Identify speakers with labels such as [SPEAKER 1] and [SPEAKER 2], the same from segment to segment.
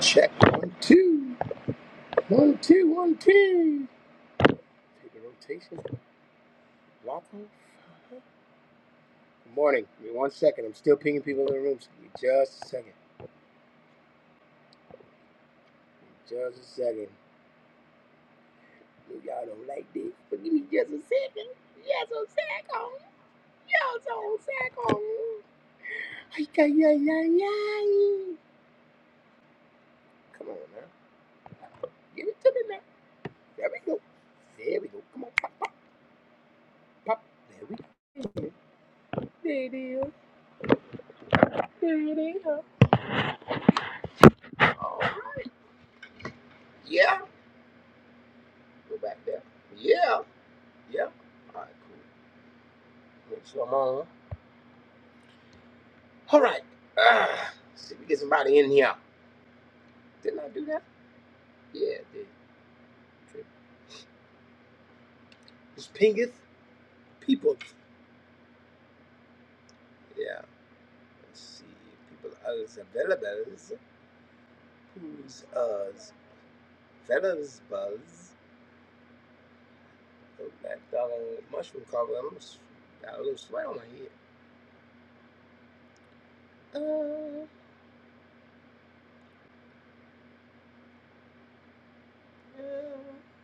[SPEAKER 1] Check one two one two one two. Take a rotation. Lock off. Good morning. Give me one second. I'm still pinging people in the room. So give me just a second. Give me Just a second. If y'all don't like this, but give me just a second. Just a second. Just a second. Ay, ay, ay, ay, ay. Come on now. Give it to me now. There we go. There we go. Come on. Pop, pop. There we go. There it is. There it is. All right. Yeah. Go back there. Yeah. Yeah. All right, cool. Make sure I'm on. All right. Ah, see if we get somebody in here. Didn't I do that? Yeah, I did. Trip. Just pingeth people. Yeah. Let's see. People others available. Who's us? Fellas buzz. Oh, that darling mushroom cover. I'm s- got a little sweat on my head. Uh, yeah.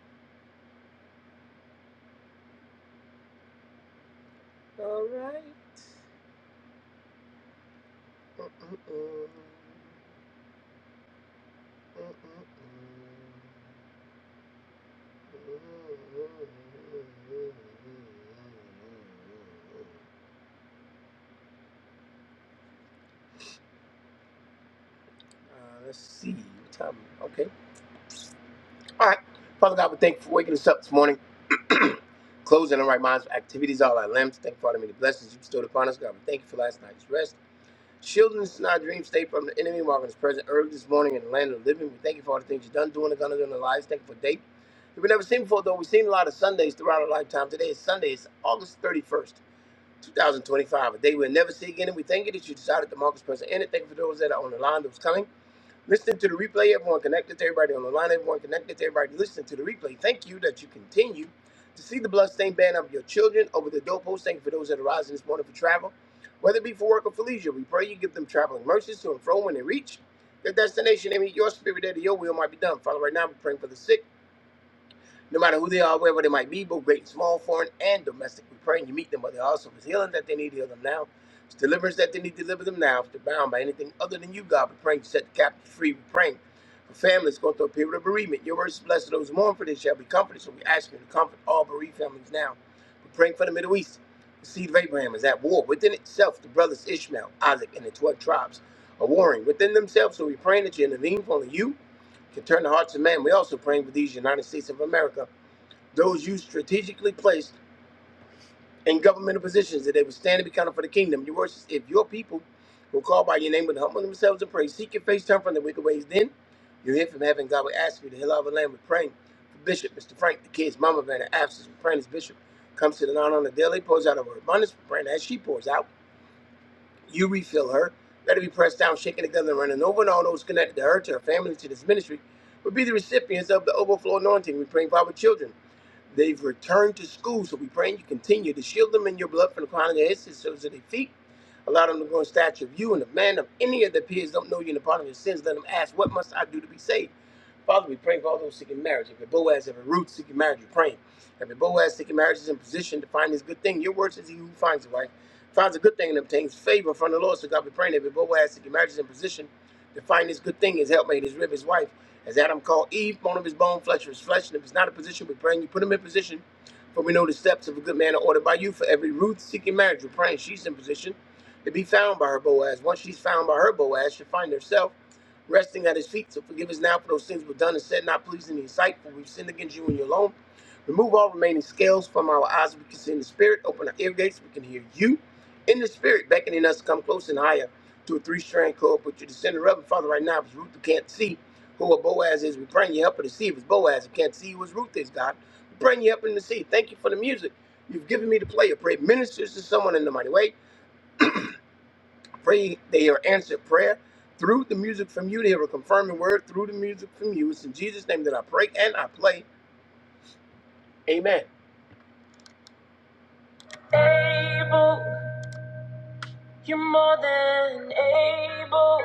[SPEAKER 1] All right. Mm-mm-mm. Mm-mm-mm. Uh, let's see. What time? Okay. All right. Father God, we thank you for waking us up this morning. Closing our right minds, activities, all our limbs. Thank you for all the many blessings you bestowed upon us. God, we thank you for last night's rest. Shielding us in our dream state from the enemy, marking us present early this morning in the land of the living. We thank you for all the things you've done, doing, and gonna do in our lives. Thank you for a day that we never seen before, though. We've seen a lot of Sundays throughout our lifetime. Today is Sunday. It's August 31st. 2025, a day we'll never see again. And we thank you that you decided to mark this person in it. Thank you for those that are on the line that was coming. Listening to the replay, everyone connected to everybody on the line, everyone connected to everybody listening to the replay. Thank you that you continue to see the bloodstained banner of your children over the doorpost. Thank you for those that are rising this morning for travel, whether it be for work or for leisure. We pray you give them traveling mercies to and fro when they reach their destination. And your spirit, there, that your will might be done. Father, right now, we're praying for the sick. No matter who they are, wherever they might be, both great and small, foreign and domestic, we pray and you meet them where they are. So if it's healing that they need, heal them now. If it's deliverance that they need, deliver them now. If they're bound by anything other than you, God, we pray you set the captives free. We pray for families going through a period of bereavement. Your words blessed those who mourn, for they shall be comforted. So we ask you to comfort all bereaved families now. We're praying for the Middle East. The seed of Abraham is at war within itself. The brothers Ishmael, Isaac, and the 12 tribes are warring within themselves. So we're praying that you intervene for only you can turn the hearts of man. We're also praying for these United States of America those you strategically placed in governmental positions that they would stand and be counted for the kingdom. Your words, if your people will call by your name and humble themselves and pray, seek your face, turn from the wicked ways, then you'll hear from heaven. God will ask you to heal our land. We're praying for Bishop, Mr. Frank, the kids, Mama Van, the absence. We're praying as Bishop comes to the non on the daily, pours out of her abundance. We're praying that as she pours out, you refill her. Let her be pressed down, shaken together, and running over, and all those connected to her, to her family, to this ministry, will be the recipients of the overflow anointing. We pray for our children. They've returned to school, so we pray you continue to shield them in your blood from the crown of their heads to the soles of their feet. Allow them to grow in stature of you and the man of any of their peers don't know you in the part of your sins. Let them ask, What must I do to be saved? Father, we pray for all those seeking marriage. Every Boaz, every Ruth seeking marriage, we are pray. Every Boaz seeking marriage is in position to find this good thing. Your word says he who finds a wife finds a good thing and obtains favor from the Lord. So God, we pray that every Boaz seeking marriage is in position to find this good thing, his helpmate, his rib, his wife. As Adam called Eve, bone of his bone, flesh of his flesh. And if it's not a position, we pray and you put him in position. For we know the steps of a good man are ordered by you. For every Ruth seeking marriage, we're praying she's in position to be found by her Boaz. Once she's found by her Boaz, she'll find herself resting at his feet to forgive us now for those sins we've done and said not pleasing in his sight, for we've sinned against you and you alone. Remove all remaining scales from our eyes, so we can see in the spirit. Open our ear gates, so we can hear you in the spirit, beckoning us to come close and higher to a three-strand cord. Put your descendant up, and Father, right now, if it's Ruth who can't see who a Boaz is, we bring you up in the sea. If it's Boaz who can't see who his Ruth is, God, we bring you up in the sea. Thank you for the music you've given me to play. I pray it ministers to someone in the mighty way. Pray they hear answered prayer through the music from you. They hear a confirming word through the music from you. It's in Jesus' name that I pray and I play. Amen. Able, you're more than able.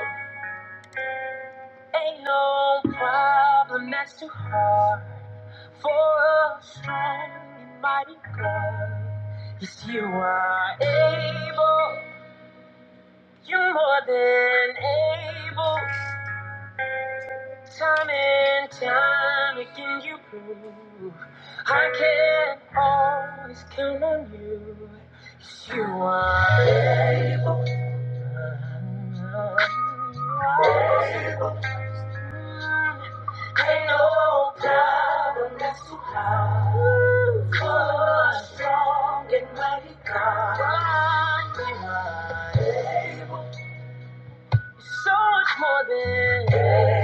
[SPEAKER 1] Ain't no problem that's too hard for a strong and mighty God. Yes, you are able. You're more than able. Time and time again you prove I can always count on you. Yes, you are able. Able. Ain't no problem that's too hard for a strong and mighty God. You are able. So much more than. able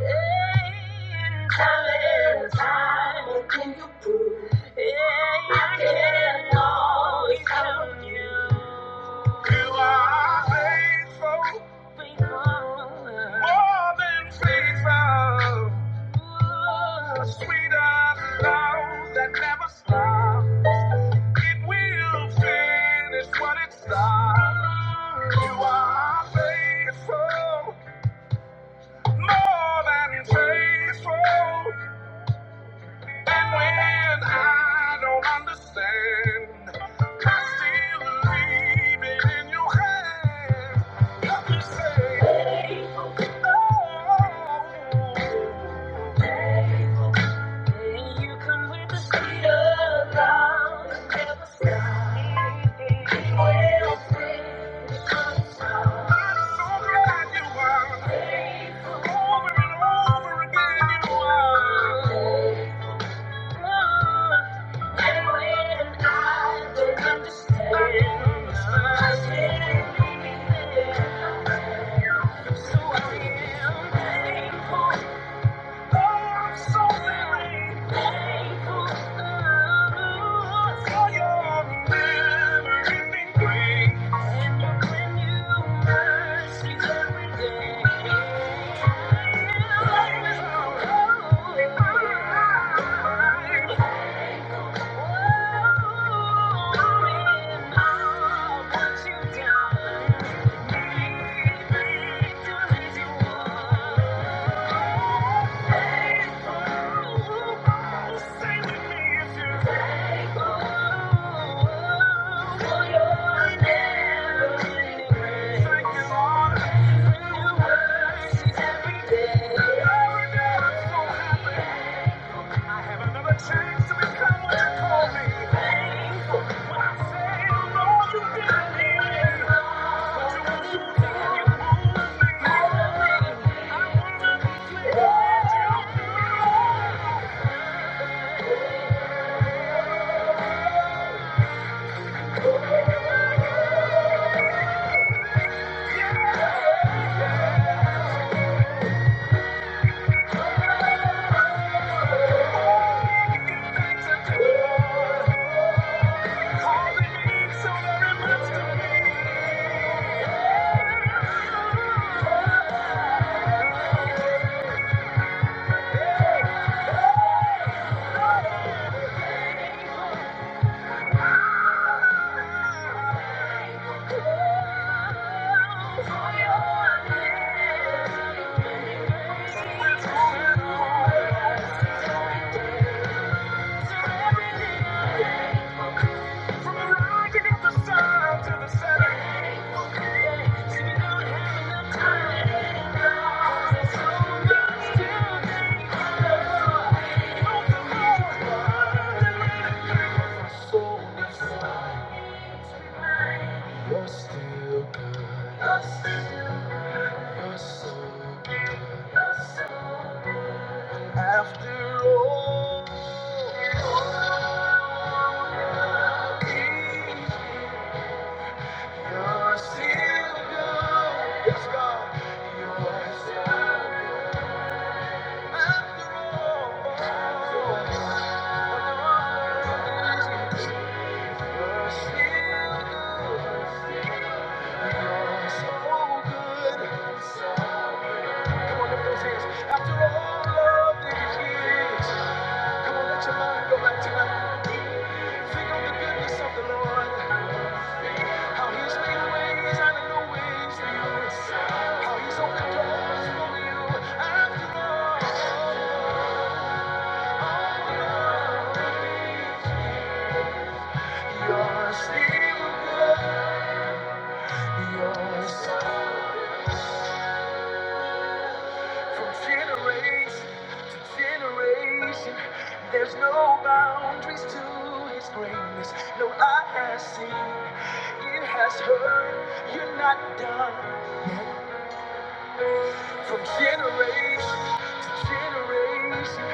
[SPEAKER 1] you. are Faithful, more than faithful. And when I don't understand, I still believe it in your hand. You say, oh. When you come with the speed of love, never stop. Well, I'm so glad you are. Over and over again you are. I'm So I am thankful. Thank you. Thank you. I have another chance to become what you call me. Painful When I say I don't know what you didn't me. it, but you refuse to let it move me. Why'd you do things that you do? Cause it means so very much to me. Yeah. After all. You're still, yes, You're still, after all, you're still good. You're so Come on, let your mind go back to Think of the goodness of the Lord. How he's made ways out of no ways for you. How he's opened doors for you after all. You're still good. You're so good. From generation to generation, there's no boundaries to his greatness. No eye has seen, ear has heard, you're not done. From generation to generation,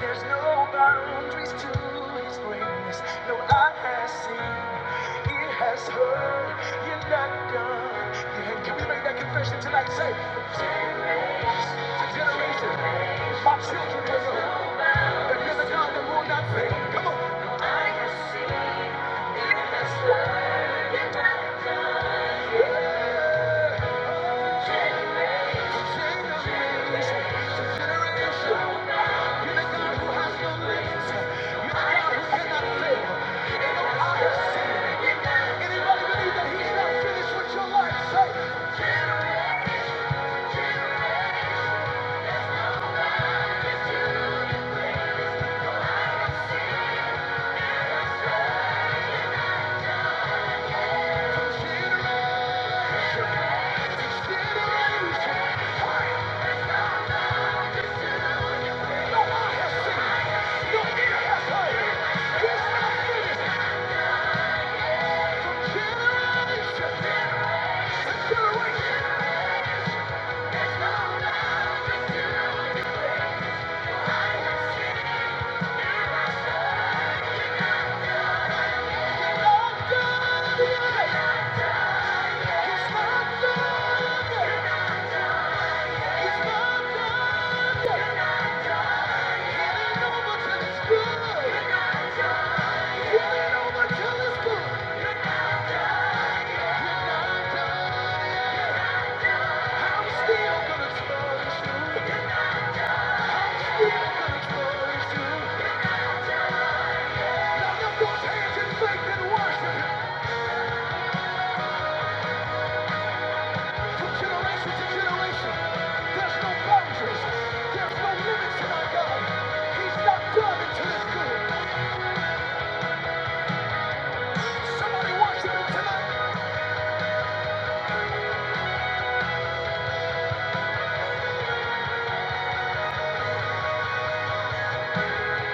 [SPEAKER 1] there's no boundaries to his greatness. No eye has seen, ear has heard, you're not done. Yeah, can we make that confession tonight? Say, from generation to generation, my children will know that you're the God that will not fail. Come on. Anybody believe that he's not finished with your life? Say, Thank you. You're not done. you. Somebody watch him tonight.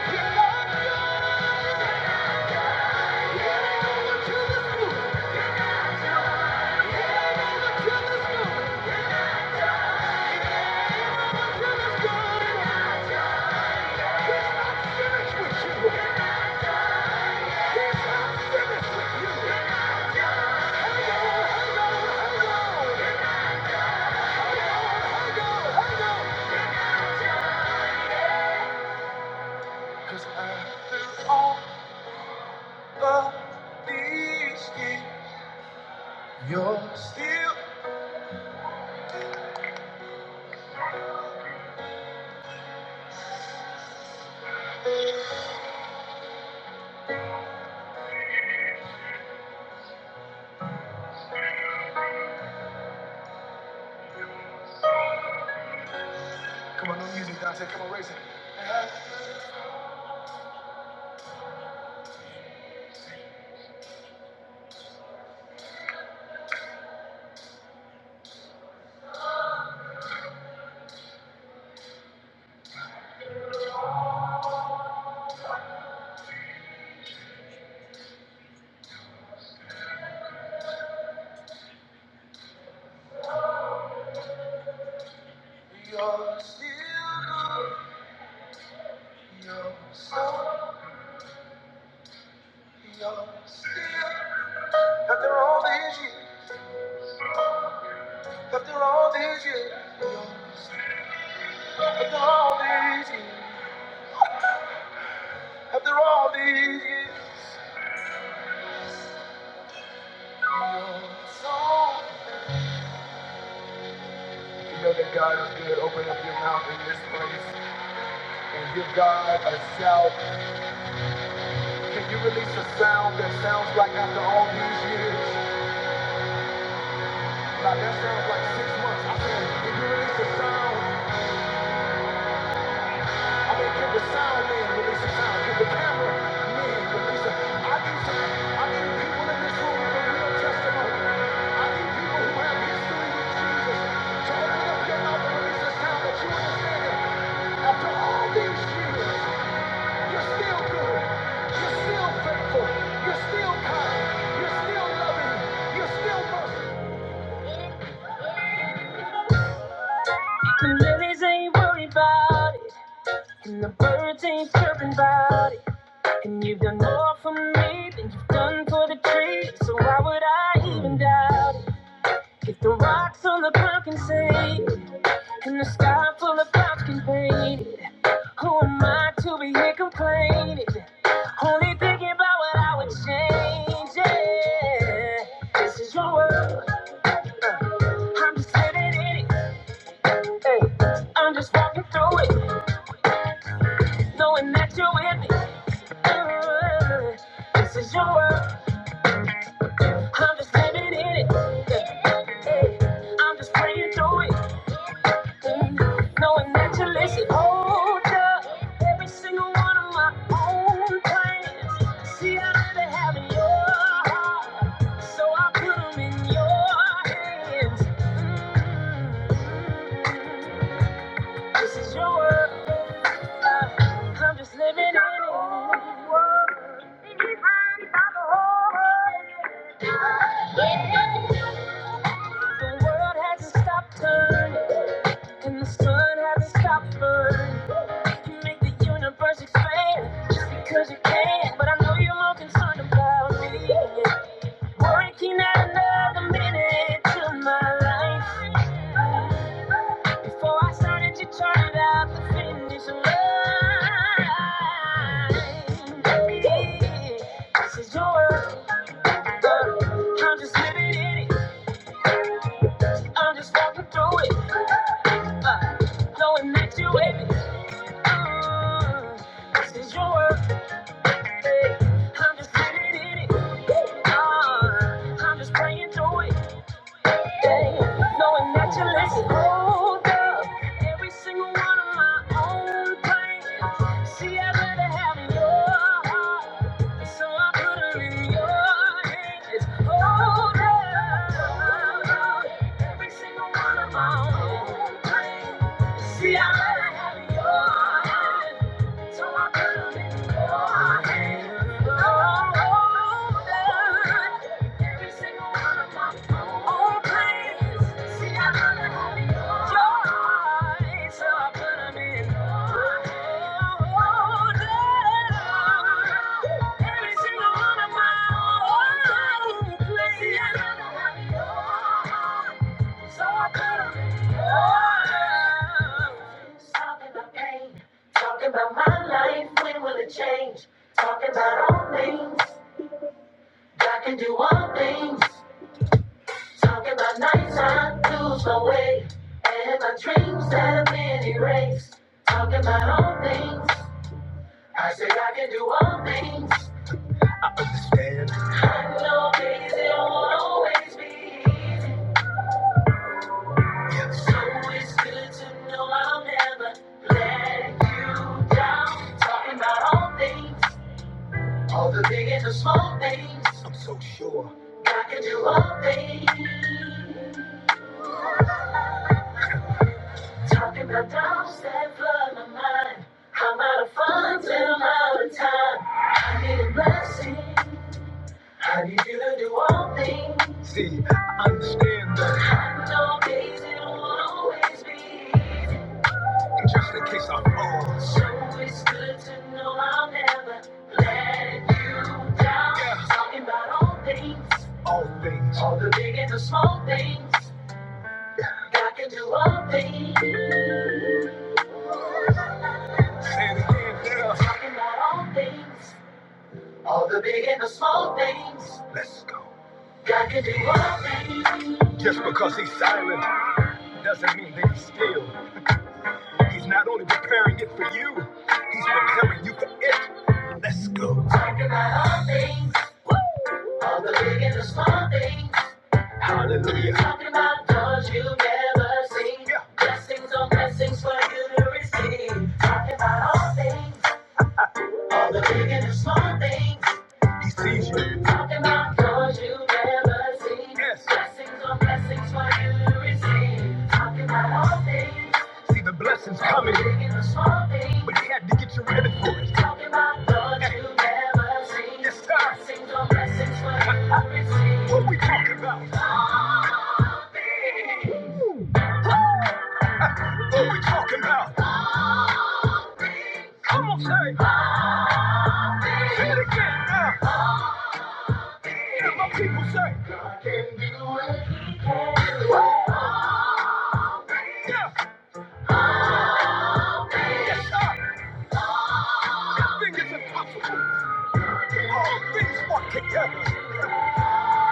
[SPEAKER 1] You love God. After all these years, after all these years, so. You know that God is good. Open up your mouth in this place and give God a shout. Can you release a sound that sounds like after all these years? Now that sounds like six months. I mean, can you release a sound? I mean, can the sound man release a sound? Can the camera man release a sound? I need some, I need people in this room with a real testimony. I need people who have history with Jesus to open up your mouth and release a sound that you understand that after all these years. And the lilies ain't worried about it. And the birds ain't chirping about it. And you've done more for me than you've done for the trees. So why would I even doubt it? If the rocks on the ground can sing, and the sky full of clouds can paint. it? Who am I to be here complaining? Only thinking about what I would change. Yeah. This is your world. uh, I'm just living in it. Hey, I'm just walking through it, knowing that you're with me. Uh, This is your world. I'm just living in it. Hey, hey, I'm just praying through it. Knowing that you listen, hold up every single one of my own plans. See, I let it have in your heart, so I put 'em in your hands. Mm. This is your world, uh, I'm just living in it. The world hasn't stopped turning. And the sun hasn't stopped burning. You can make the universe expand just because you can. But I know you're more concerned about me. Working out another minute to my life. Before I started, you turned out the finish line. This is your world. uh, I'm just living in it. I'm just walking through it. Uh, knowing that you with me. This is your world, babe. I'm just living in it. Uh, I'm just praying through it day, Knowing that you listen, hold up every single one of my own plans. See, I'd rather have your heart, so I put her in your hands. Hold up every single one of my own plans. See, I'd rather have your heart, so I put her in your hands. Oh, hold up every single one of my Oh, please, see, I'm gonna your eyes Oh, every single one of my own. Please, see, I'm gonna your eyes Oh, my nights out my way and my dreams that I think that I can do all things. I know things they won't always be easy. So it's good to know I'll never let you down. Talking about all things, all the big and the small things. I'm so sure I can do all things. Talking about doubts that flood my mind. I'm out of funds and I'm out of time. I need a blessing. I need you to do all things. See, I understand that. I know days it won't always be easy. just in case I fall. So it's good to know I'll never let you down. Yeah. Talking about all things, all things, all the big and the small things. God can do all things. Say it again, yeah. Talking about all things, all the big and the small things. Let's go. God can do all things. Just because he's silent doesn't mean that he's still. He's not only preparing it for you, he's preparing you for it. Let's go. Talking about all things, all the big and the small things. Hallelujah. Talking about doors you have never seen. Yeah. Blessings on blessings for you to receive. Talking about all things. All the big and the small things. He sees you. Talking about doors you never seen. Yes. Blessings on blessings for you to receive. Talking about all things. See the blessings coming. All the big and the small things. But he had to get you ready for it. Talking about doors you never seen. Yes, sir. Blessings on blessings for you to receive. What we talking about? Woo! What we talking about? Come on, say. it. Say it again now. Yeah, my people say. Yeah. Yes, sir. Nothing is impossible. All things work together.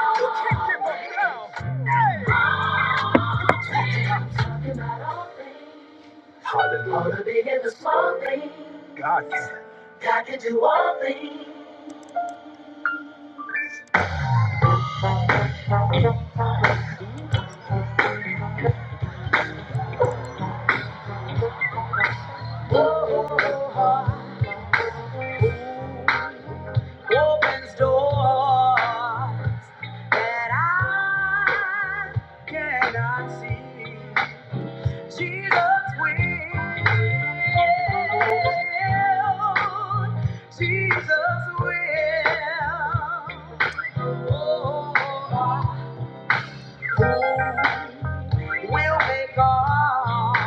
[SPEAKER 1] You can't give up now. Hey! No all things, all the big and the small things. God can. God can do all things. Opens doors that I cannot see. Jesus will. Jesus will. will make all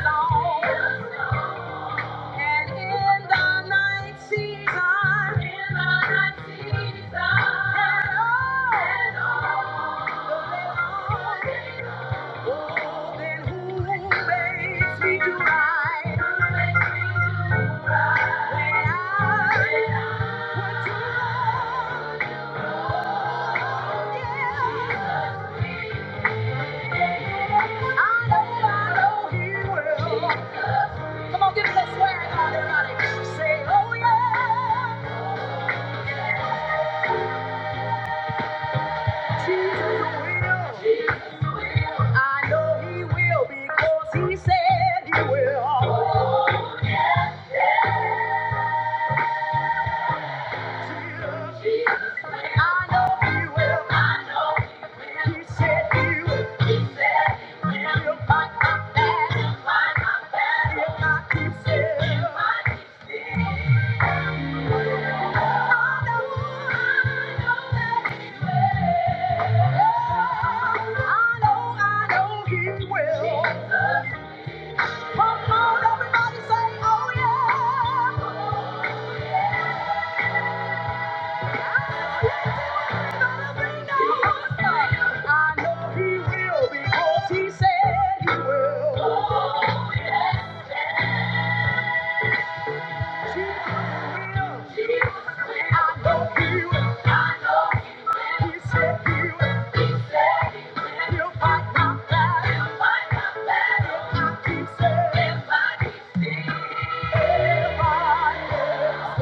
[SPEAKER 1] long in the night season. And all the makes me do right when I forgive. I know, I know He will. Come on, give me that swear, everybody. Say, oh yeah, Jesus will. I know he will because he said he will. I know he will. He said he will. I know he will. I know he will because he said he will. I know he will. He said he will. He'll fight my battle. He'll keep saying, everybody else.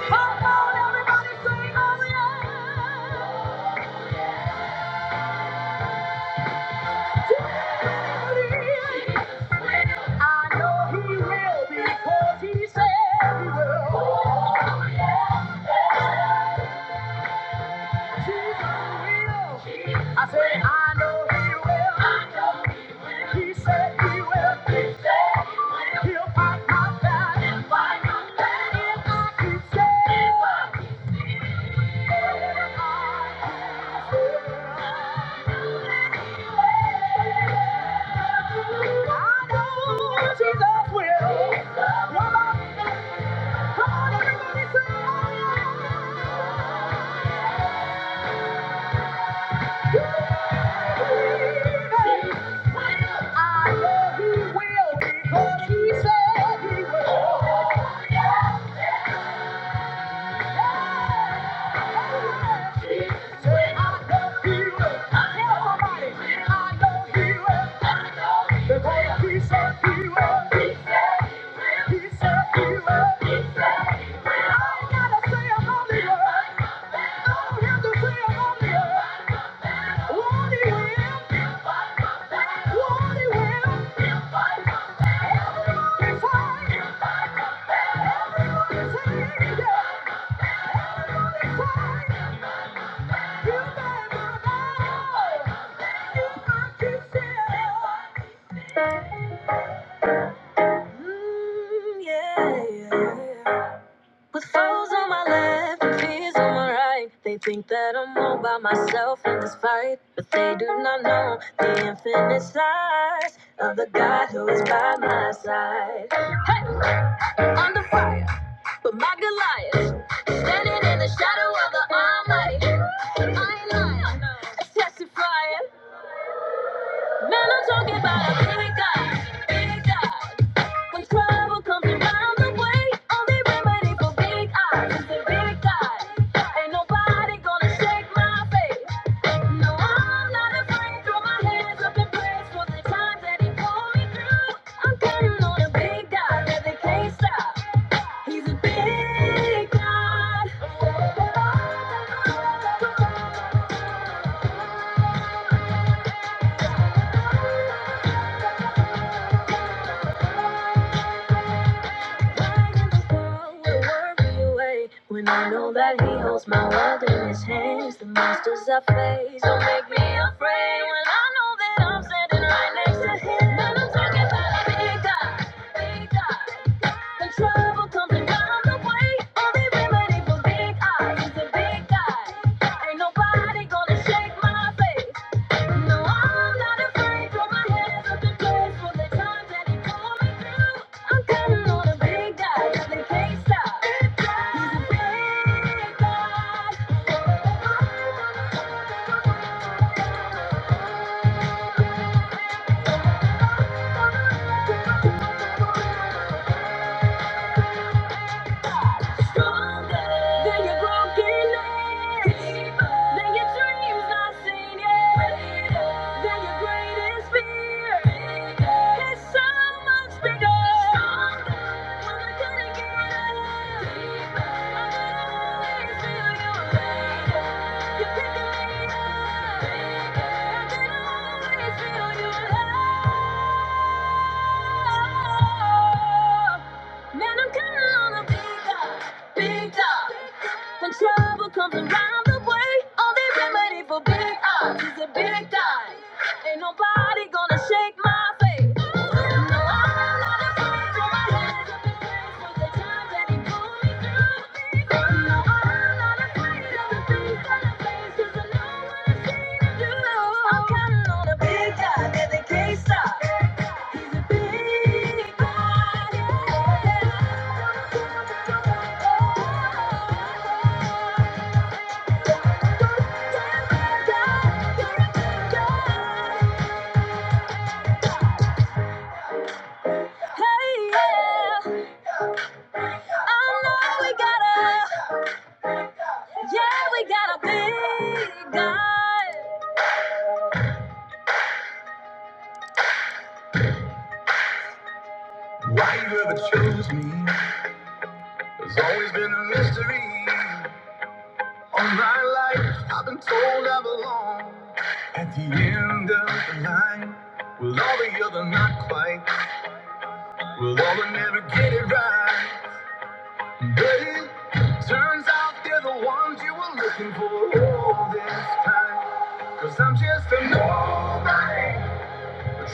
[SPEAKER 1] Come on, everybody, sing hallelujah. I know he will. He said he will. He'll fight my battle. If I keep saying, if I keep saying, I know he will because he said he will. Say, I know he will. Tell somebody, I know he will. Because he said he will. He said he will. I ain't gotta say a holy word. I don't have to say a holy word. Yeah. yeah, yeah. With foes on my left and fears on my right, they think that I'm all by myself in this fight. But they do not know the infinite size of the God who is by my side. Under fire, but my Goliath, standing in the shadow of the Almighty. I ain't lying, testifying. Man, I'm talking about a big God. when I know that He holds my world in His hands. The monsters I face don't make me afraid when I know that I'm standing right next to Him. And I'm talking about a big God, big God. When trouble comes around the way, only remedy for big eyes is a big God. Ain't nobody gonna shake my faith. No, I'm not afraid. Throw my hands up in praise for the times that He pulled me through. I'm counting on a big God 'cause they can't stop. He's a big God. You pick a leader. I can always feel you alive. Man, I'm counting on a big up, big up. When trouble comes around the way, only remedy for big odds is a big die. Ain't nobody gonna shake my faith. No, I'm not afraid, for my hands up in praise for the times that he pulled me through. No, I'm not afraid for my hands up in place for the times that he pulled me through. Hey, Yeah, we got a big guy. Why you ever choose me? There's always been a mystery on my life. I've been told I belong at the end of the line. Will all the other not quite? Will all the never get it right? But it turns out they're the ones you were looking for all this time. Cause I'm just a nobody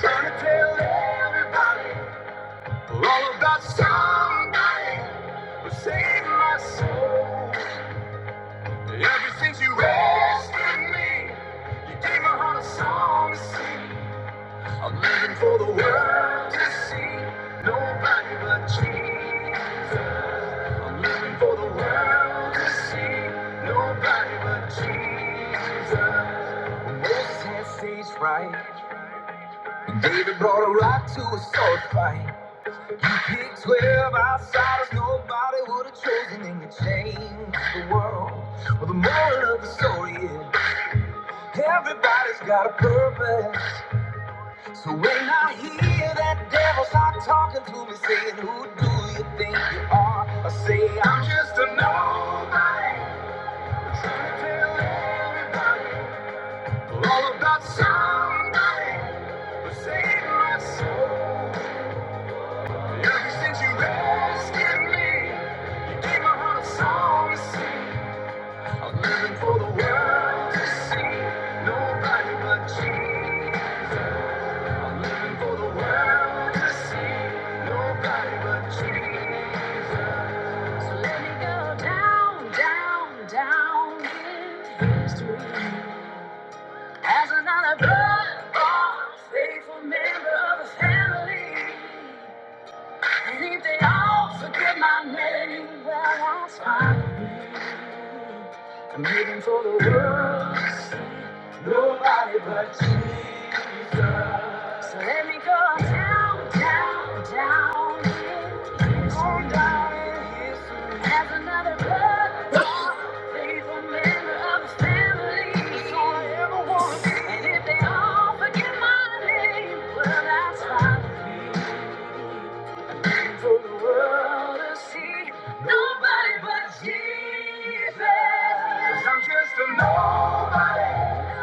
[SPEAKER 1] trying to tell everybody we're all about somebody who saved my soul. Ever since you rescued me, you gave my heart a song to sing. I'm living for the world to see. Nobody but Jesus. I'm living for the world to see. Nobody but Jesus. When Moses had stage fright, when David brought a rock to a sword fight. You picked 12 outsiders nobody would have chosen, and you changed the world. Well, the moral of the story is. Everybody's got a purpose. So when I hear that devil start talking to me, saying, Who do you think you are? I say, I'm just a nobody. I'm trying to tell everybody all about somebody who saved my soul. Ever since you rescued me, you gave my heart a song to sing. I'm living for the world to see. Nobody but Jesus. Nobody but Jesus. Nobody. No.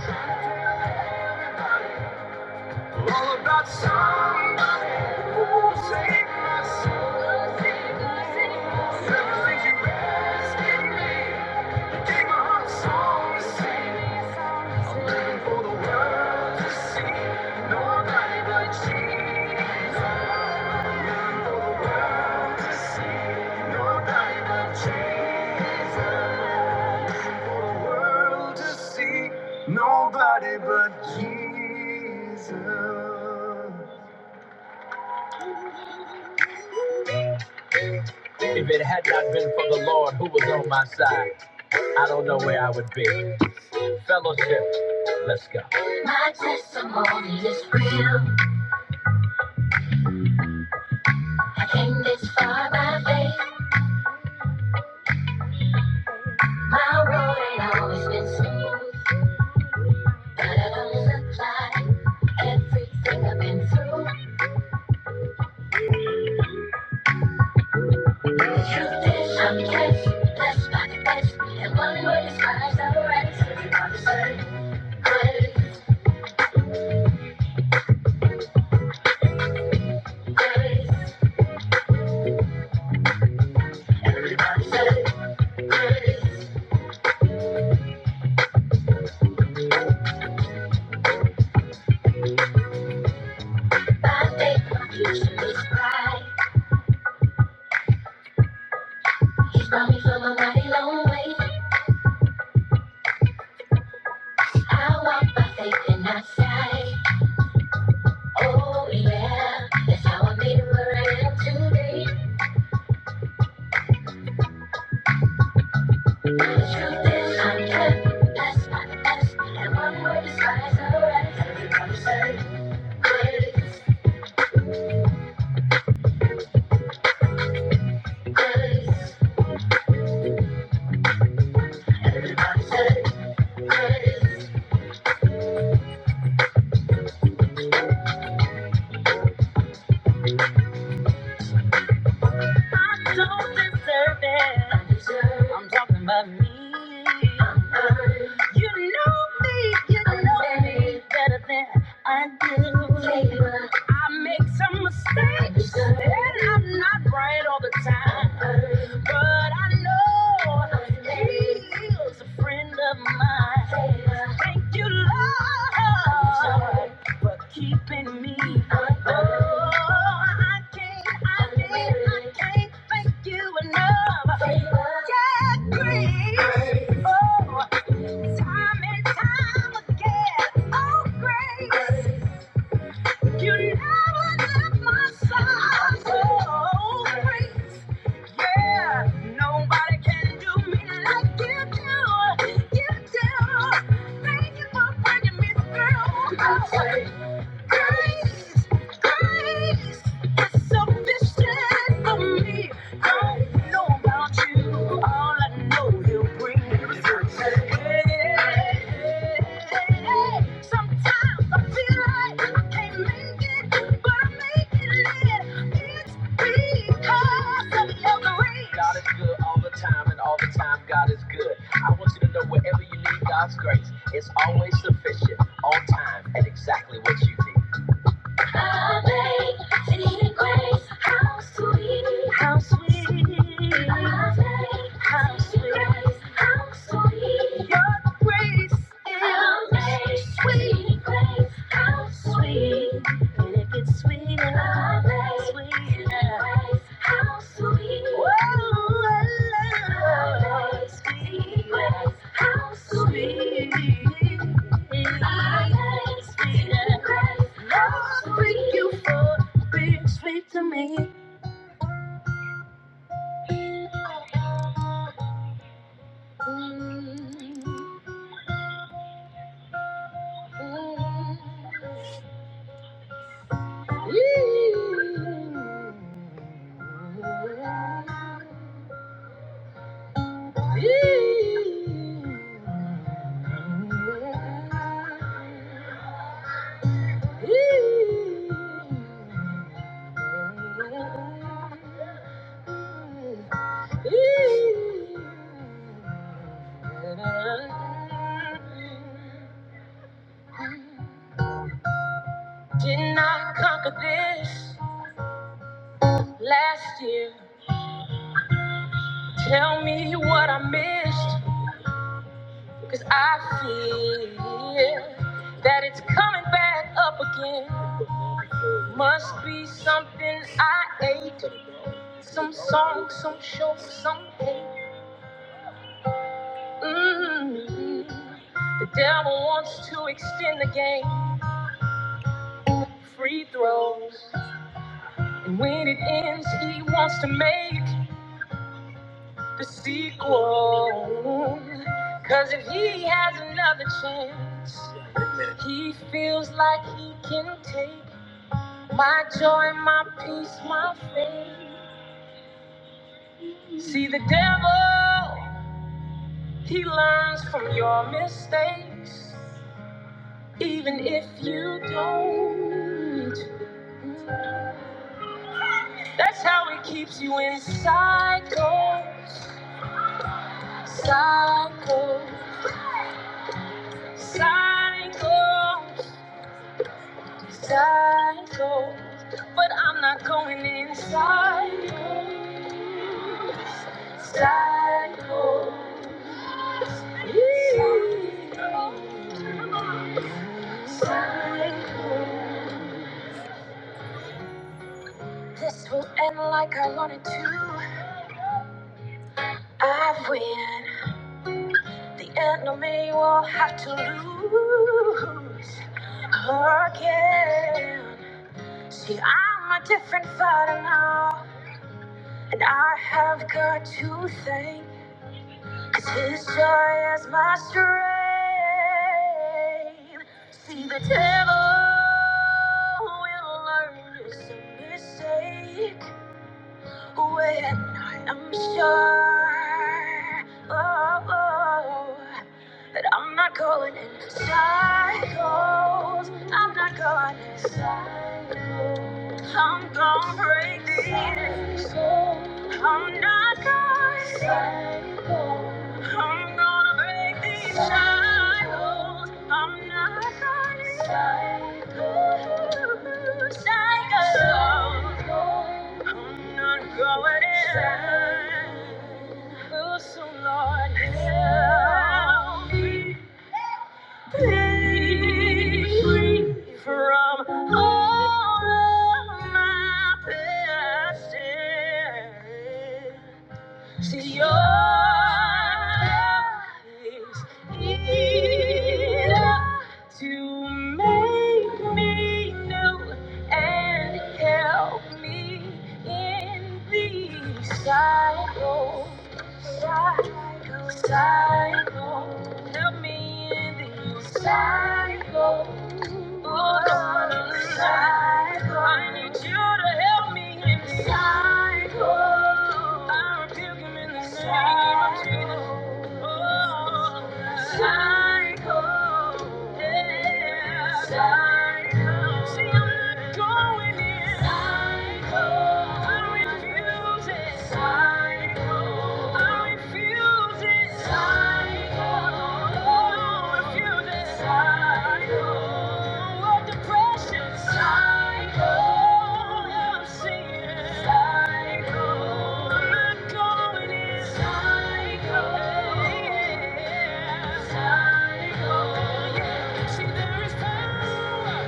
[SPEAKER 1] trying to tell everybody. All about somebody who will save us. Never think you rescued me. You gave my heart a song to sing. I'm living for the world to see. Nobody but Jesus. Nobody but Jesus. My testimony is real. I came this far by faith. My road ain't always been smooth, but it don't look like everything I've been through. Truth is subject, blessed by the best, and one word describes the rest. Everybody's hurt, hurt, Everybody's hurt, By faith, my future is bright. He's brought me from a mighty long way. I walk by faith and not sight. Oh yeah, that's how I made it where I am today. the truth is, I'm good. Blessed by the best, and one word describes the rest. Everybody's hurt, hurt, I say grace. I don't deserve it. I'm talking about me. You know me, you know me better than I do. I make some mistakes, and I'm not right all the time. But I know He is a friend of mine. Thank you, Lord, for keeping me. Oh, I can't, I can't, I can't thank you enough. Yeah, grace. Time and time again, oh grace, you never left my side. Oh grace, yeah, nobody can do me like you do, you do. Thank you for bringing me through. Grace, grace is sufficient for me. I don't know about you, all I know you bring is grace. Hey, hey, hey. Sometimes I feel like I can't make it, but I'm making it. It's because of Your grace. God is good all the time, and all the time God is good. I want you to know wherever you need God's grace, it's always sufficient, on time, and exactly what you need. Sweet to me. Did not conquer this last year. Tell me what I missed, because I feel that it's coming back up again. Must be something I ate. Some song, some show, some hate. mm The devil wants to extend the game. Free throws. And when it ends, he wants to make the sequel. Cause if he has another chance, he feels like he can take my joy, my peace, my faith. See the devil. He learns from your mistakes, even if you don't. That's how he keeps you in cycles, cycles, cycles, cycles. But I'm not going inside. See, I'm a different fighter now, and I have got to thank. His joy is my strength. See, the devil will learn it's a mistake when I'm sure oh, oh, that I'm not going in circles. I'm not going in circles. I'm gonna break this. I'm not gonna stop. I'm gonna break these cycles. I'm not gonna stop. Cycles. I'm not going in. Oh, so Lord, help me free from all of my past yeah. See your love is enough to make me new and help me in these cycles. Cycles, cycles, help me in these cycles. Oh I need you to help me in the cycle. I rebuke him in the name of Jesus. Oh, cycle, yeah, cycle. See, I'm not going in. Cycle, I refuse it. Cycle. See, there is power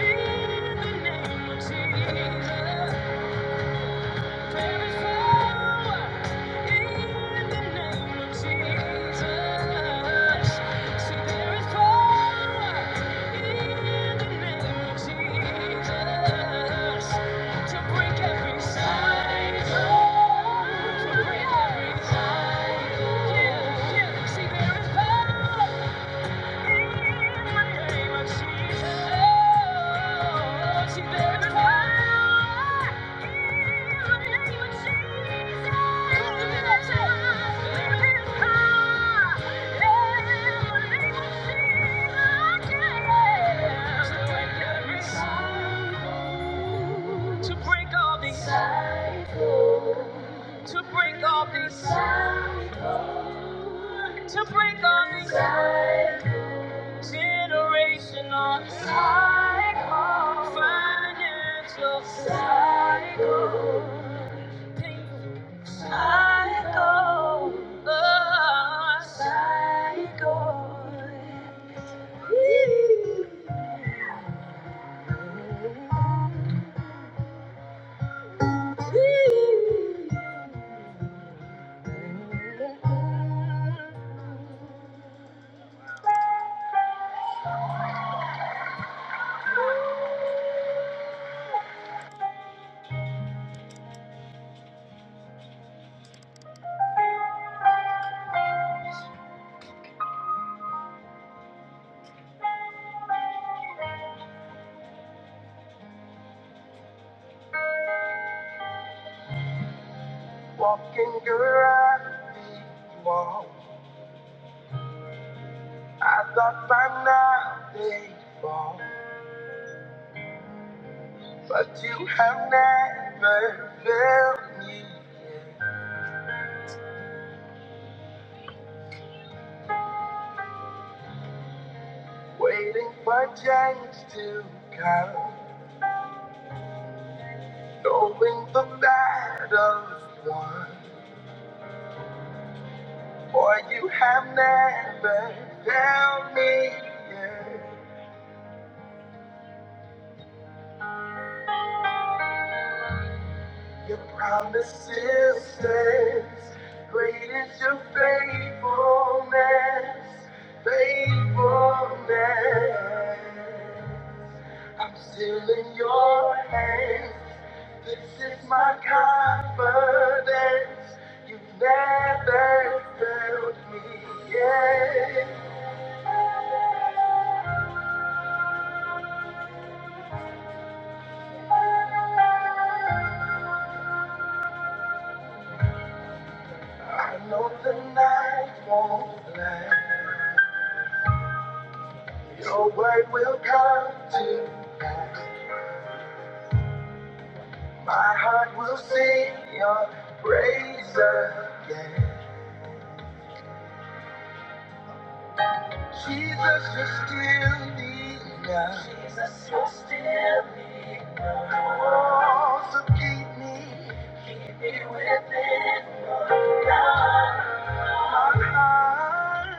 [SPEAKER 1] in the name of Jesus. See, There is Jesus. To break all these, to break all these, to break all these generational cycles, financial cycles, painful loss. Where I I thought by now they'd fall, but you have never failed me yet. Waiting for change to come, knowing the battle's won. For you have never failed me yet. Your promises stands. Great is your faithfulness, faithfulness. I'm still in your, your word will come to pass. My heart will sing your praise again. Jesus, you still need us. Oh, so keep me. My heart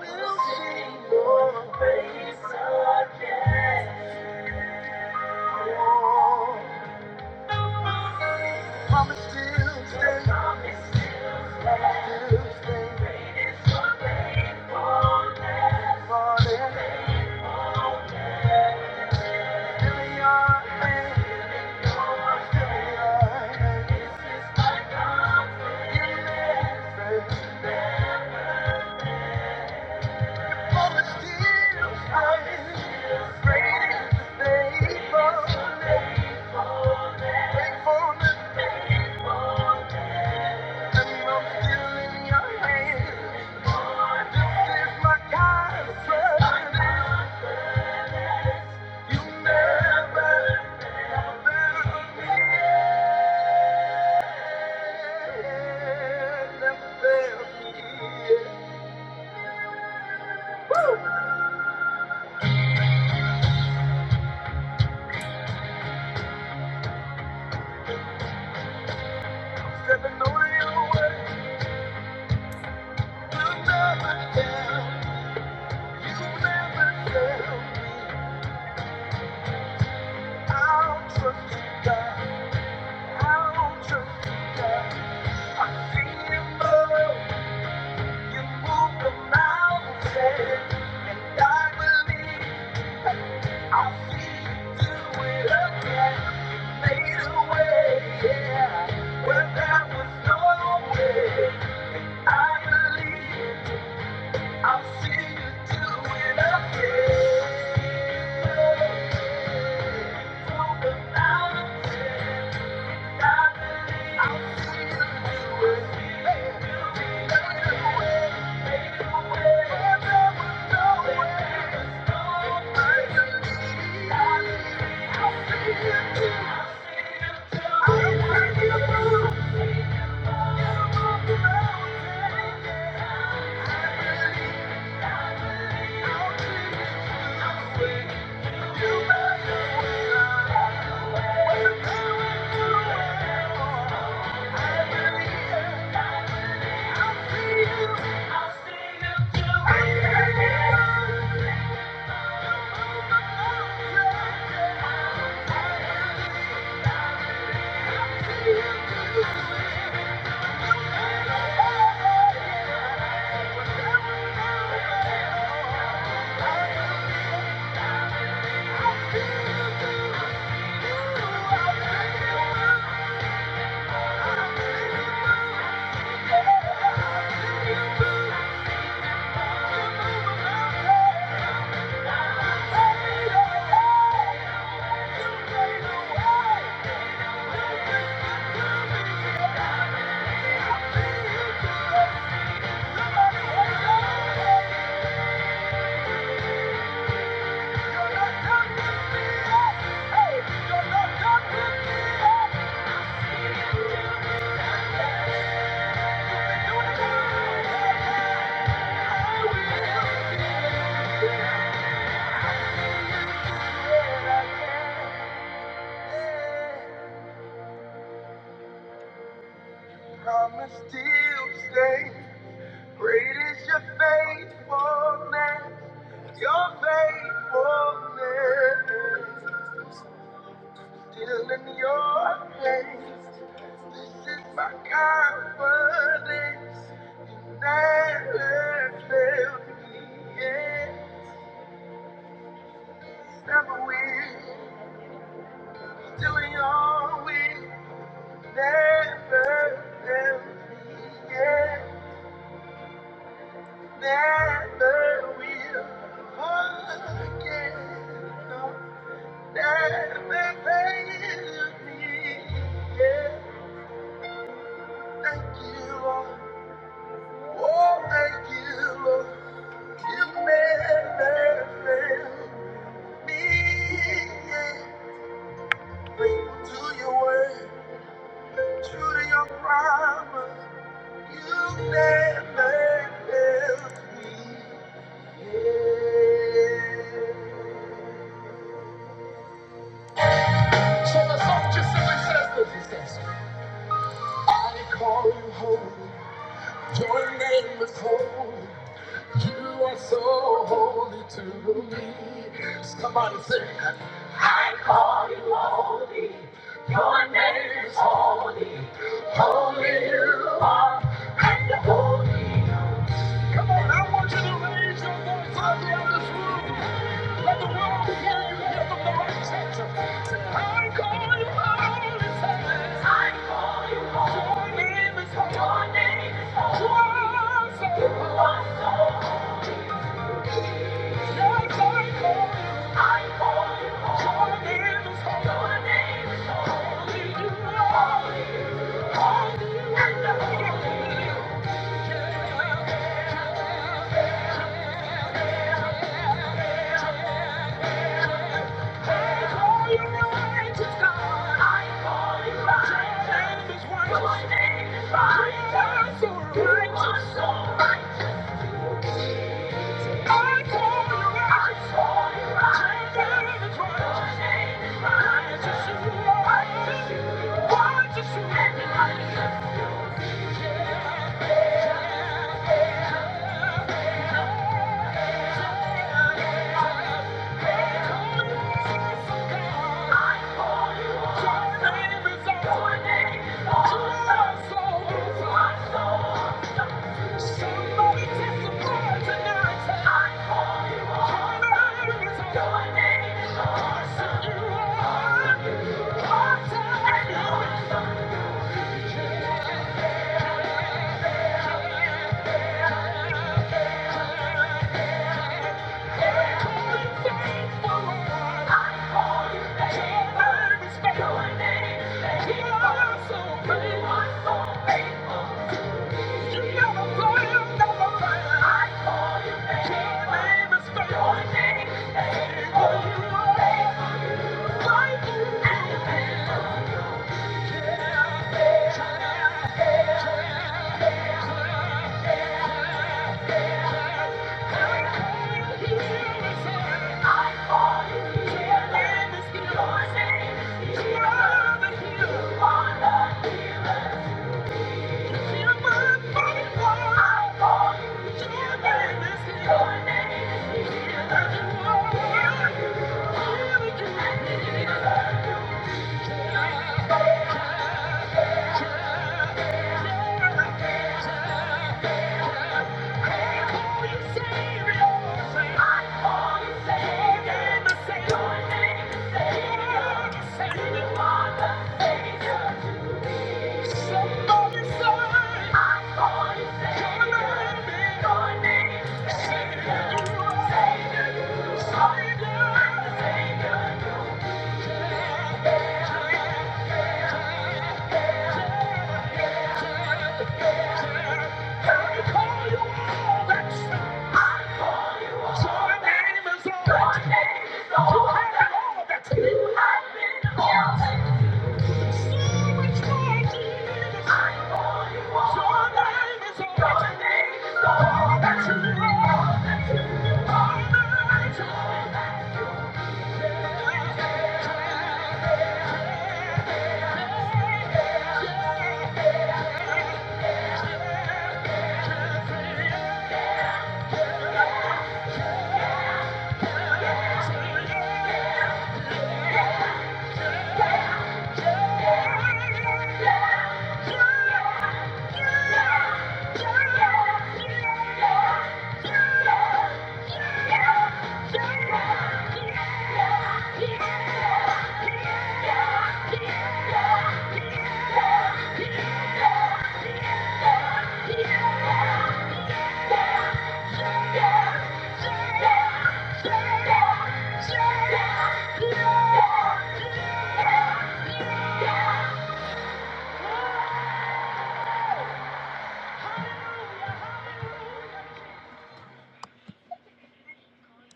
[SPEAKER 1] will sing your praise. Promise still stand, still stand. Morning, still in your name, still in your name. Woo! Cause I know that you're I'll see you do it again. Thank you. Grateful man. Your faithfulness still in your place. This is my confidence that has failed me. Yeah. Never will. Still in your will. Never failed me. Yeah. Never will. Forget. No. Never failed me. Yeah. Thank you. Lord. Oh, thank you, Lord. You made that thing. Twice over. Yes, I call you. I call you. Your name is holy. Your name is holy. Holy, you are. Holy, you are. Righteous, righteous, righteous, righteous, righteous, righteous, righteous, Thank you. Thank you. Thank you. Savior, Savior, Savior, Savior, Savior, Savior, Thank you. have been. So much more to yeah.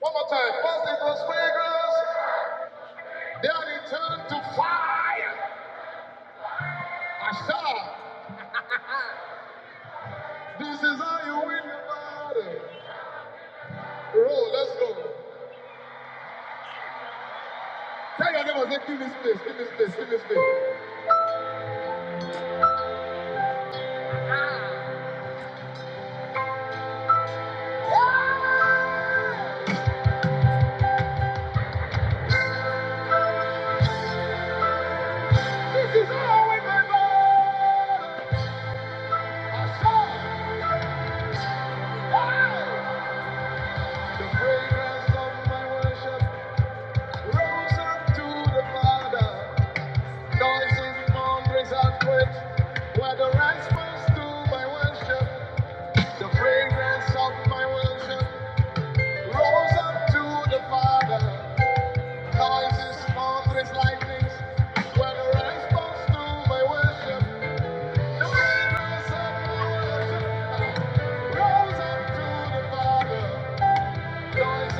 [SPEAKER 1] One more time, first it was fragrance, then it to fire. Asha, this is how you win the battle. Roll, let's go. Tell your neighbor, say, give me space, give me space, give me space. The fragrance of my worship rose up to the Father. Noises, thunders, earthquakes were the response to my worship. The fragrance of my worship rose up to the Father. Noises, thunders, lightnings were the response to my worship. The fragrance of my worship rose up to the Father. Thank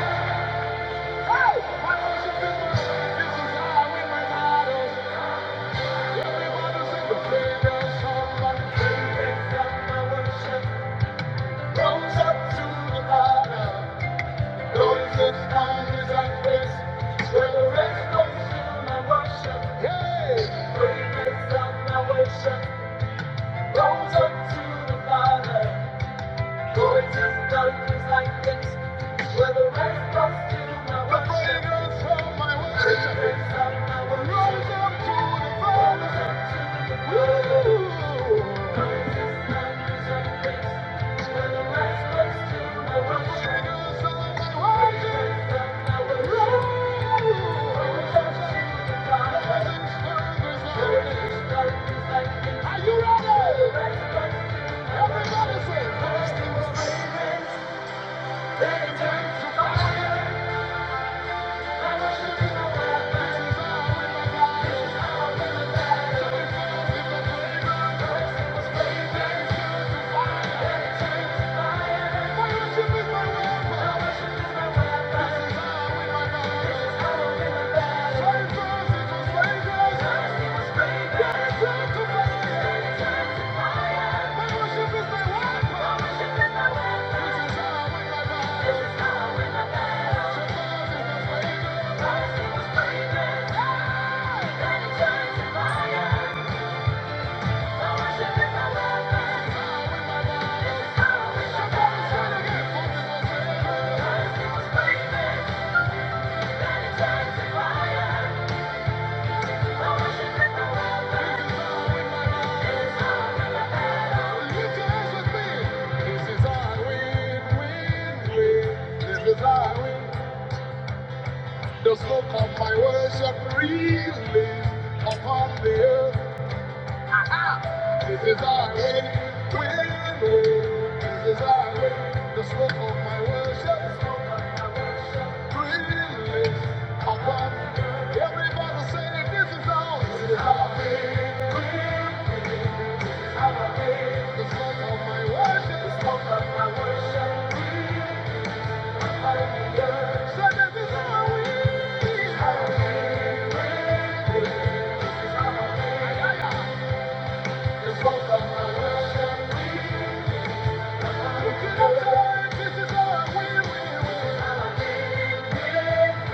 [SPEAKER 1] you. Rose up to the Father. Thank you. Are you ready? Everybody say, first he was Thank you. The smoke of my worship release upon the earth. This is our way, win, win. This is our way. The smoke of my worship release upon the earth. Everybody say this is our way. This is our way, win, win. we.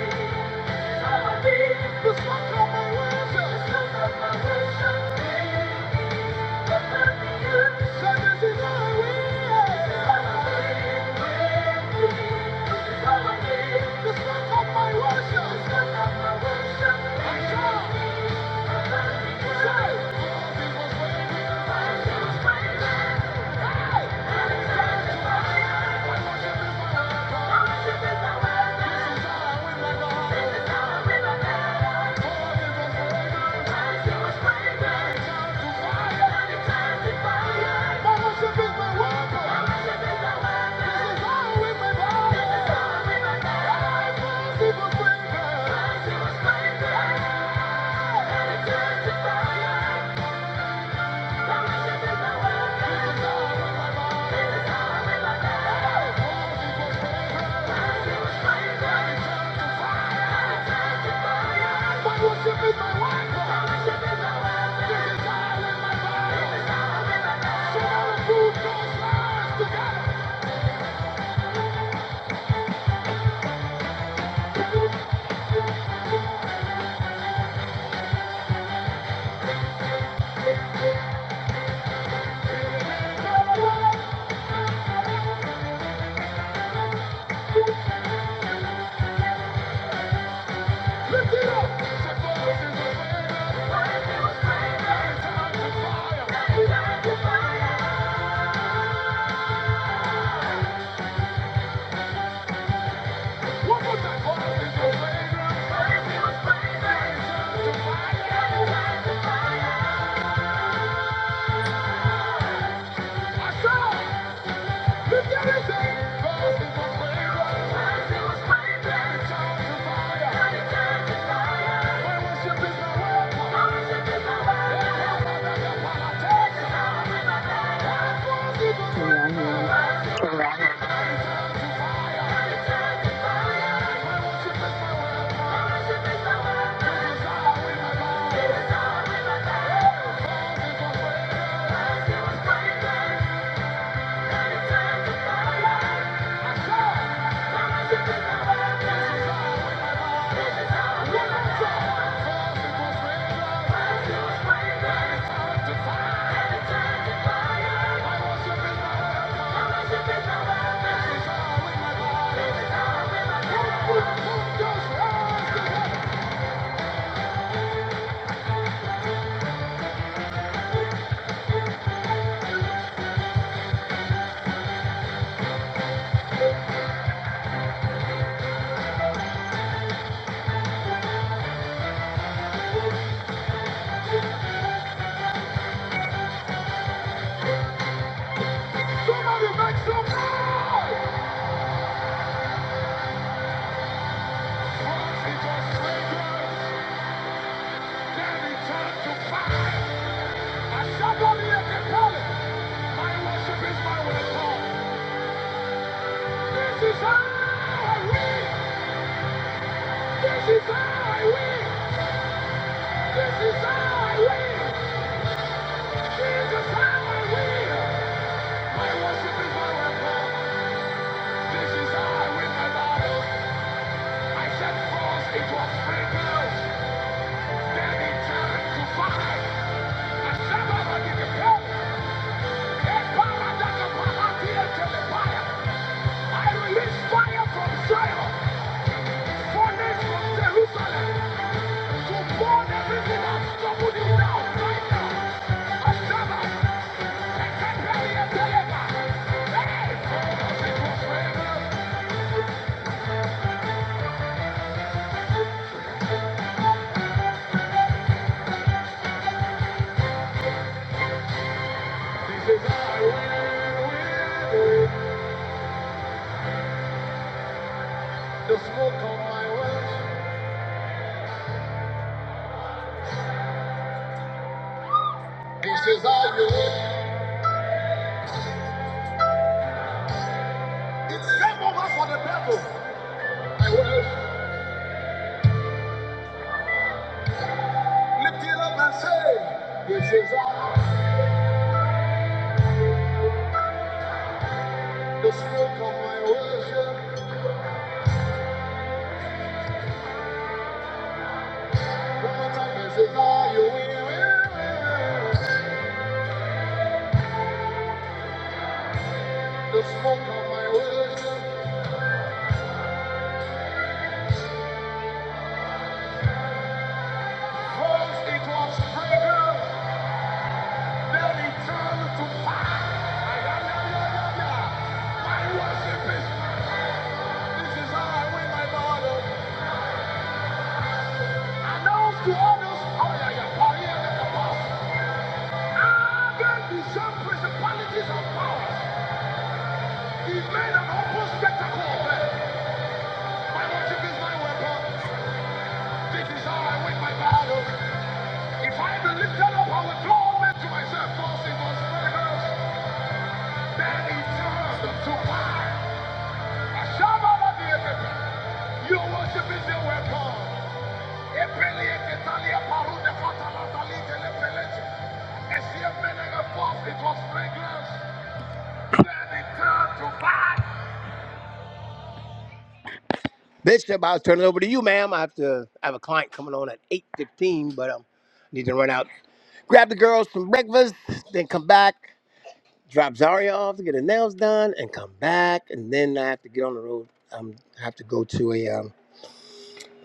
[SPEAKER 1] you. This is how I live my life. This is how I live my life. This is how I live my life. So all the food goes lies together. Thank
[SPEAKER 2] Can y'all hear me?
[SPEAKER 1] you. Thank you. Somebody make some noise! My worship is my weapon. This is how I win. This is how I win. This is how I win. This is how I win. My worship is powerful. This is how I win my battle. I set force, it was free girls. Then it turned to fire. And Shabbat, I give you praise. Ekbara, to the fire. I release fire from Zion, furnace from Jerusalem. right Hey! This is I win, win, win. The smoke of my worship. Hey! this is how the smoke of my worship. One more time, this is how you win, win, The smoke of my worship. Cause it then returned to fire. Ay, ay, ay, ay, ay, ay. My worship This is how I win my battle. Announce to others, oh yeah, yeah, Korea and the boss. Against the same principalities and powers. He's made an open spectacle of them. My worship is my weapon. This is how I win my battle. If I be lifted up, I will draw myself. False in God's Then he turns to power. Ashabba the You worship is your weapon. Epele ketalia was fragrance. Bishop, I'll turn it over to you, ma'am. I have to I have a client coming on at 8.15, but um, need to run out. Grab the girls some breakfast, then come back, drop Zaria off to get her nails done, and come back. And then I have to get on the road. Um, I have to go to a um,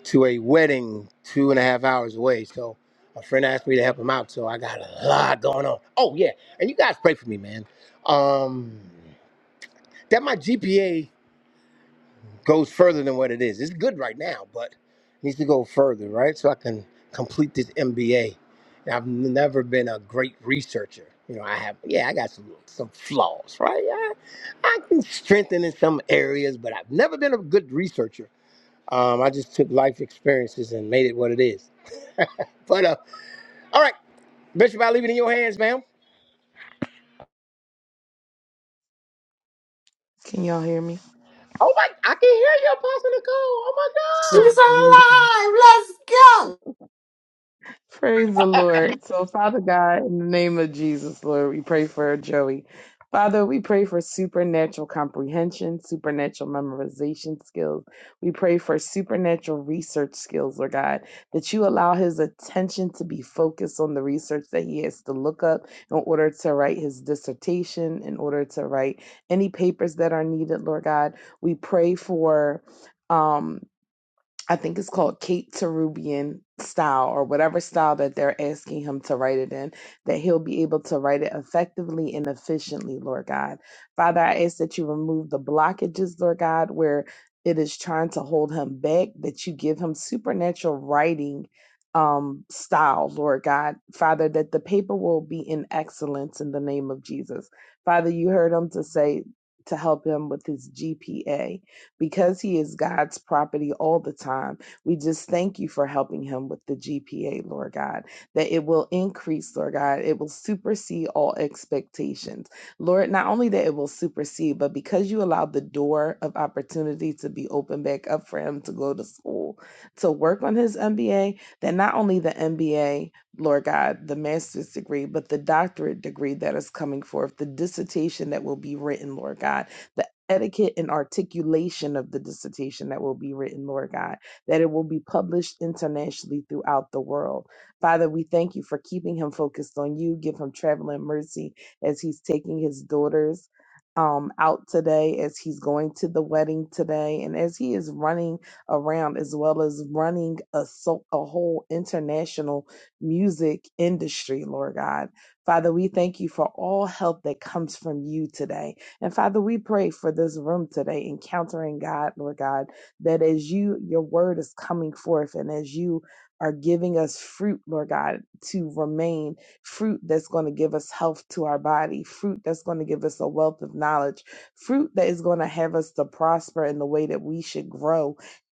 [SPEAKER 1] to a wedding two and a half hours away. So a friend asked me to help him out. So I got a lot going on. Oh yeah, and you guys pray for me, man. Um, that my GPA goes further than what it is. It's good right now, but it needs to go further, right? So I can complete this MBA. And I've never been a great researcher. You know, I have. Yeah, I got some some flaws, right? I, I can strengthen in some areas, but I've never been a good researcher. Um, I just took life experiences and made it what it is. But uh, all right, Bishop, I leave it in your hands, ma'am.
[SPEAKER 2] Can y'all hear me?
[SPEAKER 1] Oh my, I can hear you, Apostle.
[SPEAKER 2] Praise
[SPEAKER 3] She's
[SPEAKER 2] the Lord.
[SPEAKER 3] alive. Let's go.
[SPEAKER 2] Praise the Lord. So, Father God, in the name of Jesus, Lord, we pray for Joey. Father, we pray for supernatural comprehension, supernatural memorization skills. We pray for supernatural research skills, Lord God, that you allow his attention to be focused on the research that he has to look up in order to write his dissertation, in order to write any papers that are needed, Lord God. We pray for. Um, I think it's called Kate Terubian style or whatever style that they're asking him to write it in, that he'll be able to write it effectively and efficiently, Lord God. Father, I ask that you remove the blockages, Lord God, where it is trying to hold him back, that you give him supernatural writing um style lord god father that the paper will be in excellence in the name of jesus father you heard him to say to help him with his gpa because he is God's property all the time. We just thank you for helping him with the GPA, Lord God, that it will increase, Lord God. It will supersede all expectations. Lord, not only that it will supersede, but because you allowed the door of opportunity to be opened back up for him to go to school, to work on his MBA, that not only the MBA, Lord God, the master's degree, but the doctorate degree that is coming forth, the dissertation that will be written, Lord God etiquette and articulation of the dissertation that will be written, Lord God, that it will be published internationally throughout the world. Father, we thank you for keeping him focused on you. Give him traveling mercy as he's taking his daughters um, out today, as he's going to the wedding today, and as he is running around, as well as running a, so- a whole international music industry, Lord God. Father, we thank you for all help that comes from you today and Father, we pray for this room today, encountering God, Lord God, that as you, your word is coming forth and as you are giving us fruit, Lord God, to remain fruit that's going to give us health to our body, fruit that's going to give us a wealth of knowledge, fruit that is going to have us to prosper in the way that we should grow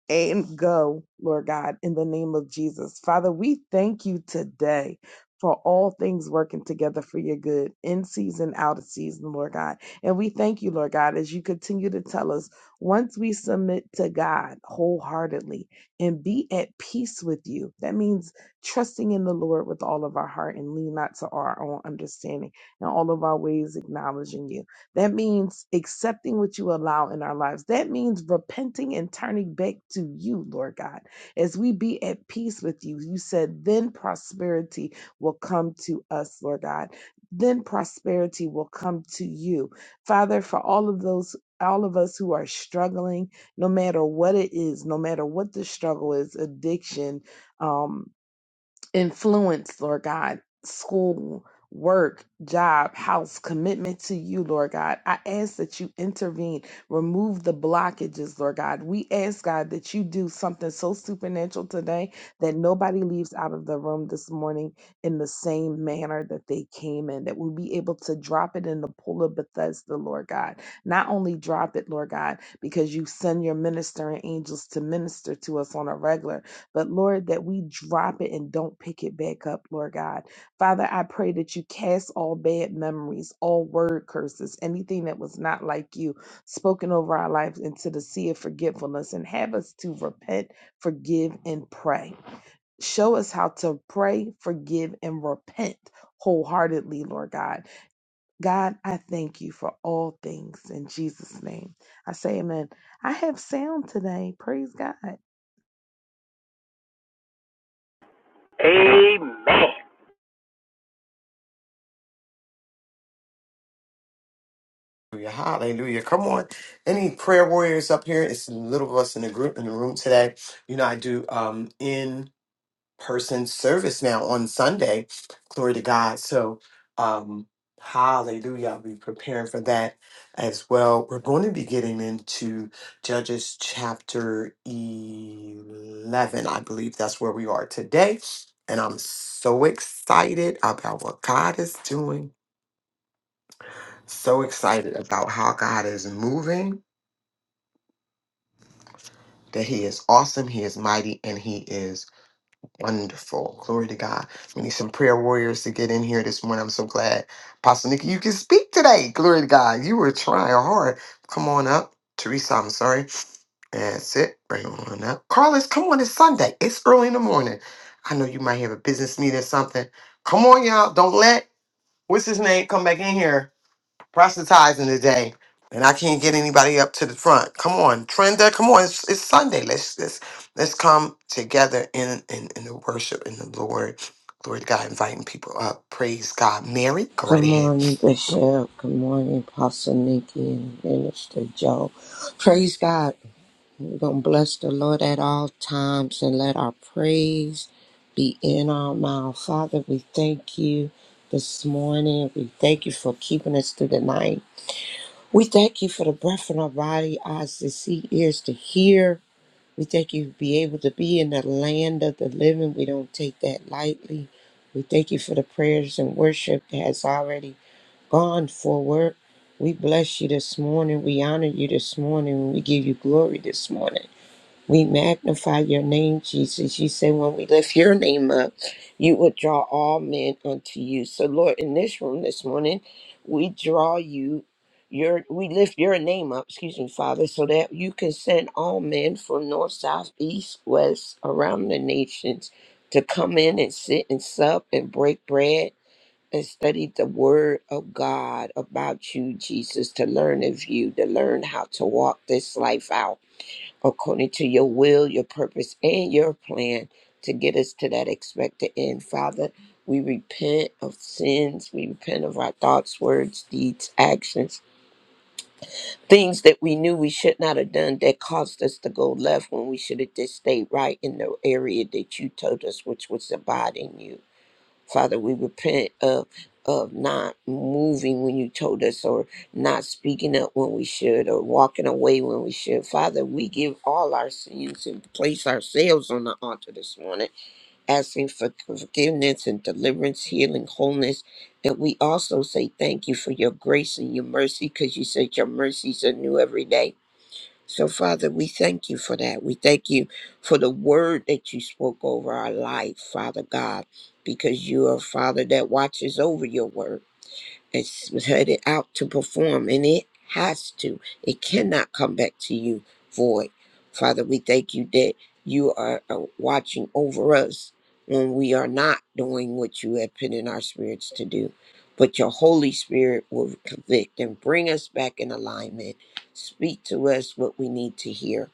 [SPEAKER 2] and go, Lord God, in the name of Jesus. Father, we thank you today for all things working together for your good in season, out of season, Lord God. And we thank you, Lord God, as you continue to tell us once we submit to God wholeheartedly and be at peace with you, that means trusting in the Lord with all of our heart and lean not to our own understanding and all of our ways acknowledging you. That means accepting what you allow in our lives. That means repenting and turning back to you, Lord God. As we be at peace with you, you said, then prosperity will come to us, Lord God. Then prosperity will come to you. Father, for all of those, all of us who are struggling, no matter what it is, no matter what the struggle is, addiction, um, influence, Lord God, school, work, job, house, commitment to you, Lord God. I ask that you intervene, remove the blockages, Lord God. We ask, God, that you do something so supernatural today that nobody leaves out of the room this morning in the same manner that they came in, that we'll be able to drop it in the pool of Bethesda, Lord God. Not only drop it, Lord God, because you send your ministering angels to minister to us on a regular, but Lord, that we drop it and don't pick it back up, Lord God. Father, I pray that you cast all bad memories, all word curses, anything that was not like you spoken over our lives into the sea of forgetfulness and have us to repent, forgive, and pray. Show us how to pray, forgive, and repent wholeheartedly, Lord God. God, I thank you for all things in Jesus' name. I say amen. I have sound today. Praise God.
[SPEAKER 4] Amen.
[SPEAKER 5] Good morning, Bishop. Good morning, Apostle Nikki and Minister Joe. Praise God. We're going to bless the Lord at all times and let our praise be in our mouth. Father, we thank you this morning. We thank you for keeping us through the night. We thank you for the breath in our body, eyes to see, ears to hear. We thank you to be able to be in the land of the living. We don't take that lightly. We thank you for the prayers and worship that has already gone forward. We bless you this morning. We honor you this morning. We give you glory this morning. We magnify your name, Jesus. You say when we lift your name up, you will draw all men unto you. So, Lord, in this room this morning, we draw you. Your, we lift your name up, excuse me, Father, so that you can send all men from north, south, east, west, around the nations to come in and sit and sup and break bread and studied the word of God about you, Jesus, to learn of you, to learn how to walk this life out according to your will, your purpose, and your plan to get us to that expected end. Father, we repent of sins. We repent of our thoughts, words, deeds, actions, things that we knew we should not have done that caused us to go left when we should have just stayed right in the area that you told us, which was abiding you. Father, we repent of of not moving when you told us or not speaking up when we should or walking away when we should. Father, we give all our sins and place ourselves on the altar this morning, asking for forgiveness and deliverance, healing, wholeness. And we also say thank you for your grace and your mercy because you said your mercies are new every day. So, Father, we thank you for that. We thank you for the word that you spoke over our life, Father God, because you are a Father that watches over your word. It's headed out to perform, and it has to. It cannot come back to you void. Father, we thank you that you are uh, watching over us when we are not doing what you have put in our spirits to do. But your Holy Spirit will convict and bring us back in alignment. Speak to us what we need to hear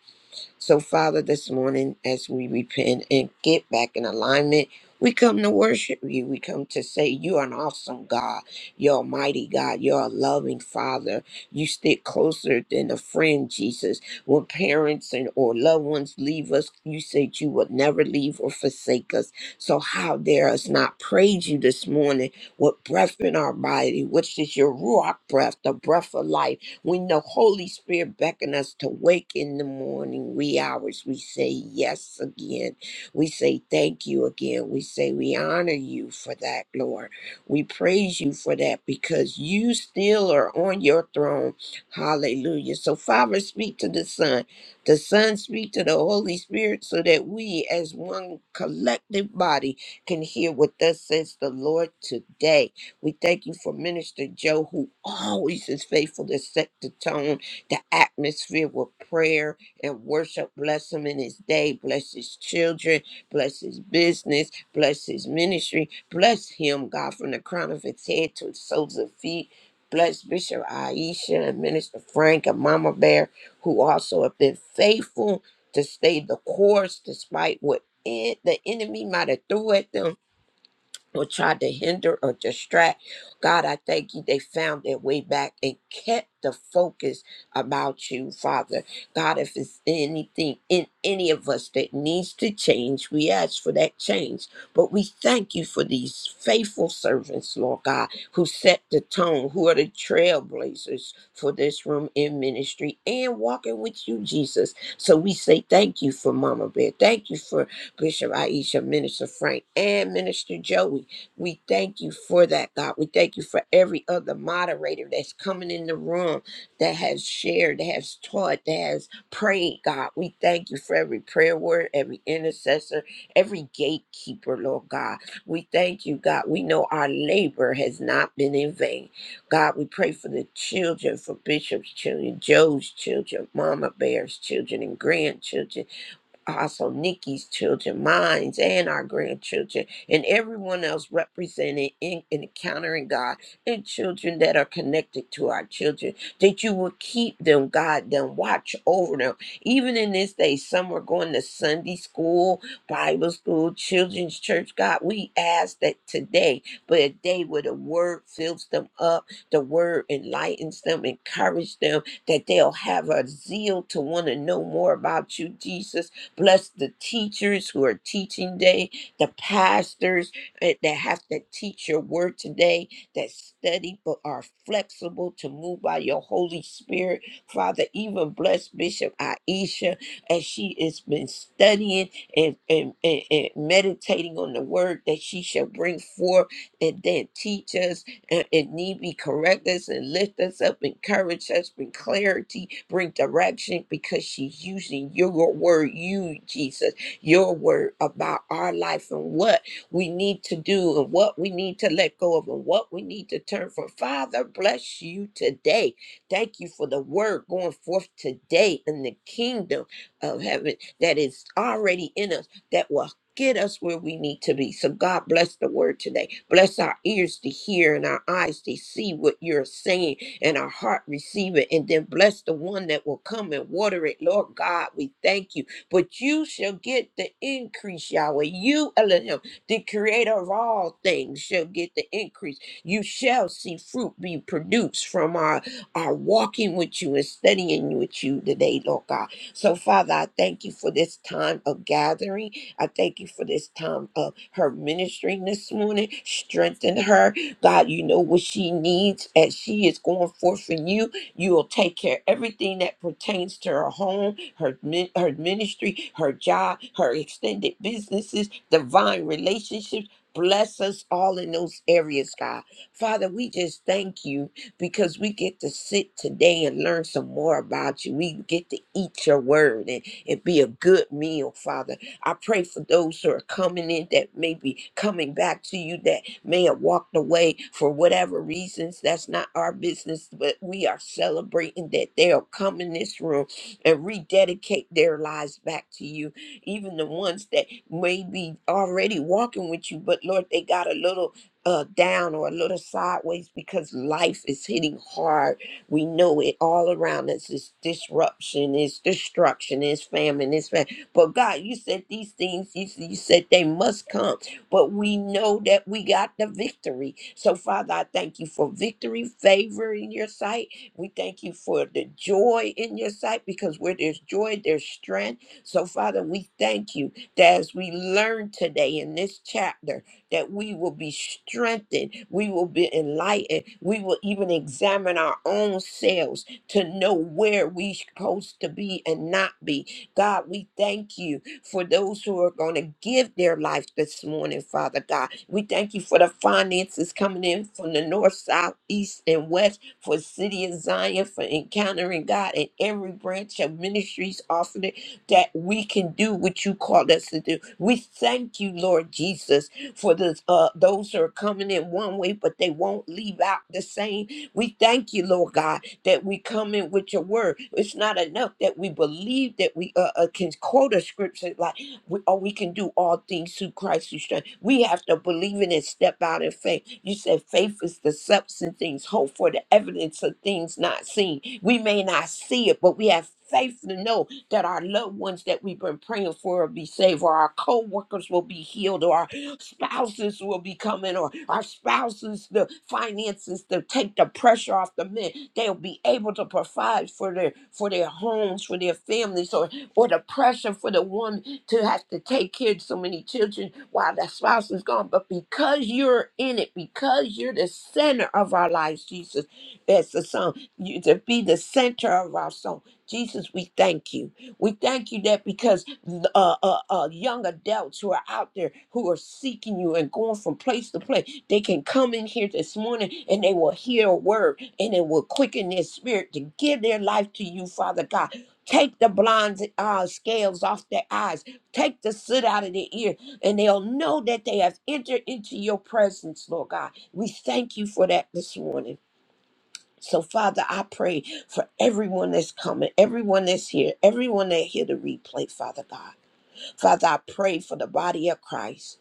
[SPEAKER 5] so, Father, this morning, as we repent and get back in alignment, we come to worship you. We come to say you are an awesome God. You're a mighty God. You're a loving Father. You stick closer than a friend, Jesus. When parents and or loved ones leave us, you said you would never leave or forsake us. So how dare us not praise you this morning with breath in our body, which is your ruach breath, the breath of life when the Holy Spirit beckon us to wake in the morning, wee hours, we say yes again. We say thank you again. We say we honor you for that, Lord. We praise you for that because you still are on your throne. Hallelujah. So, Father, speak to the Son. The Son speak to the Holy Spirit so that we, as one collective body, can hear what thus says the Lord today. We thank you for Minister Joe, who always is faithful to set the tone, the atmosphere with prayer and worship. Bless him in his day. Bless his children. Bless his business. Bless his ministry. Bless him, God, from the crown of his head to the soles of his feet. Bless Bishop Aisha and Minister Frank and Mama Bear, who also have been faithful to stay the course despite what en- the enemy might have threw at them or tried to hinder or distract. God, I thank you. They found their way back and kept the focus about you, Father. God, if it's anything in any of us that needs to change, we ask for that change. But we thank you for these faithful servants, Lord God, who set the tone, who are the trailblazers for this room in ministry and walking with you, Jesus. So we say thank you for Mama Bear. Thank you for Bishop Aisha, Minister Frank, and Minister Joey. We thank you for that, God. We thank you for every other moderator that's coming in the room that has shared, that has taught, that has prayed, God. We thank you for every prayer word, every intercessor, every gatekeeper, Lord God. We thank you, God. We know our labor has not been in vain. God, we pray for the children, for Bishop's children, Joe's children, Mama Bear's children, and grandchildren. Apostle Nikki's children, minds, and our grandchildren, and everyone else represented in encountering God, and children that are connected to our children, that you will keep them, guide them, watch over them. Even in this day, some are going to Sunday school, Bible school, children's church. God, we ask that today, but a day where the word fills them up, the word enlightens them, encourage them, that they'll have a zeal to want to know more about you, Jesus Bless the teachers who are teaching today, the pastors eh, that have to teach your word today, that study but are flexible to move by your Holy Spirit. Father, even bless Bishop Aisha as she has been studying and, and, and, and meditating on the word that she shall bring forth and then teach us and if need be correct us and lift us up, encourage us, bring clarity, bring direction, because she's using your word, you Jesus, your word about our life and what we need to do and what we need to let go of and what we need to turn from. Father, bless you today. Thank you for the word going forth today in the kingdom of heaven that is already in us that will get us where we need to be. So, God, bless the word today. Bless our ears to hear and our eyes to see what you're saying and our heart receive it. And then bless the one that will come and water it. Lord God, we thank you. But you shall get the increase, Yahweh. You, Elohim, the creator of all things, shall get the increase. You shall see fruit be produced from our, our walking with you and studying with you today, Lord God. So, Father, I thank you for this time of gathering. I thank you for this time of her ministering this morning. Strengthen her. God, you know what she needs as she is going forth for you. You will take care of everything that pertains to her home, her, min- her ministry, her job, her extended businesses, divine relationships. Bless us all in those areas, God. Father, we just thank you because we get to sit today and learn some more about you. We get to eat your word and, and be a good meal, Father. I pray for those who are coming in that may be coming back to you that may have walked away for whatever reasons. That's not our business, but we are celebrating that they'll come in this room and rededicate their lives back to you. Even the ones that may be already walking with you, but Lord, they got a little uh, down or a little sideways because life is hitting hard. We know it all around us is disruption, is destruction, is famine, is famine. But God, you said these things, you, you said they must come, but we know that we got the victory. So, Father, I thank you for victory, favor in your sight. We thank you for the joy in your sight because where there's joy, there's strength. So, Father, we thank you that as we learn today in this chapter, that we will be strengthened, we will be enlightened, we will even examine our own selves to know where we're supposed to be and not be God, we thank you for those who are going to give their life this morning, Father God. We thank you for the finances coming in from the north, south, east, and west for City of Zion, for encountering God and every branch of ministries offered it, that we can do what you called us to do. We thank you, Lord Jesus, for this, uh, those who are coming in one way, but they won't leave out the same we thank you, Lord God, that we come in with your word. It's not enough that we believe that we uh, uh, can quote a scripture like, we, or we can do all things through Christ who strength. We have to believe in it, step out in faith. You said faith is the substance things hope for, the evidence of things not seen. We may not see it, but we have faith to know that our loved ones that we've been praying for will be saved, or our co-workers will be healed, or spouses will be coming, or our spouses, the finances to take the pressure off the men. They'll be able to provide for their for their homes, for their families, or or the pressure for the woman to have to take care of so many children while the spouse is gone. But because you're in it, because you're the center of our lives, Jesus, that's the song. You to be the center of our song. Jesus, we thank you. We thank you that because uh, uh, uh, young adults who are out there who are seeking you and going from place to place. They can come in here this morning and they will hear a word and it will quicken their spirit to give their life to you, Father God. Take the blind uh, scales off their eyes. Take the soot out of their ear, and they'll know that they have entered into your presence, Lord God. We thank you for that this morning. So, Father, I pray for everyone that's coming, everyone that's here, everyone that hear the replay, Father God. Father, I pray for the body of Christ.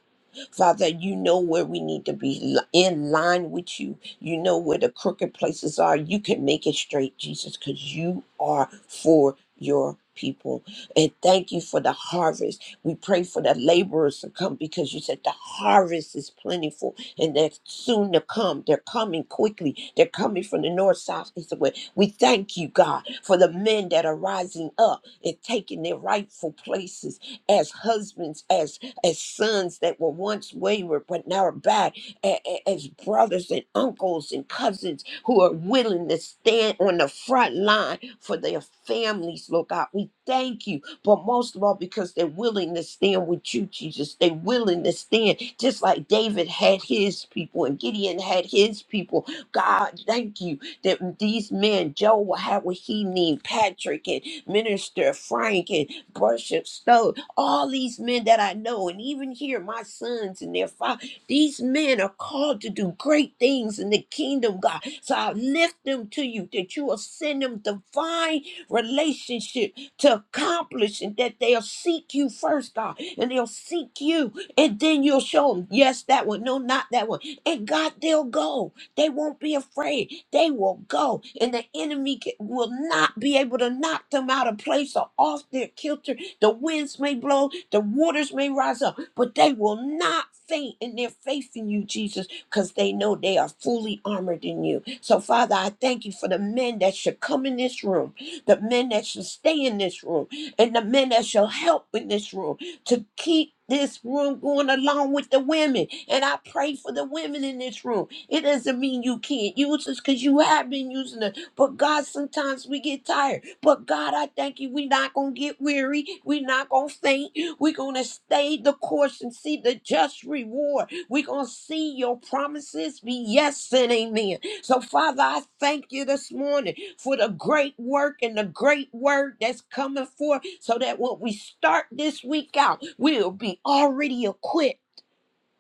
[SPEAKER 5] Father, you know where we need to be li- in line with you. You know where the crooked places are. You can make it straight, Jesus, because you are for your people. And thank you for the harvest. We pray for the laborers to come because you said the harvest is plentiful and they're soon to come. They're coming quickly. They're coming from the north, south, east, and west. We thank you, God, for the men that are rising up and taking their rightful places as husbands, as as sons that were once wayward but now are back, a- a- as brothers and uncles and cousins who are willing to stand on the front line for their families, Lord God. We thank you, but most of all, because they're willing to stand with you, Jesus. They're willing to stand just like David had his people and Gideon had his people. God, thank you that these men, Joe will have what he need, Patrick and Minister Frank and Bishop Stowe, all these men that I know, and even here, my sons and their father, these men are called to do great things in the kingdom, God. So I lift them to you that you will send them divine relationship to accomplish and that they'll seek you first, God, and they'll seek you, and then you'll show them, yes, that one, no, not that one. And God, they'll go. They won't be afraid. They will go, and the enemy ca- will not be able to knock them out of place or off their kilter the winds may blow, the waters may rise up, but they will not faint in their faith in you, Jesus, because they know they are fully armored in you. So, Father, I thank you for the men that should come in this room, the men that should stay in this room, and the men that shall help in this room to keep this room going along with the women. And I pray for the women in this room. It doesn't mean you can't use us because you have been using us. But God, sometimes we get tired. But God, I thank you. We're not going to get weary. We're not going to faint. We're going to stay the course and see the just reward. We're going to see your promises be yes and amen. So, Father, I thank you this morning for the great work and the great word that's coming forth so that when we start this week out, we'll be already equipped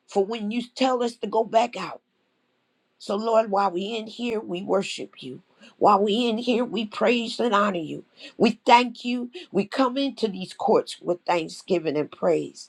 [SPEAKER 5] for when you tell us to go back out. So, Lord, while we in here, we worship you. While we in here, we praise and honor you. We thank you. We come into these courts with thanksgiving and praise.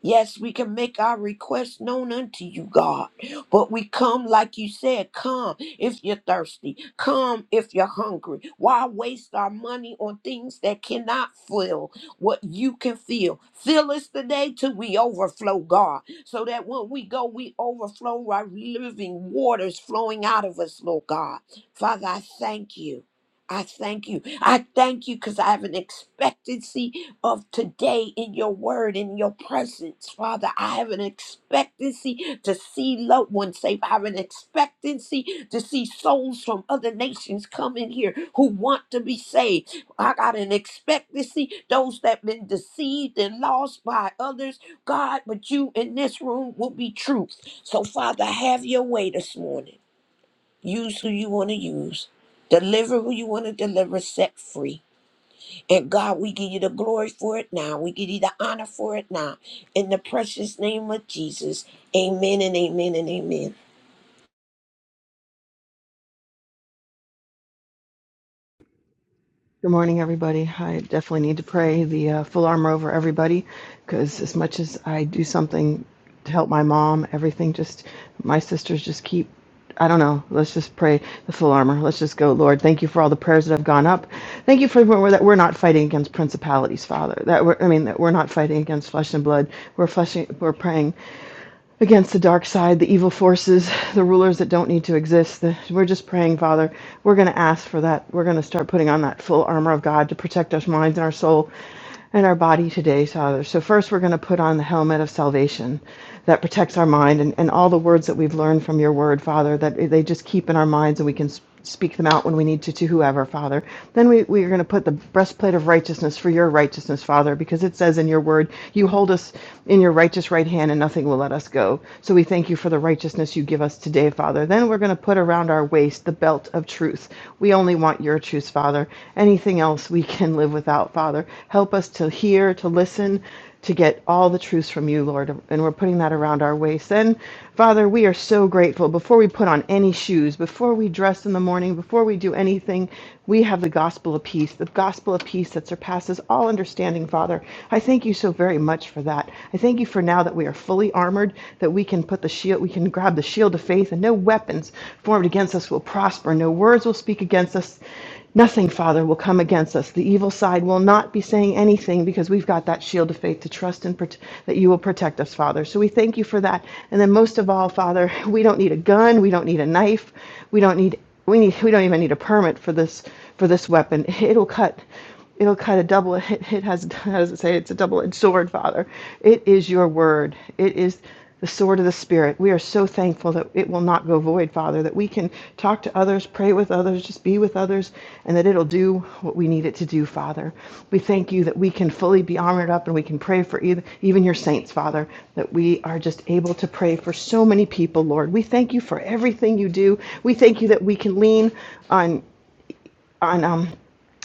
[SPEAKER 5] Yes, we can make our requests known unto you, God. But we come, like you said, come if you're thirsty, come if you're hungry. Why waste our money on things that cannot fill what you can fill? Fill us today till we overflow, God, so that when we go, we overflow our living waters flowing out of us, Lord God. Father, I thank you. I thank you. I thank you because I have an expectancy of today in your word, in your presence, Father. I have an expectancy to see loved ones saved. I have an expectancy to see souls from other nations come in here who want to be saved. I got an expectancy, those that been deceived and lost by others, God, but you in this room will be truth. So, Father, have your way this morning. Use who you want to use. Deliver who you want to deliver, set free. And God, we give you the glory for it now. We give you the honor for it now. In the precious name of Jesus, amen and amen and amen.
[SPEAKER 6] Good morning, everybody. I definitely need to pray the uh, full armor over everybody because, as much as I do something to help my mom, everything just, my sisters just keep, I don't know, let's just pray the full armor. Let's just go, Lord. Thank you for all the prayers that have gone up. Thank you for we're- that we're not fighting against principalities, Father. That we're, I mean, that we're not fighting against flesh and blood. We're, fleshing, we're praying against the dark side, the evil forces, the rulers that don't need to exist. The, we're just praying, Father. We're going to ask for that. We're going to start putting on that full armor of God to protect our minds and our soul and our body today, Father. So, first, we're going to put on the helmet of salvation that protects our mind and, and all the words that we've learned from your word, Father, that they just keep in our minds and we can speak them out when we need to to whoever, Father. Then we, we are going to put the breastplate of righteousness for your righteousness, Father, because it says in your word, you hold us in your righteous right hand and nothing will let us go. So we thank you for the righteousness you give us today, Father. Then we're going to put around our waist the belt of truth. We only want your truth, Father. Anything else we can live without, Father. Help us to hear, to listen, to get all the truths from you, Lord. And we're putting that around our waist. And Father, we are so grateful. Before we put on any shoes, before we dress in the morning, before we do anything, we have the gospel of peace, the gospel of peace that surpasses all understanding, Father. I thank you so very much for that. I thank you for now that we are fully armored, that we can put the shield, we can grab the shield of faith, and no weapons formed against us will prosper, no words will speak against us Nothing, Father, will come against us. The evil side will not be saying anything because we've got that shield of faith to trust and prote- that you will protect us, Father. So we thank you for that. And then most of all, Father, we don't need a gun, we don't need a knife, we don't need we need we don't even need a permit for this for this weapon. It'll cut it'll cut a double it, it has how does it say it's a double-edged sword father it is your word it is the sword of the spirit we are so thankful that it will not go void father that we can talk to others pray with others just be with others and that it'll do what we need it to do father we thank you that we can fully be armored up and we can pray for even even your saints father that we are just able to pray for so many people lord we thank you for everything you do we thank you that we can lean on on um,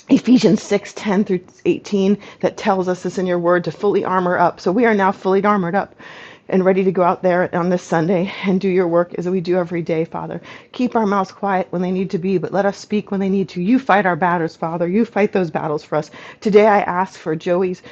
[SPEAKER 6] Ephesians 6 10 through 18 that tells us this in your word to fully armor up. So we are now fully armored up and ready to go out there on this Sunday and do your work as we do every day, Father. Keep our mouths quiet when they need to be, but let us speak when they need to. You fight our battles, Father. You fight those battles for us. Today I ask for Joey's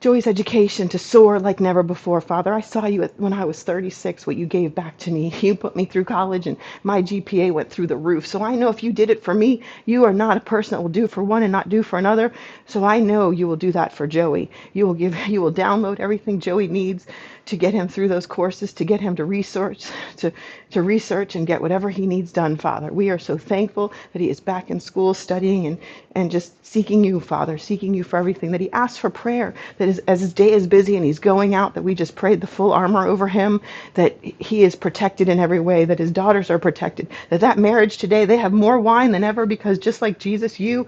[SPEAKER 6] Joy's education to soar like never before. Father, I saw you at, when I was 36, what you gave back to me. You put me through college, and my GPA went through the roof. So I know if you did it for me, you are not a person that will do for one and not do for another. So I know you will do that for Joey. You will give, you will download everything Joey needs to get him through those courses, to get him to research, to, to research and get whatever he needs done, Father. We are so thankful that he is back in school studying and, and just seeking you, Father, seeking you for everything, that he asks for prayer, that as, as his day is busy and he's going out, that we just prayed the full armor over him, that he is protected in every way, that his daughters are protected, that that marriage today, they have more wine than ever because just like Jesus, you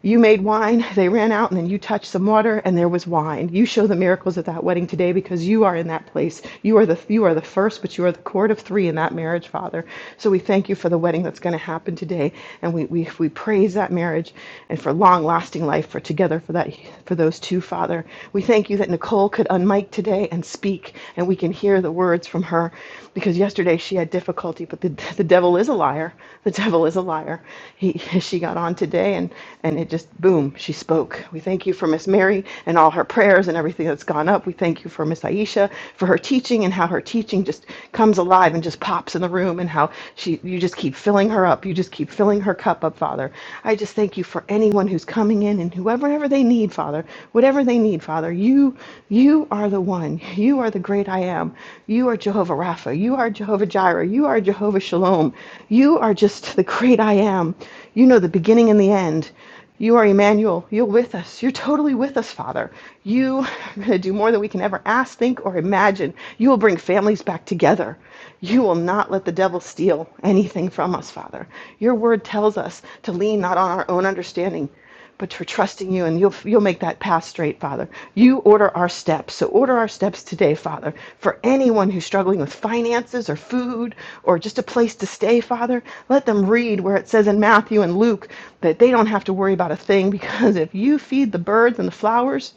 [SPEAKER 6] you made wine, they ran out, and then you touched some water, and there was wine. You show the miracles at that wedding today because you are in that place. You are the you are the first, but you are the court of three in that marriage, Father. So we thank you for the wedding that's going to happen today, and we we, we praise that marriage and for long lasting life for together for that for those two, Father. We thank you that Nicole could unmic today and speak, and we can hear the words from her, because yesterday she had difficulty, but the the devil devil is a liar. The devil is a liar. He, she got on today and, and it just, boom, she spoke. We thank you for Miss Mary and all her prayers and everything that's gone up. We thank you for Miss Aisha for her teaching and how her teaching just comes alive and just pops in the room and how she, you just keep filling her up. You just keep filling her cup up, Father. I just thank you for anyone who's coming in and whoever whatever they need, Father, whatever they need, Father, you, you are the one. You are the great great I am. You are Jehovah Rapha. You are Jehovah Jireh. You are Jehovah Shalom. You are just the great I am. You know the beginning and the end. You are Emmanuel. You're with us. You're totally with us, Father. You are going to do more than we can ever ask, think, or imagine. You will bring families back together. You will not let the devil steal anything from us, Father. Your word tells us to lean not on our own understanding but for trusting you and you'll you'll make that path straight father you order our steps so order our steps today father for anyone who's struggling with finances or food or just a place to stay father let them read where it says in Matthew and Luke that they don't have to worry about a thing because if you feed the birds and the flowers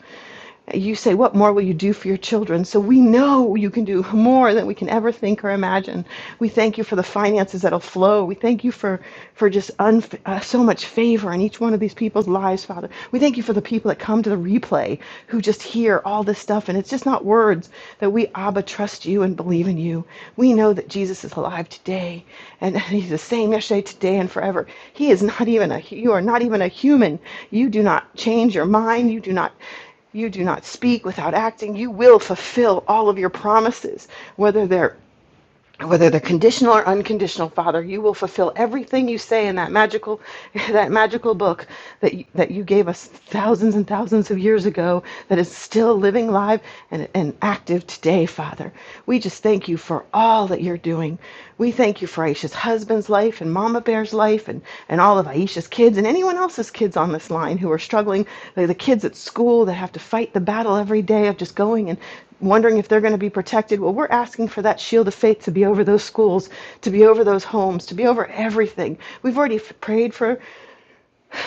[SPEAKER 6] you say, What more will you do for your children? So we know you can do more than we can ever think or imagine. We thank you for the finances that'll flow. We thank you for, for just unf uh, so much favor in each one of these people's lives, Father. We thank you for the people that come to the replay who just hear all this stuff. And it's just not words that we, Abba, trust you and believe in you. We know that Jesus is alive today and he's the same yesterday, today, and forever. He is not even a, you are not even a human. You do not change your mind. You do not. You do not speak without acting. You will fulfill all of your promises, whether they're whether they're conditional or unconditional father you will fulfill everything you say in that magical that magical book that you, that you gave us thousands and thousands of years ago that is still living live and, and active today father we just thank you for all that you're doing we thank you for aisha's husband's life and mama bear's life and, and all of aisha's kids and anyone else's kids on this line who are struggling like the kids at school that have to fight the battle every day of just going and wondering if they're going to be protected. Well, we're asking for that shield of faith to be over those schools, to be over those homes, to be over everything. We've already f- prayed for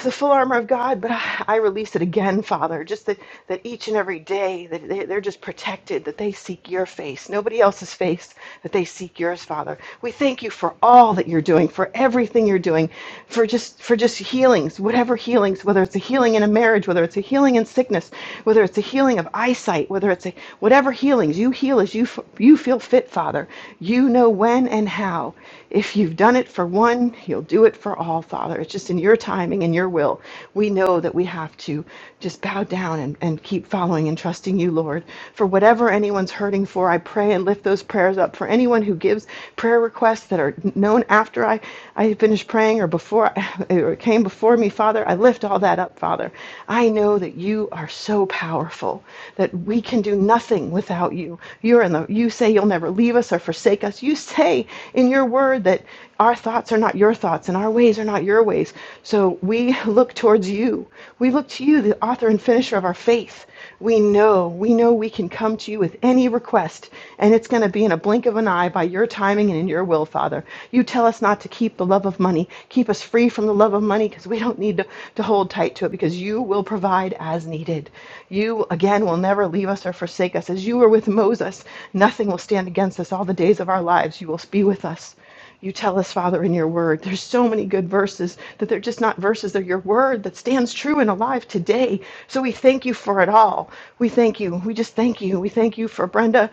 [SPEAKER 6] the full armor of God, but I, I release it again, Father, just that, that each and every day that they, they're just protected, that they seek your face, nobody else's face, that they seek yours, Father. We thank you for all that you're doing, for everything you're doing, for just for just healings, whatever healings, whether it's a healing in a marriage, whether it's a healing in sickness, whether it's a healing of eyesight, whether it's a whatever healings, you heal as you f- you feel fit, Father. You know. You know when and how. If you've done it for one, you'll do it for all, Father. It's just in your timing and your will. We know that we have to just bow down and, and keep following and trusting you, Lord. For whatever anyone's hurting for, I pray and lift those prayers up. For anyone who gives prayer requests that are known after I, I finish praying or before or came before me, Father, I lift all that up, Father. I know that you are so powerful that we can do nothing without you. You're in the you say you'll never leave us or forsake us. You say in your word that our thoughts are not your thoughts and our ways are not your ways. So we look towards you. We look to you, the author and finisher of our faith. We know, we know we can come to you with any request, and it's going to be in a blink of an eye by your timing and in your will, Father. You tell us not to keep the love of money. Keep us free from the love of money because we don't need to, to hold tight to it because you will provide as needed. You, again, will never leave us or forsake us. As you were with Moses, nothing will stand against us all the days of our lives. You will be with us. You tell us, Father, in your word. There's so many good verses that they're just not verses, they're your word that stands true and alive today. So we thank you for it all. We thank you. We just thank you. We thank you for Brenda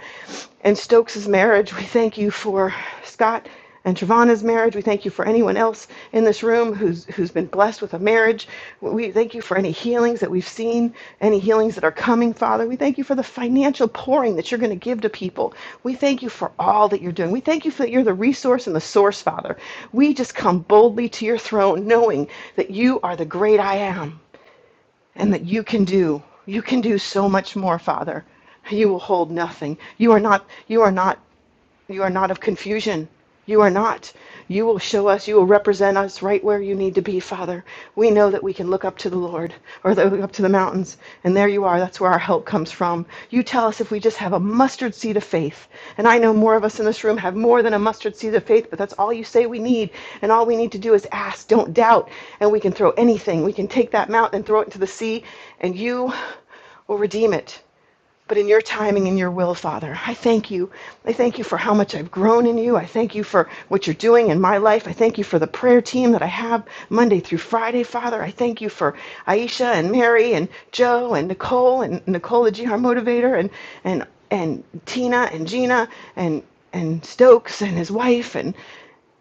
[SPEAKER 6] and Stokes' marriage. We thank you for Scott and Travana's marriage. We thank you for anyone else in this room room who's who's been blessed with a marriage. We thank you for any healings that we've seen, any healings that are coming, Father. We thank you for the financial pouring that you're going to give to people. We thank you for all that you're doing. We thank you for that you're the resource and the source, Father. We just come boldly to your throne knowing that you are the great I am and that you can do. You can do so much more, Father. You will hold nothing. You are not you are not you are not of confusion. You are not. You will show us, you will represent us right where you need to be, Father. We know that we can look up to the Lord or that we look up to the mountains, and there you are. That's where our help comes from. You tell us if we just have a mustard seed of faith. And I know more of us in this room have more than a mustard seed of faith, but that's all you say we need. And all we need to do is ask, don't doubt, and we can throw anything. We can take that mountain and throw it into the sea, and you will redeem it but in your timing and your will, Father. I thank you. I thank you for how much I've grown in you. I thank you for what you're doing in my life. I thank you for the prayer team that I have Monday through Friday, Father. I thank you for Aisha and Mary and Joe and Nicole and Nicole the GR motivator and and and Tina and Gina and and Stokes and his wife and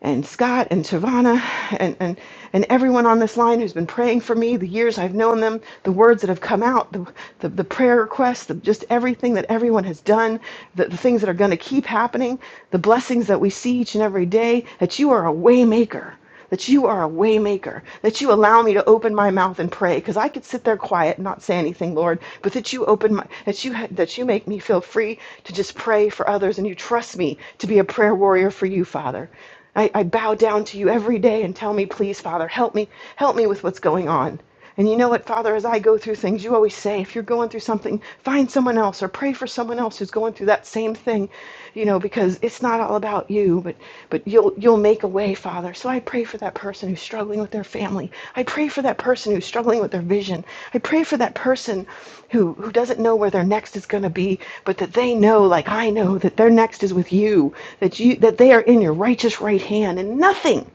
[SPEAKER 6] and Scott and Tavanna and, and, and everyone on this line who's been praying for me, the years I've known them, the words that have come out, the, the, the prayer requests, the, just everything that everyone has done, the, the things that are going to keep happening, the blessings that we see each and every day, that you are a way maker that you are a waymaker, that you allow me to open my mouth and pray because I could sit there quiet and not say anything, Lord, but that you open my that you that you make me feel free to just pray for others and you trust me to be a prayer warrior for you, Father. I, I bow down to you every day and tell me, please, Father, help me, help me with what's going on. And you know what, Father, as I go through things, you always say, if you're going through something, find someone else or pray for someone else who's going through that same thing, you know, because it's not all about you, but but you'll you'll make a way, Father. So I pray for that person who's struggling with their family. I pray for that person who's struggling with their vision. I pray for that person who who doesn't know where their next is going to be, but that they know, like I know, that their next is with you, that you that they are in your righteous right hand and nothing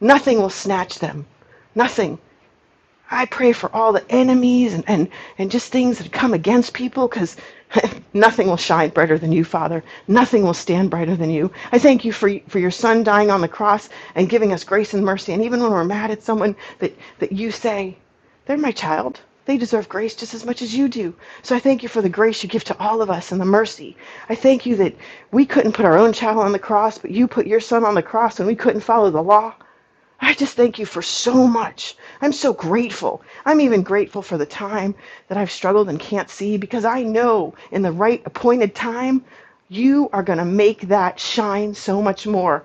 [SPEAKER 6] Nothing will snatch them. Nothing. I pray for all the enemies and, and, and just things that come against people because nothing will shine brighter than you, Father. Nothing will stand brighter than you. I thank you for, for your son dying on the cross and giving us grace and mercy. And even when we're mad at someone, that, that you say, they're my child. They deserve grace just as much as you do. So I thank you for the grace you give to all of us and the mercy. I thank you that we couldn't put our own child on the cross, but you put your son on the cross and we couldn't follow the law. I just thank you for so much. I'm so grateful. I'm even grateful for the time that I've struggled and can't see because I know in the right appointed time, you are going to make that shine so much more.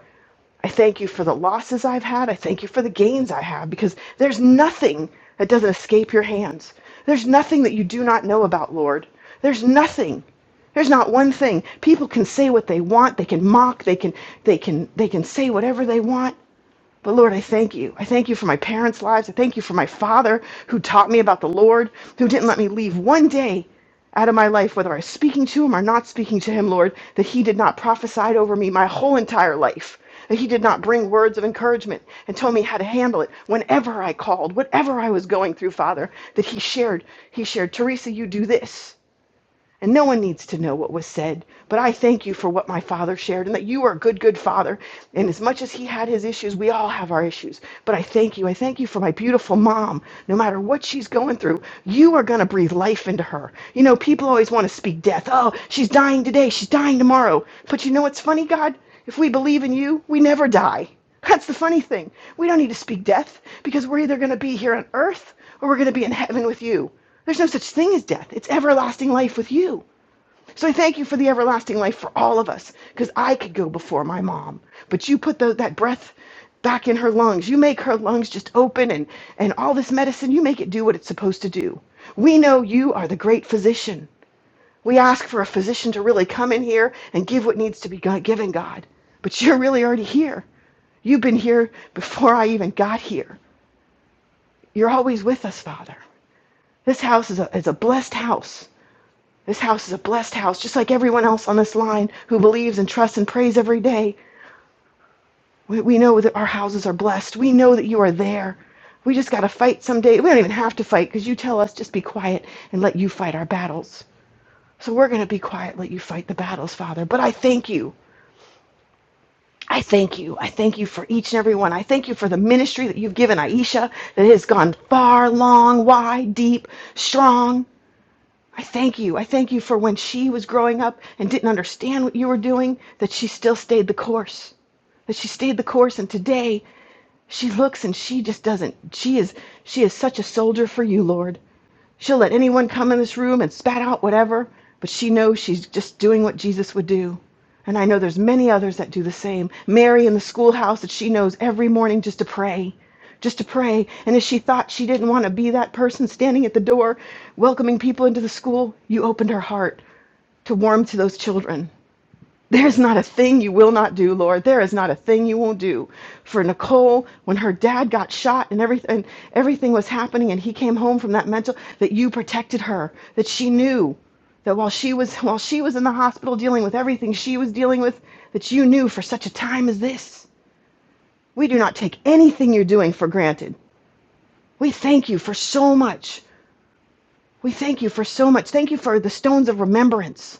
[SPEAKER 6] I thank you for the losses I've had. I thank you for the gains I have because there's nothing that doesn't escape your hands. There's nothing that you do not know about, Lord. There's nothing. There's not one thing. People can say what they want. They can mock. They can they can they can say whatever they want. But Lord, I thank you. I thank you for my parents' lives. I thank you for my father who taught me about the Lord, who didn't let me leave one day out of my life, whether I was speaking to him or not speaking to him, Lord, that he did not prophesy over me my whole entire life, that he did not bring words of encouragement and told me how to handle it whenever I called, whatever I was going through, Father, that he shared. He shared, Teresa, you do this. And no one needs to know what was said, but I thank you for what my father shared and that you are a good, good father. And as much as he had his issues, we all have our issues. But I thank you. I thank you for my beautiful mom. No matter what she's going through, you are going to breathe life into her. You know, people always want to speak death. Oh, she's dying today. She's dying tomorrow. But you know what's funny, God? If we believe in you, we never die. That's the funny thing. We don't need to speak death because we're either going to be here on earth or we're going to be in heaven with you. There's no such thing as death. It's everlasting life with you. So I thank you for the everlasting life for all of us, because I could go before my mom, but you put tho- that breath back in her lungs. You make her lungs just open, and and all this medicine, you make it do what it's supposed to do. We know you are the great physician. We ask for a physician to really come in here and give what needs to be go- given, God. But you're really already here. You've been here before I even got here. You're always with us, Father. This house is a, is a blessed house. This house is a blessed house, just like everyone else on this line who believes and trusts and prays every day. We, we know that our houses are blessed. We know that you are there. We just got to fight someday. We don't even have to fight because you tell us just be quiet and let you fight our battles. So we're going to be quiet, let you fight the battles, Father. But I thank you. I thank you. I thank you for each and every one. I thank you for the ministry that you've given Aisha that has gone far, long, wide, deep, strong. I thank you. I thank you for when she was growing up and didn't understand what you were doing, that she still stayed the course. That she stayed the course and today she looks and she just doesn't. She is she is such a soldier for you, Lord. She'll let anyone come in this room and spat out whatever, but she knows she's just doing what Jesus would do. And I know there's many others that do the same. Mary in the schoolhouse that she knows every morning just to pray, just to pray. And if she thought she didn't want to be that person standing at the door welcoming people into the school, you opened her heart to warm to those children. There is not a thing you will not do, Lord. There is not a thing you won't do. For Nicole, when her dad got shot and everything, everything was happening, and he came home from that mental, that you protected her, that she knew that while she was while she was in the hospital dealing with everything she was dealing with, that you knew for such a time as this. We do not take anything you're doing for granted. We thank you for so much. We thank you for so much. Thank you for the stones of remembrance.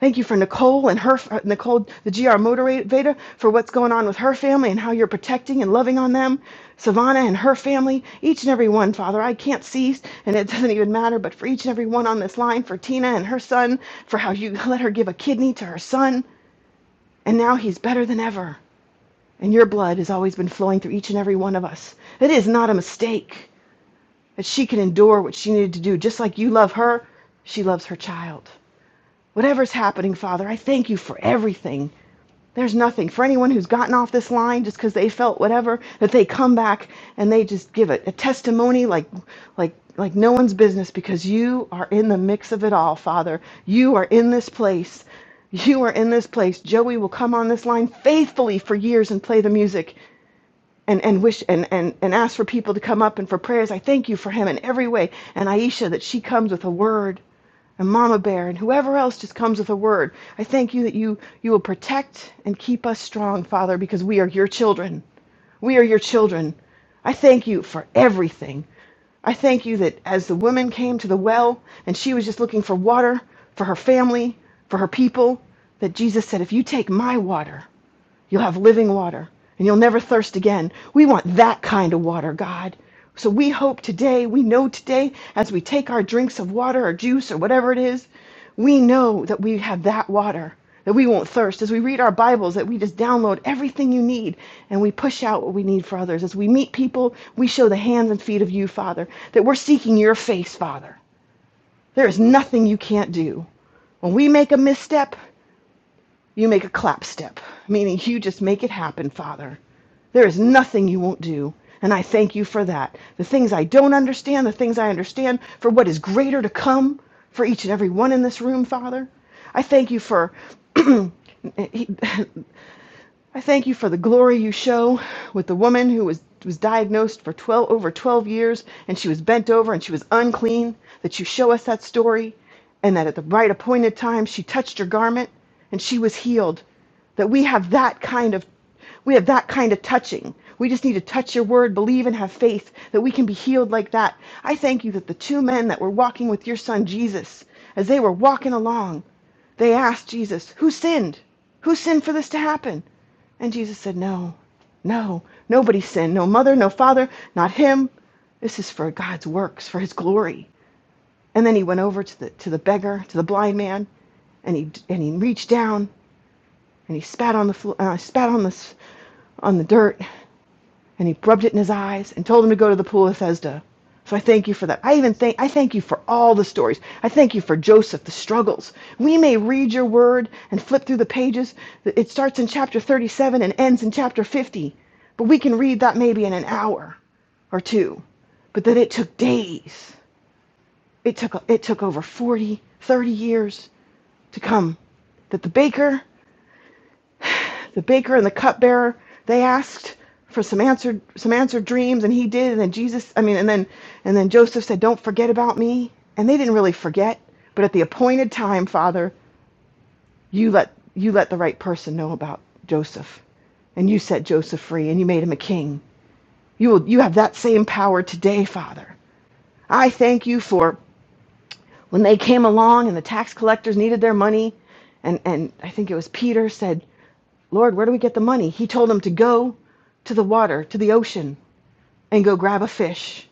[SPEAKER 6] Thank you for Nicole and her, Nicole, the GR motivator, for what's going on with her family and how you're protecting and loving on them. Savannah and her family, each and every one, Father, I can't cease, and it doesn't even matter, but for each and every one on this line, for Tina and her son, for how you let her give a kidney to her son, and now he's better than ever. And your blood has always been flowing through each and every one of us. It is not a mistake that she can endure what she needed to do, just like you love her, she loves her child. Whatever's happening, Father, I thank you for everything. There's nothing for anyone who's gotten off this line just because they felt whatever that they come back and they just give it a testimony like like like no one's business because you are in the mix of it all, Father. You are in this place. You are in this place. Joey will come on this line faithfully for years and play the music and, and wish and, and, and ask for people to come up and for prayers. I thank you for him in every way. And Aisha, that she comes with a word, and Mama Bear, and whoever else just comes with a word. I thank you that you, you will protect and keep us strong, Father, because we are your children. We are your children. I thank you for everything. I thank you that as the woman came to the well and she was just looking for water for her family, for her people, that Jesus said, If you take my water, You'll have living water, and you'll never thirst again. We want that kind of water, God. So we hope today, we know today, as we take our drinks of water or juice or whatever it is, we know that we have that water, that we won't thirst. As we read our Bibles, that we just download everything you need and we push out what we need for others. As we meet people, we show the hands and feet of you, Father, that we're seeking your face, Father. There is nothing you can't do. When we make a misstep, you make a clap step, meaning you just make it happen, Father. There is nothing you won't do. And I thank you for that. The things I don't understand, the things I understand, for what is greater to come for each and every one in this room, Father. I thank you for. eh, I thank you for the glory you show with the woman who was, was diagnosed for 12, over 12 years and she was bent over and she was unclean, that you show us that story and that at the right appointed time she touched your garment and she was healed. That we have that kind of we have that kind of touching. We just need to touch your word, believe and have faith that we can be healed like that. I thank you that the two men that were walking with your son Jesus, as they were walking along, they asked Jesus, Who sinned? Who sinned for this to happen? And Jesus said, No, no, nobody sinned. No mother, no father, not him. This is for God's works, for his glory. And then he went over to the, to the beggar, to the blind man, and he, and he reached down and he spat on the, flo- uh, spat on the, on the dirt and he rubbed it in his eyes and told him to go to the pool of Bethesda. So I thank you for that. I even thank I thank you for all the stories. I thank you for Joseph, the struggles. We may read your word and flip through the pages. It starts in chapter 37 and ends in chapter 50. But we can read that maybe in an hour or two. But that it took days. It took it took over 40, 30 years to come. That the baker the baker and the cupbearer they asked for some answered some answered dreams and he did and then jesus i mean and then and then joseph said don't forget about me and they didn't really forget but at the appointed time father you let you let the right person know about joseph and you set joseph free and you made him a king you will you have that same power today father i thank you for when they came along and the tax collectors needed their money and and i think it was peter said Lord, where do we get the money? He told him to go to the water, to the ocean, and go grab a fish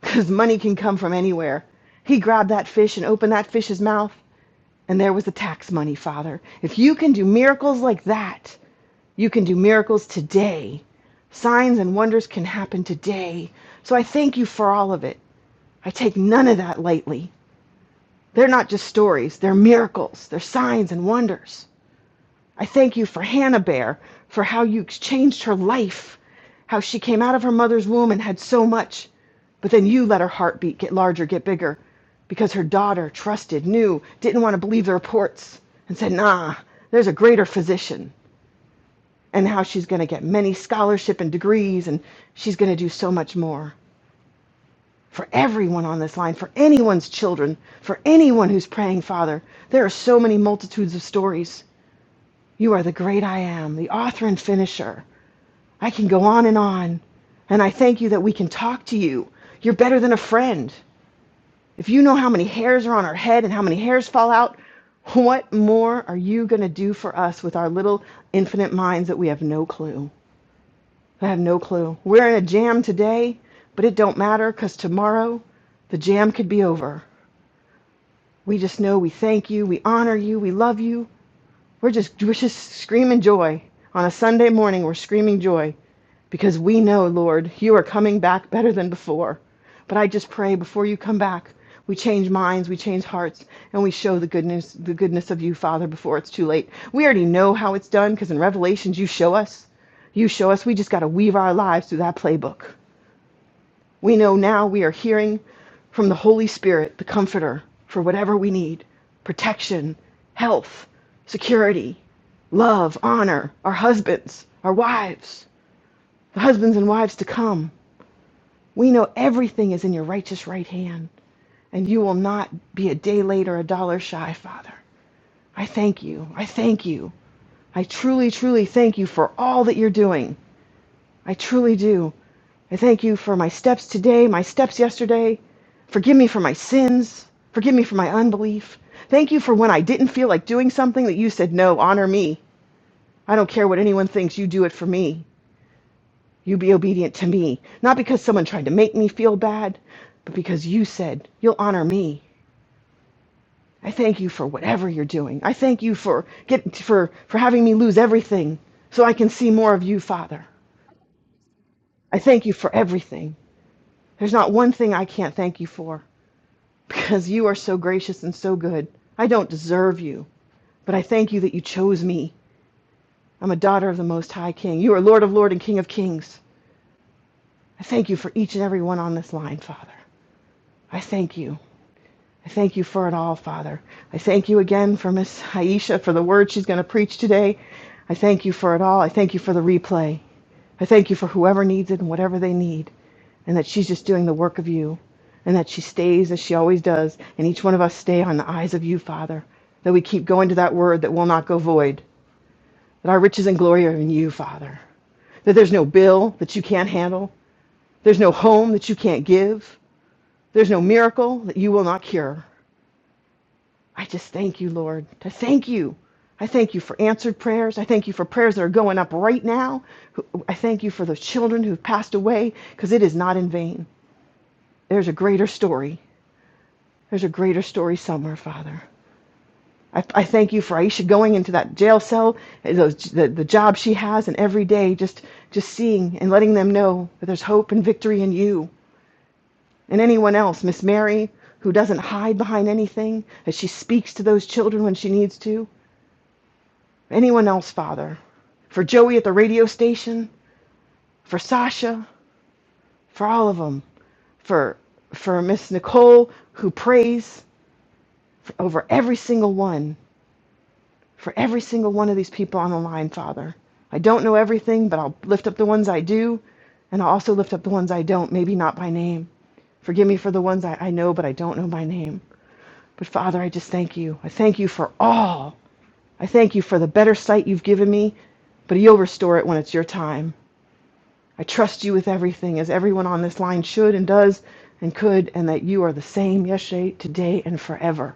[SPEAKER 6] because money can come from anywhere. He grabbed that fish and opened that fish's mouth, and there was the tax money, Father. If you can do miracles like that, you can do miracles today. Signs and wonders can happen today. So I thank you for all of it. I take none of that lightly. They're not just stories, they're miracles, they're signs and wonders. I thank you for Hannah Bear, for how you exchanged her life, how she came out of her mother's womb and had so much, but then you let her heartbeat get larger, get bigger, because her daughter trusted, knew, didn't want to believe the reports, and said, Nah, there's a greater physician, and how she's going to get many scholarship and degrees, and she's going to do so much more. For everyone on this line, for anyone's children, for anyone who's praying, Father, there are so many multitudes of stories. You are the great I am, the author and finisher. I can go on and on. And I thank you that we can talk to you. You're better than a friend. If you know how many hairs are on our head and how many hairs fall out, what more are you going to do for us with our little infinite minds that we have no clue? I have no clue. We're in a jam today, but it don't matter because tomorrow the jam could be over. We just know we thank you, we honor you, we love you, We're just we're just screaming joy. On a Sunday morning, we're screaming joy because we know, Lord, you are coming back better than before. But I just pray before you come back, we change minds, we change hearts, and we show the goodness the goodness of you, Father, before it's too late. We already know how it's done because in Revelations you show us. You show us. We just got to weave our lives through that playbook. We know now we are hearing from the Holy Spirit, the Comforter, for whatever we need protection, health, security, love, honor, our husbands, our wives, the husbands and wives to come. We know everything is in your righteous right hand, and you will not be a day late or a dollar shy, Father. I thank you. I thank you. I truly, truly thank you for all that you're doing. I truly do. I thank you for my steps today, my steps yesterday. Forgive me for my sins. Forgive me for my unbelief. Thank you for when I didn't feel like doing something that you said, no, honor me. I don't care what anyone thinks, you do it for me. You be obedient to me. Not because someone tried to make me feel bad, but because you said, you'll honor me. I thank you for whatever you're doing. I thank you for get, for for having me lose everything so I can see more of you, Father. I thank you for everything. There's not one thing I can't thank you for, because you are so gracious and so good. I don't deserve you, but I thank you that you chose me. I'm a daughter of the Most High King. You are Lord of Lords and King of Kings. I thank you for each and every one on this line, Father. I thank you. I thank you for it all, Father. I thank you again for Miss Aisha for the word she's going to preach today. I thank you for it all. I thank you for the replay. I thank you for whoever needs it and whatever they need, and that she's just doing the work of you, and that she stays as she always does, and each one of us stay on the eyes of you, Father, that we keep going to that word that will not go void, that our riches and glory are in you, Father, that there's no bill that you can't handle, there's no home that you can't give, there's no miracle that you will not cure. I just thank you, Lord. I thank you. I thank you for answered prayers. I thank you for prayers that are going up right now. I thank you for those children who've passed away because it is not in vain. There's a greater story. There's a greater story somewhere, Father. I, I thank you for Aisha going into that jail cell, those, the, the job she has, and every day just, just seeing and letting them know that there's hope and victory in you and anyone else, Miss Mary, who doesn't hide behind anything, that she speaks to those children when she needs to. anyone else, Father. For Joey at the radio station, for Sasha, for all of them. For for Miss Nicole who prays for, over every single one, for every single one of these people on the line, Father. I don't know everything, but I'll lift up the ones I do, and I'll also lift up the ones I don't, maybe not by name. Forgive me for the ones I, I know, but I don't know by name. But Father, I just thank you. I thank you for all. I thank you for the better sight you've given me, but you'll restore it when it's your time. I trust you with everything, as everyone on this line should and does and could, and that you are the same yesterday, today, and forever.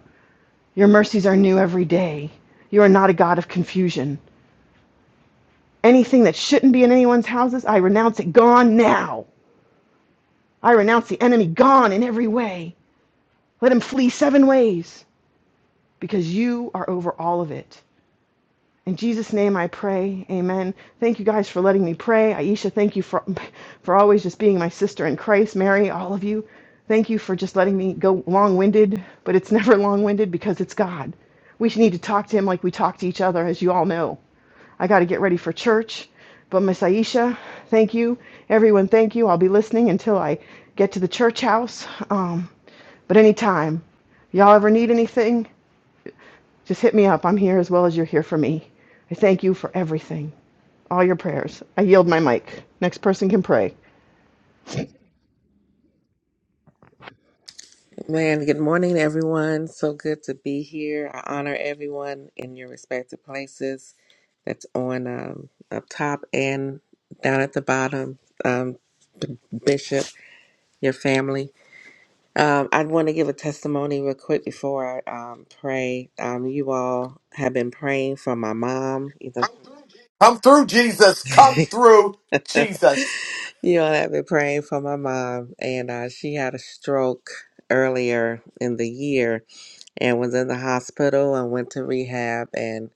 [SPEAKER 6] Your mercies are new every day. You are not a God of confusion. Anything that shouldn't be in anyone's houses, I renounce it gone now. I renounce the enemy gone in every way. Let him flee seven ways, because you are over all of it. In Jesus' name I pray. Amen. Thank you guys for letting me pray. Aisha, thank you for, for always just being my sister in Christ. Mary, all of you, thank you for just letting me go long winded, but it's never long winded because it's God. We need to talk to Him like we talk to each other, as you all know. I got to get ready for church. But Miss Aisha, thank you. Everyone, thank you. I'll be listening until I get to the church house. Um, but anytime, y'all ever need anything? Just hit me up. I'm here as well as you're here for me. I thank you for everything all your prayers. I yield my mic. Next person can pray.
[SPEAKER 7] Man, good morning, everyone. So good to be here. I honor everyone in your respective places that's on um, up top and down at the bottom. Um, B- Bishop, your family. Um, I want to give a testimony real quick before I um, pray. Um, you all have been praying for my mom. You know, you all have been praying for my mom, and uh, she had a stroke earlier in the year and was in the hospital and went to rehab and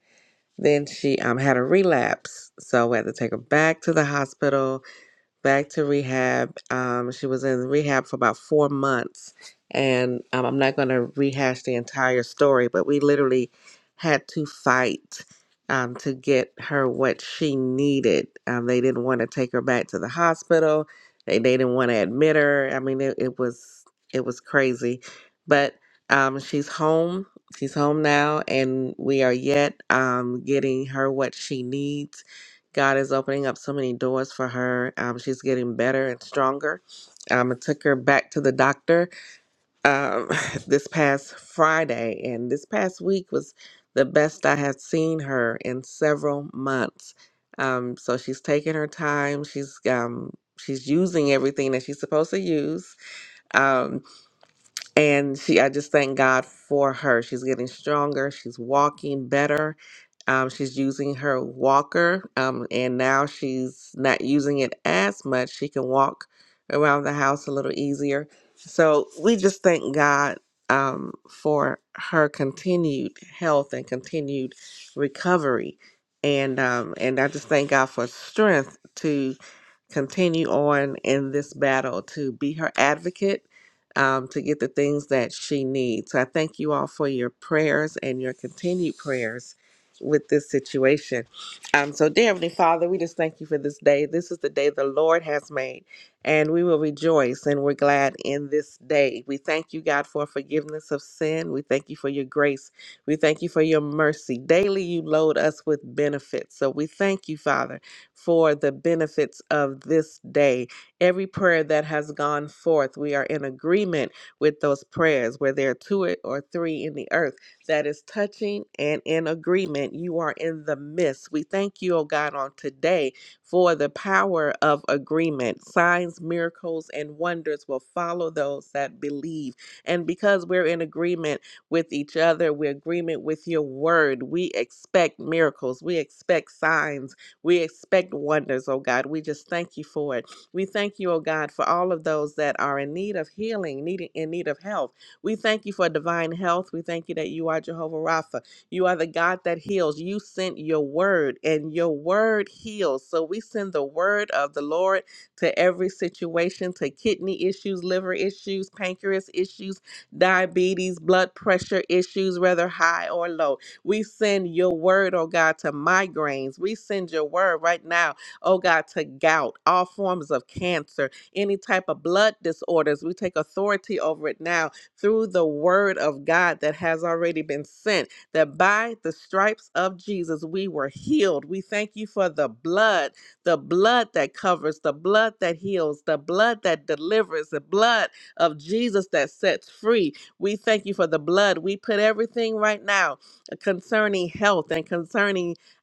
[SPEAKER 7] then she um, had a relapse so we had to take her back to the hospital back to rehab. Um, she was in rehab for about four months, and um, I'm not going to rehash the entire story, but we literally had to fight um, to get her what she needed. Um, they didn't want to take her back to the hospital. They they didn't want to admit her. I mean, it, it was it was crazy, but um, she's home. She's home now, and we are yet um, getting her what she needs God is opening up so many doors for her. Um, she's getting better and stronger. Um, I took her back to the doctor um, this past Friday, and this past week was the best I had seen her in several months. Um, so she's taking her time. She's um, she's using everything that she's supposed to use. Um, and she i just thank god for her she's getting stronger she's walking better um, she's using her walker um, and now she's not using it as much she can walk around the house a little easier so we just thank god um, for her continued health and continued recovery and um, and i just thank god for strength to continue on in this battle to be her advocate um, to get the things that she needs. So I thank you all for your prayers and your continued prayers with this situation. Um, so, dear Heavenly Father, we just thank you for this day. This is the day the Lord has made, and we will rejoice and we're glad in this day. We thank you, God, for forgiveness of sin. We thank you for your grace. We thank you for your mercy. Daily, you load us with benefits. So, we thank you, Father, for the benefits of this day. Every prayer that has gone forth, we are in agreement with those prayers where there are two or three in the earth that is touching and in agreement. You are in the midst. We thank you, oh God, on today for the power of agreement. Signs, miracles, and wonders will follow those that believe. And because we're in agreement with each other, we're in agreement with your word. We expect miracles. We expect signs. We expect wonders, oh God. We just thank you for it. We thank you, oh God, for all of those that are in need of healing, needing in need of health. We thank you for divine health. We thank you that you are Jehovah Rapha. You are the God that heals. You sent your word, and your word heals. So we send the word of the Lord to every situation, to kidney issues, liver issues, pancreas issues, diabetes, blood pressure issues, whether high or low. We send your word, oh God, to migraines. We send your word right now oh God, to gout, all forms of cancer, any type of blood disorders. We take authority over it now through the word of God that has already been sent, that by the stripes of Jesus we were healed. We thank you for the blood, the blood that covers, the blood that heals, the blood that delivers, the blood of Jesus that sets free. We thank you for the blood. We put everything right now concerning health and concerning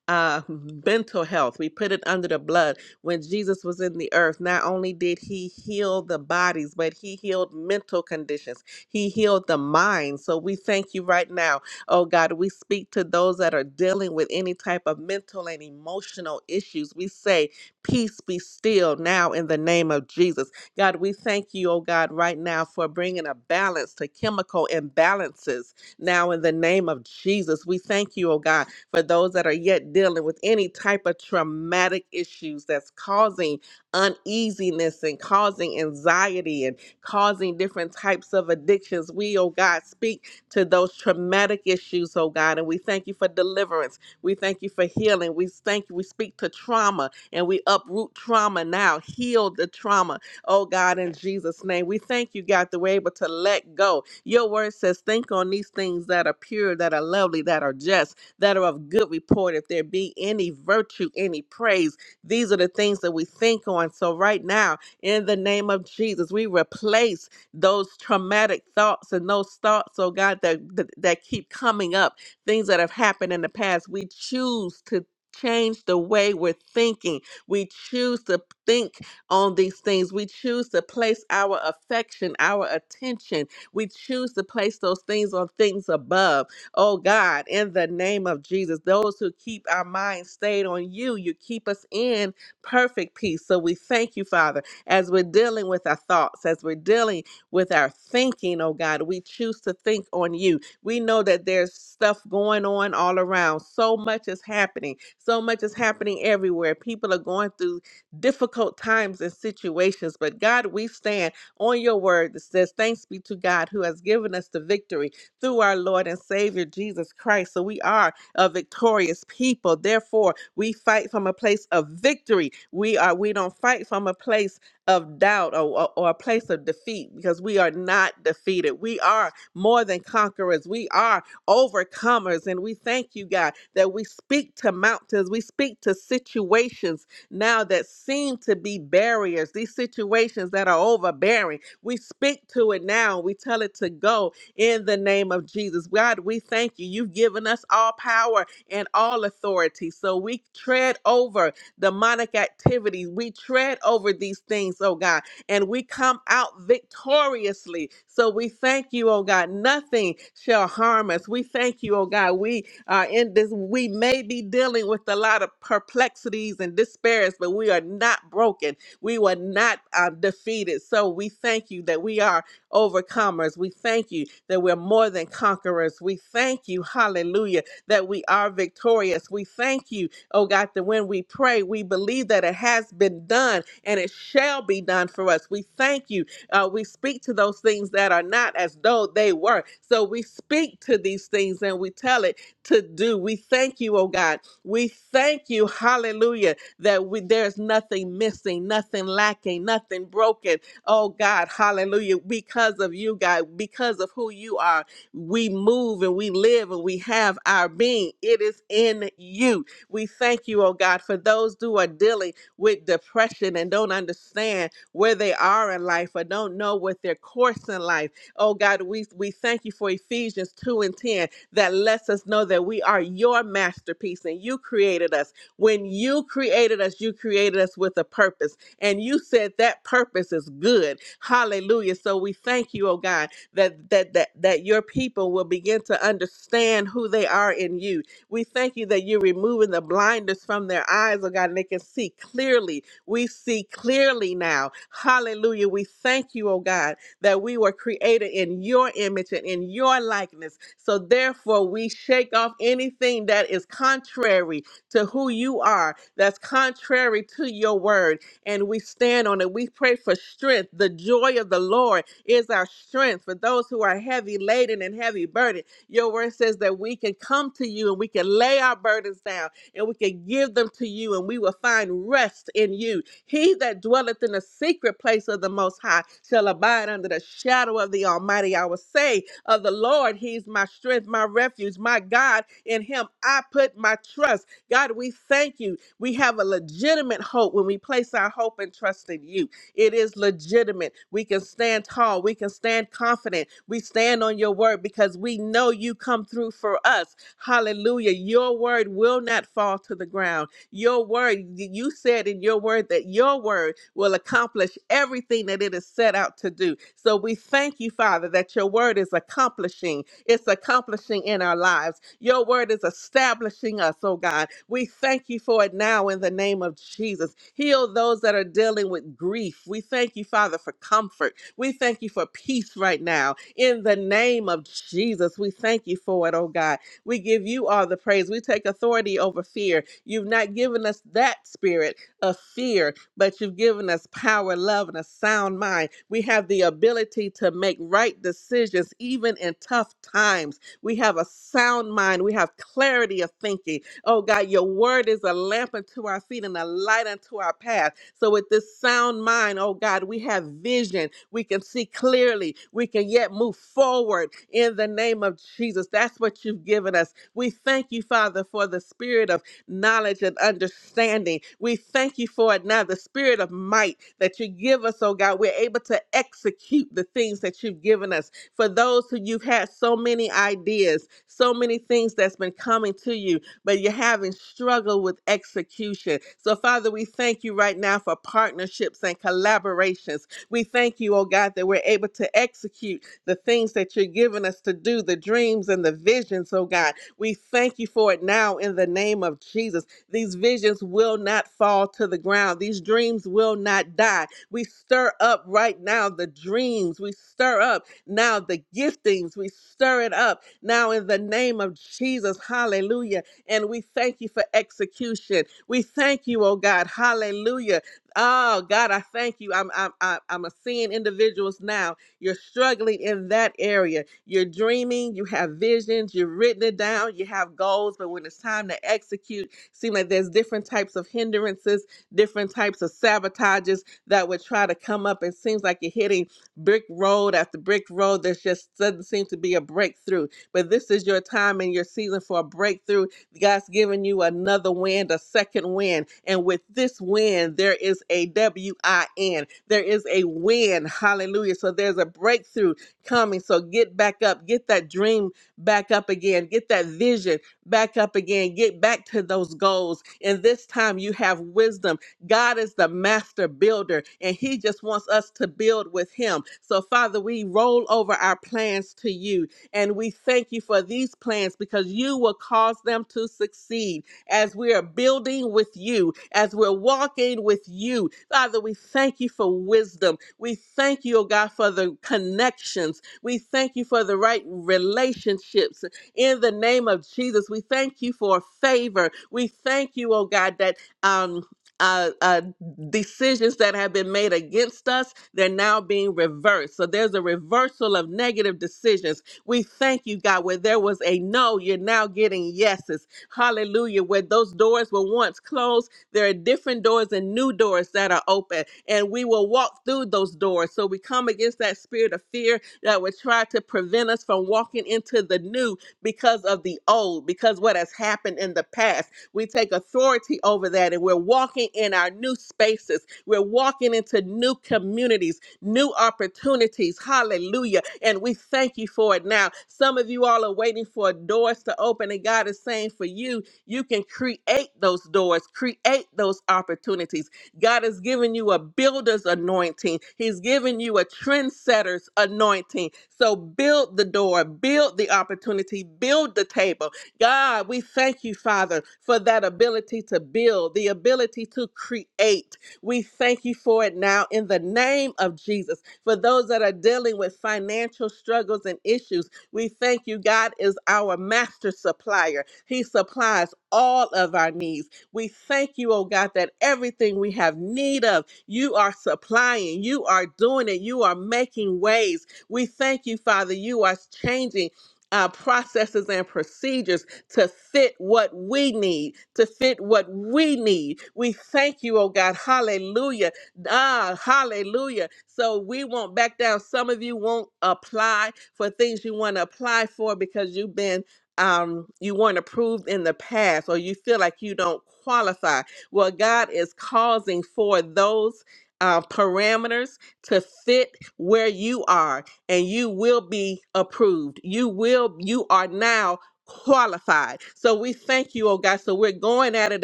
[SPEAKER 7] uh mental health we put it under the blood when jesus was in the earth not only did he heal the bodies but he healed mental conditions he healed the mind so we thank you right now oh god we speak to those that are dealing with any type of mental and emotional issues we say peace be still now in the name of jesus god we thank you oh god right now for bringing a balance to chemical imbalances now in the name of jesus we thank you oh god for those that are yet dealing with any type of traumatic issues that's causing uneasiness and causing anxiety and causing different types of addictions. We, oh God, speak to those traumatic issues, oh God, and we thank you for deliverance. We thank you for healing. We thank you. We speak to trauma and we uproot trauma now, heal the trauma, oh God, in Jesus' name. We thank you, God, that we're able to let go. Your word says, think on these things that are pure, that are lovely, that are just that are of good report. If there be any virtue, any praise, these are the things that we think on. So, right now, in the name of Jesus, we replace those traumatic thoughts and those thoughts, oh God, that, that, that keep coming up, things that have happened in the past. We choose to change the way we're thinking. We choose to think on these things. We choose to place our affection, our attention. We choose to place those things on things above Oh God, in the name of Jesus, those who keep our minds stayed on you, you keep us in perfect peace. So we thank you, Father, as we're dealing with our thoughts, as we're dealing with our thinking, oh God, we choose to think on you. We know that there's stuff going on all around. So much is happening. So much is happening everywhere. People are going through difficult times and situations, but God, we stand on your word that says, Thanks be to God who has given us the victory through our Lord and Savior Jesus Christ. So we are a victorious people. Therefore, we fight from a place of victory. We are we don't fight from a place of doubt or, or, or a place of defeat because we are not defeated. We are more than conquerors. We are overcomers. And we thank you, God, that we speak to mountains, we speak to situations now that seem to be barriers, these situations that are overbearing. We speak to it now. We tell it to go in the name of Jesus. God, we thank you. You've given us all power and all authority. So we tread over demonic activities. We tread over these things, oh God, and we come out victoriously. So we thank you, oh God. Nothing shall harm us. We thank you, oh God. We are in this, we may be dealing with a lot of perplexities and despairs, but we are not broken. We were not uh, defeated. So we thank you that we are overcomers. We thank you that we're more than conquerors. We thank you, hallelujah, that we are victorious. We thank you, oh God, that when we pray, we believe that it has been done and it shall be done for us. We thank you. Uh, we speak to those things that are not as though they were. So we speak to these things and we tell it to do. We thank you, oh God. We thank you, hallelujah, that we, there's nothing missing, nothing lacking, nothing broken. Oh God, hallelujah. Because of you, God, because of who you are, we move and we live and we have our being. It is in you. We thank you, oh God, for those who are dealing with depression and don't understand where they are in life or don't know what their course in life. Oh God, we, we thank you for Ephesians 2 and 10 that lets us know that we are your masterpiece and you created us. When you created us, you created us with a purpose and you said that purpose is good. Hallelujah. So we thank you, oh God, that that that that your people will begin to understand who they are in you. We thank you that you're removing the blinders from their eyes, oh God, and they can see clearly. We see clearly now. Hallelujah. We thank you, oh God, that we were created in your image and in your likeness. So therefore, we shake off anything that is contrary to who you are, that's contrary to your word and we stand on it. We pray for strength. The joy of the Lord is our strength for those who are heavy laden and heavy burdened. Your word says that we can come to you and we can lay our burdens down and we can give them to you and we will find rest in you. He that dwelleth in the secret place of the Most High shall abide under the shadow of the Almighty. I will say of the Lord, He's my strength, my refuge, my God. In Him I put my trust. God, we thank you. We have a legitimate hope when we place our hope and trust in you. It is legitimate. We can stand tall. We can stand confident. We stand on your word because we know you come through for us. Hallelujah. Your word will not fall to the ground. Your word, you said in your word that your word will accomplish everything that it is set out to do. So we thank you, Father, that your word is accomplishing. It's accomplishing in our lives. Your word is establishing us, oh God. We thank you for it now in the name of Jesus. Heal those that are dealing with grief. We thank you, Father, for comfort. We thank you for peace right now in the name of Jesus. We thank you for it, oh God. We give you all the praise. We take authority over fear. You've not given us that spirit of fear, but you've given us power, love, and a sound mind. We have the ability to make right decisions even in tough times. We have a sound mind. We have clarity of thinking. Oh God, your word is a lamp unto our feet and a light unto our path. So with this sound mind, oh God, we have vision. We can see clearly. We can yet move forward in the name of Jesus. That's what you've given us. We thank you, Father, for the spirit of knowledge and understanding. We thank you for it now, the spirit of might that you give us, oh God. We're able to execute the things that you've given us. For those who you've had so many ideas, so many things that's been coming to you, but you're having struggle with execution. So, Father, we thank you right now for partnerships and collaborations. We thank you, oh God, that we're able to execute the things that you're giving us to do, the dreams and the visions, oh God. We thank you for it now in the name of Jesus. These visions will not fall to the ground, these dreams will not die. We stir up right now the dreams, we stir up now the giftings, we stir it up now in the name of Jesus. Hallelujah. And we thank you for execution. We thank you, oh God. Hallelujah. Oh God, I thank you. I'm I'm I'm I'm a seeing individuals now. You're struggling in that area. You're dreaming. You have visions. You've written it down. You have goals, but when it's time to execute, seem like there's different types of hindrances, different types of sabotages that would try to come up. It seems like you're hitting brick road after brick road. There's just doesn't seem to be a breakthrough. But this is your time and your season for a breakthrough God's giving you another wind, a second wind. And with this wind, there is a W I N. There is a win. Hallelujah. So there's a breakthrough coming. So get back up. Get that dream back up again. Get that vision back up again. Get back to those goals. And this time you have wisdom. God is the master builder, and He just wants us to build with Him. So, Father, we roll over our plans to you and we thank you for these plans because you will cause them to succeed as we are building with you, as we're walking with you. Father, we thank you for wisdom. We thank you, oh God, for the connections. We thank you for the right relationships. In the name of Jesus, we thank you for favor. We thank you, oh God, that um, uh, uh, decisions that have been made against us, they're now being reversed. So there's a reversal of negative decisions we thank you, God, where there was a no, you're now getting yeses. Hallelujah. Where those doors were once closed, there are different doors and new doors that are open, and we will walk through those doors. So we come against that spirit of fear that would try to prevent us from walking into the new because of the old, because what has happened in the past. We take authority over that, and we're walking in our new spaces. We're walking into new communities new opportunities. Hallelujah. And we thank you for it now. Some of you all are waiting for doors to open, and God is saying for you, you can create those doors, create those opportunities. God has given you a builder's anointing, He's given you a trendsetter's anointing. So build the door, build the opportunity, build the table. God, we thank you, Father, for that ability to build, the ability to create. We thank you for it now in the name of Jesus. For those that are dealing with financial struggles and issues, we thank you. God is our master supplier, He supplies all of our needs. We thank you, oh God, that everything we have need of, you are supplying, you are doing it, you are making ways. We thank you, Father, you are changing. Uh, processes and procedures to fit what we need, to fit what we need. We thank you, oh God. Hallelujah. Ah, hallelujah. So we won't back down. Some of you won't apply for things you want to apply for because you've been um you weren't approved in the past or you feel like you don't qualify. Well, God is causing for those uh, parameters to fit where you are and you will be approved. You will you are now qualified. So we thank you, oh God. So we're going at it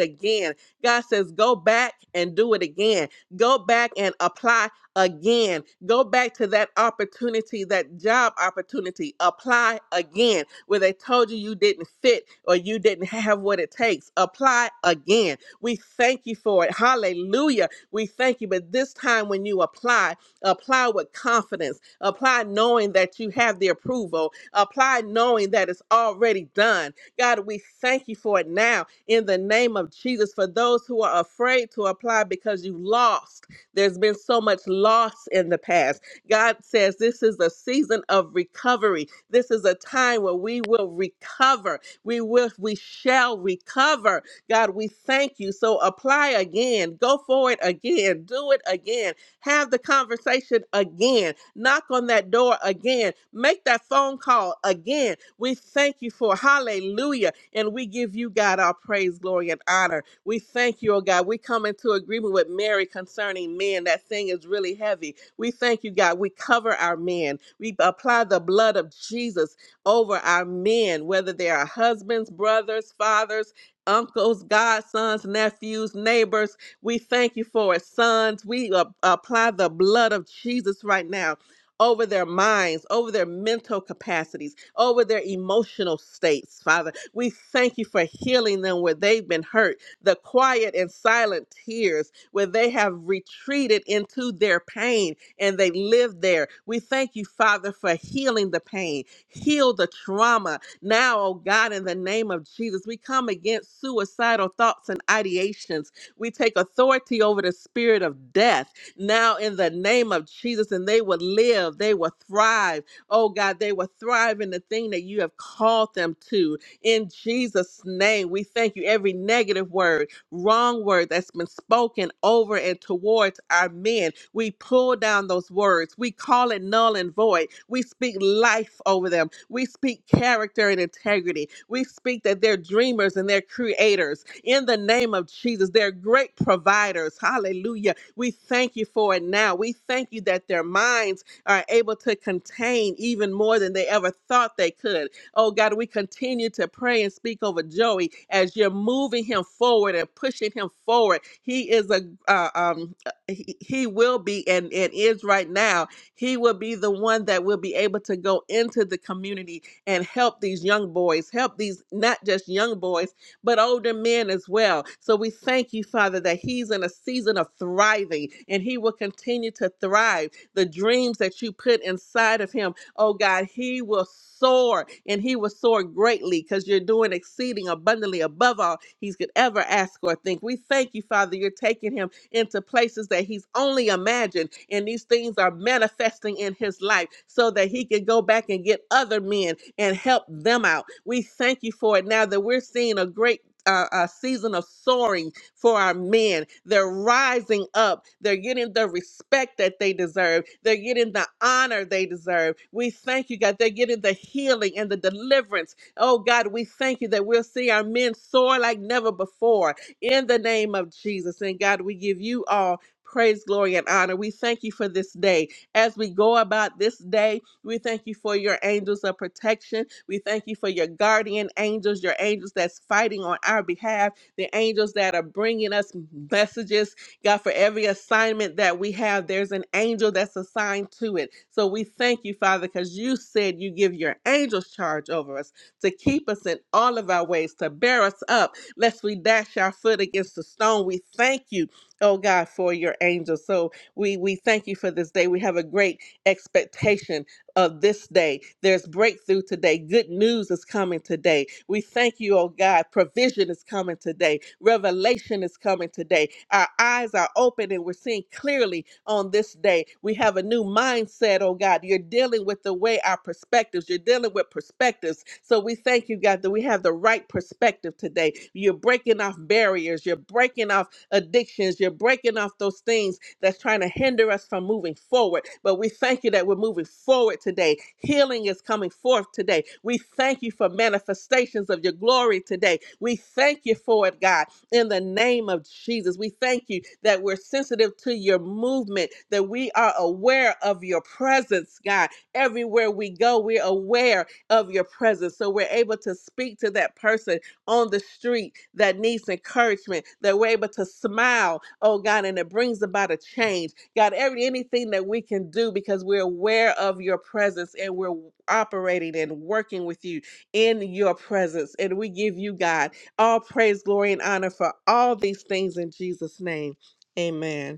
[SPEAKER 7] again. God says, go back and do it again. Go back and apply again. Go back to that opportunity, that job opportunity. Apply again where they told you you didn't fit or you didn't have what it takes. Apply again. We thank you for it. Hallelujah. We thank you. But this time when you apply, apply with confidence. Apply knowing that you have the approval Apply knowing that it's already done. God, we thank you for it now in the name of Jesus. For those who are afraid to apply because you lost, there's been so much loss in the past. God says this is a season of recovery. This is a time where we will recover. We will, we shall recover. God, we thank you. So apply again, go for it again, do it again have the conversation again. Knock on that door again. Make that phone call again. We thank you for hallelujah. And we give you, God, our praise, glory, and honor. We thank you, oh God. We come into agreement with Mary concerning men. That thing is really heavy. We thank you, God. We cover our men. We apply the blood of Jesus over our men, whether they are husbands, brothers, fathers, uncles, godsons, nephews, neighbors we thank you for it, sons. We uh, apply the blood of Jesus right now over their minds, over their mental capacities, over their emotional states, Father. We thank you for healing them where they've been hurt, the quiet and silent tears where they have retreated into their pain and they live there. We thank you, Father, for healing the pain, heal the trauma. Now, oh God, in the name of Jesus, we come against suicidal thoughts and ideations we take authority over the spirit of death now in the name of Jesus, and they will live, they will thrive. Oh God, they will thrive in the thing that you have called them to. In Jesus' name, we thank you. Every negative word, wrong word that's been spoken over and towards our men. We pull down those words. We call it null and void. We speak life over them. We speak character and integrity. We speak that they're dreamers and they're creators in the name of Jesus. They're great providers. Hallelujah. We thank you for it now. We thank you that their minds are able to contain even more than they ever thought they could. Oh God, we continue to pray and speak over Joey as you're moving him forward and pushing him forward. He is a uh, um uh, he, he will be and, and is right now. He will be the one that will be able to go into the community and help these young boys, help these not just young boys but older men as well. So we thank you, Father, that he's in a season of thriving and he will continue to thrive. The dreams that you put inside of him, oh God, he will soar and he will soar greatly because you're doing exceeding abundantly above all He could ever ask or think. We thank you, Father, you're taking him into places that he's only imagined. And these things are manifesting in his life so that he can go back and get other men and help them out. We thank you for it now that we're seeing a great. Uh, a season of soaring for our men. They're rising up. They're getting the respect that they deserve. They're getting the honor they deserve. We thank you, God. They're getting the healing and the deliverance Oh God, we thank you that we'll see our men soar like never before in the name of Jesus. And God, we give you all praise, glory, and honor. We thank you for this day. As we go about this day, we thank you for your angels of protection. We thank you for your guardian angels, your angels that's fighting on our behalf, the angels that are bringing us messages. God, for every assignment that we have, there's an angel that's assigned to it. So we thank you, Father, because you said you give your angels charge over us to keep us in all of our ways, to bear us up lest we dash our foot against the stone. We thank you, oh God, for your angels. So we we thank you for this day. We have a great expectation of this day. There's breakthrough today. Good news is coming today. We thank you, oh God. Provision is coming today. Revelation is coming today. Our eyes are open and we're seeing clearly on this day. We have a new mindset, oh God. You're dealing with the way our perspectives, you're dealing with perspectives. So we thank you, God, that we have the right perspective today. You're breaking off barriers, you're breaking off addictions. You're breaking off those things that's trying to hinder us from moving forward. But we thank you that we're moving forward today. Healing is coming forth today. We thank you for manifestations of your glory today. We thank you for it, God, in the name of Jesus. We thank you that we're sensitive to your movement, that we are aware of your presence, God. Everywhere we go, we're aware of your presence. So we're able to speak to that person on the street that needs encouragement, that we're able to smile, oh God, and it brings about a change. God, every anything that we can do because we're aware of your presence and we're operating and working with you in your presence. And we give you, God, all praise, glory, and honor for all these things in Jesus' name. Amen.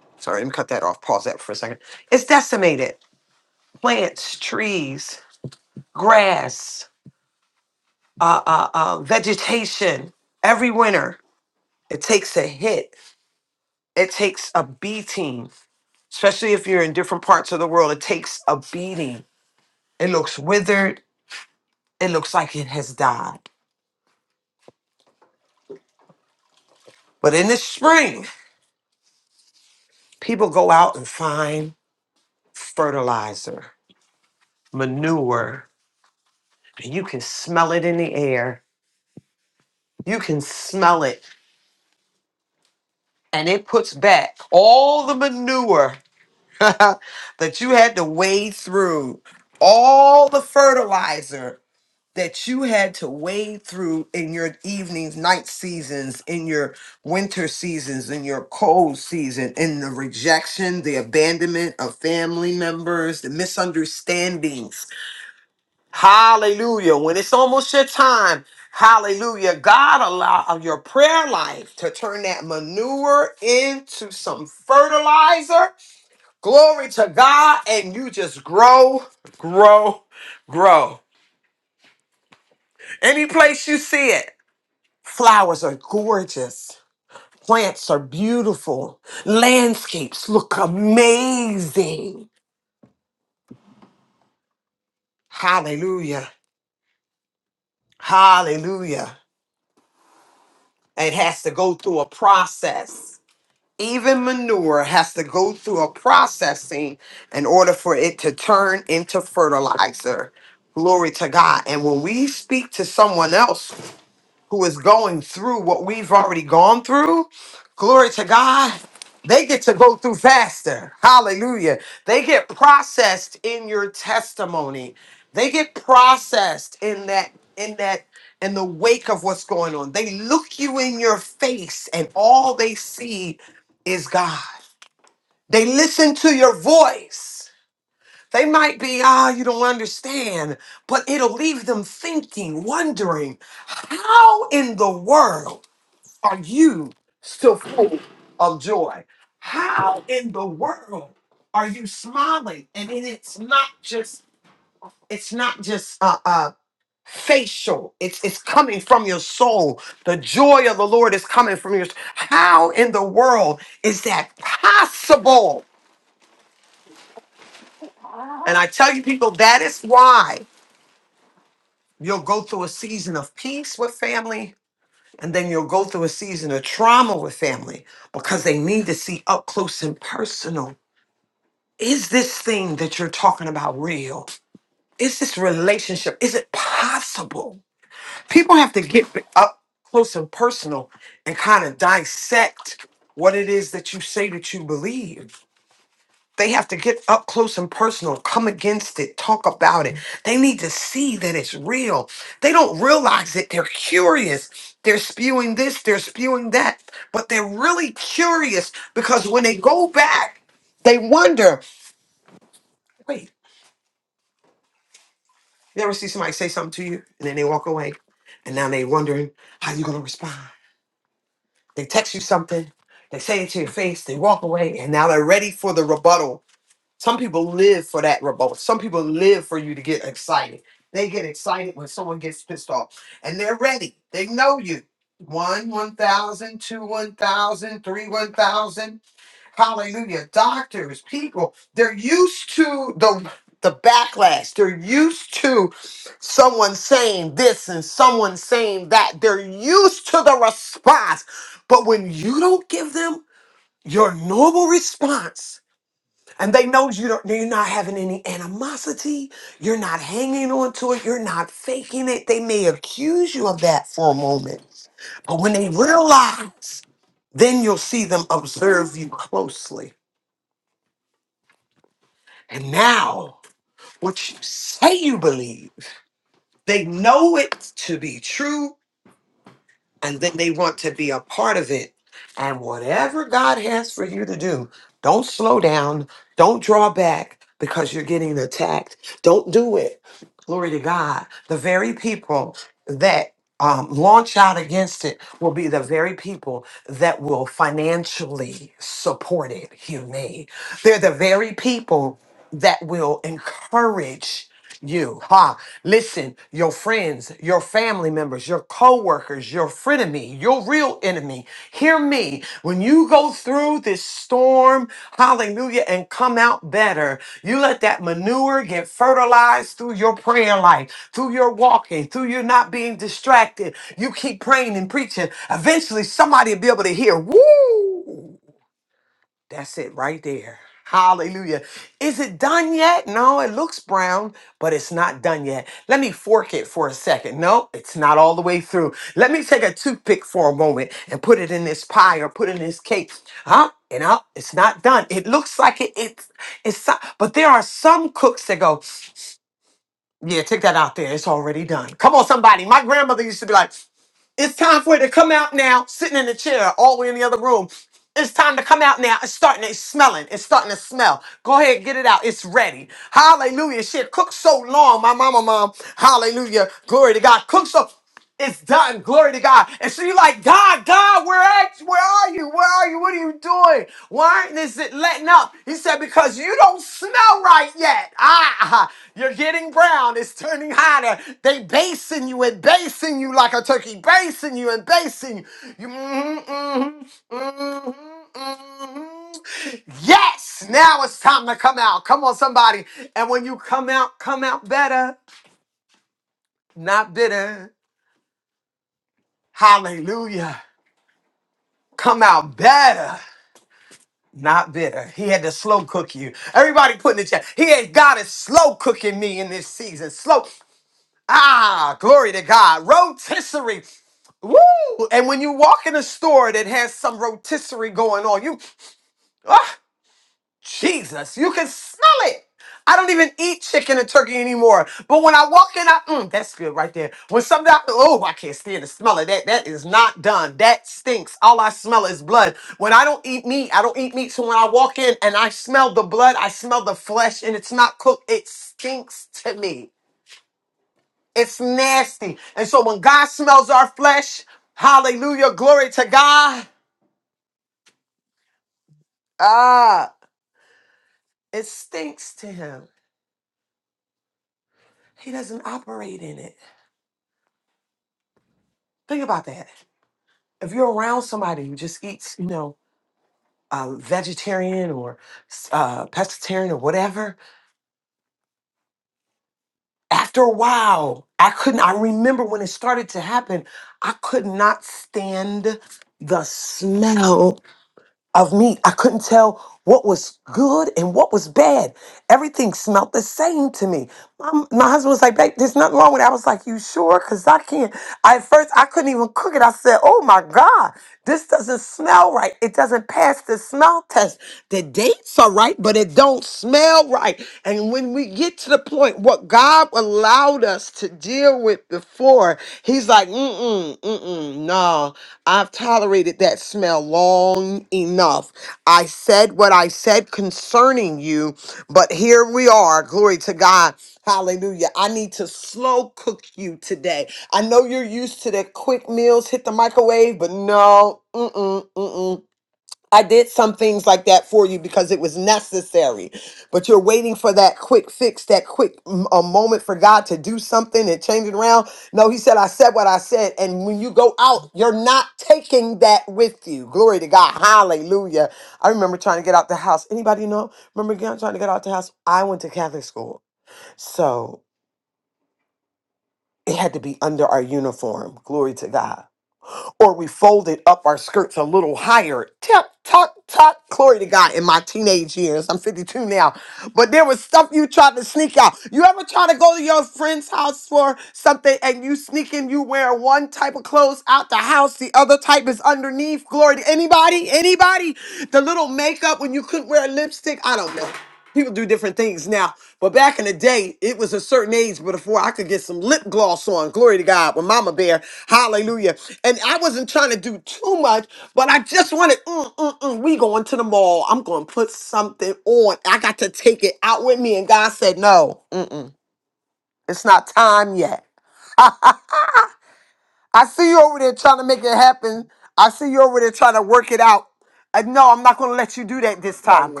[SPEAKER 4] no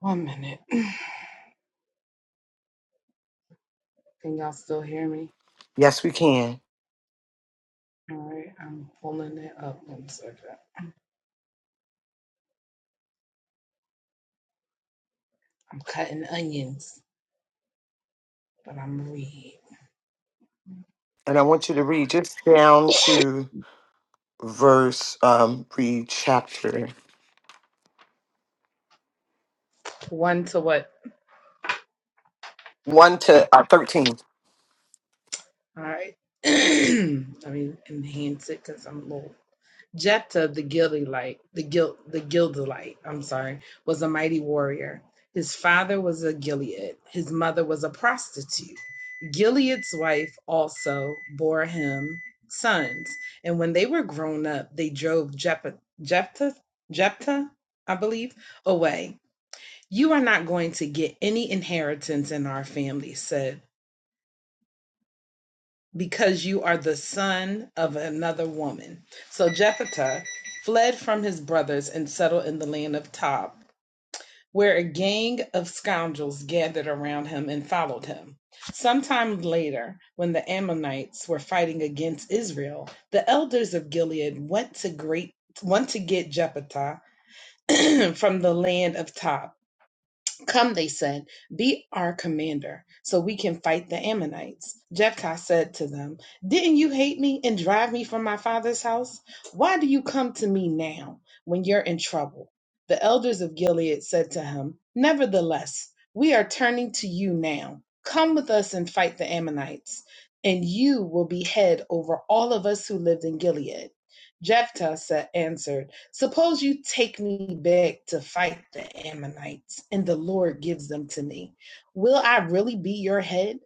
[SPEAKER 2] One minute. Can y'all still hear me? All right, I'm pulling it up. One second. I'm cutting onions, but I'm read. One to what? All right. Let me enhance it because I'm low. Jephthah the Gileadite, the Gil, the Gileadite, I'm sorry, was a mighty warrior. His father was a Gilead. His mother was a prostitute. Gilead's wife also bore him sons, and when they were grown up, they drove Jephthah, Jephthah, Jephthah I believe, away. You are not going to get any inheritance in our family, said because you are the son of another woman. So Jephthah fled from his brothers and settled in the land of Tob, where a gang of scoundrels gathered around him and followed him. Sometime later, when the Ammonites were fighting against Israel, the elders of Gilead went to great went to get Jephthah from the land of Tob. Come, they said, be our commander, so we can fight the Ammonites. Jephthah said to them, Didn't you hate me and drive me from my father's house? Why do you come to me now when you're in trouble? The elders of Gilead said to him, Nevertheless, we are turning to you now. Come with us and fight the Ammonites, and you will be head over all of us who lived in Gilead. Jephthah said, answered, Suppose you take me back to fight the Ammonites, and the Lord gives them to me. Will I really be your head?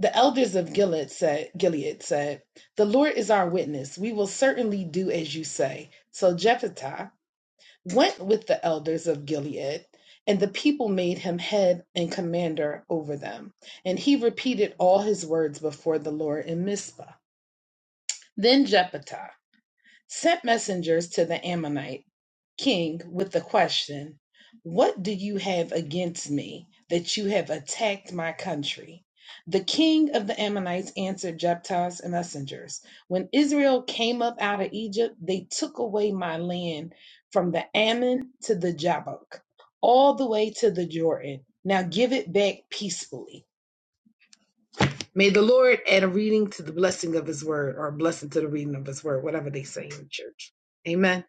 [SPEAKER 2] The elders of Gilead said, Gilead said, The Lord is our witness. We will certainly do as you say. So Jephthah went with the elders of Gilead, and the people made him head and commander over them. And he repeated all his words before the Lord in Mizpah. Then Jephthah sent messengers to the Ammonite king with the question, What do you have against me that you have attacked my country? The king of the Ammonites answered Jephthah's messengers, When Israel came up out of Egypt, they took away my land from the Ammon to the Jabbok, all the way to the Jordan. Now give it back peacefully. May the Lord add a reading to the blessing of his word, or a blessing to the reading of his word, whatever they say in church. Amen.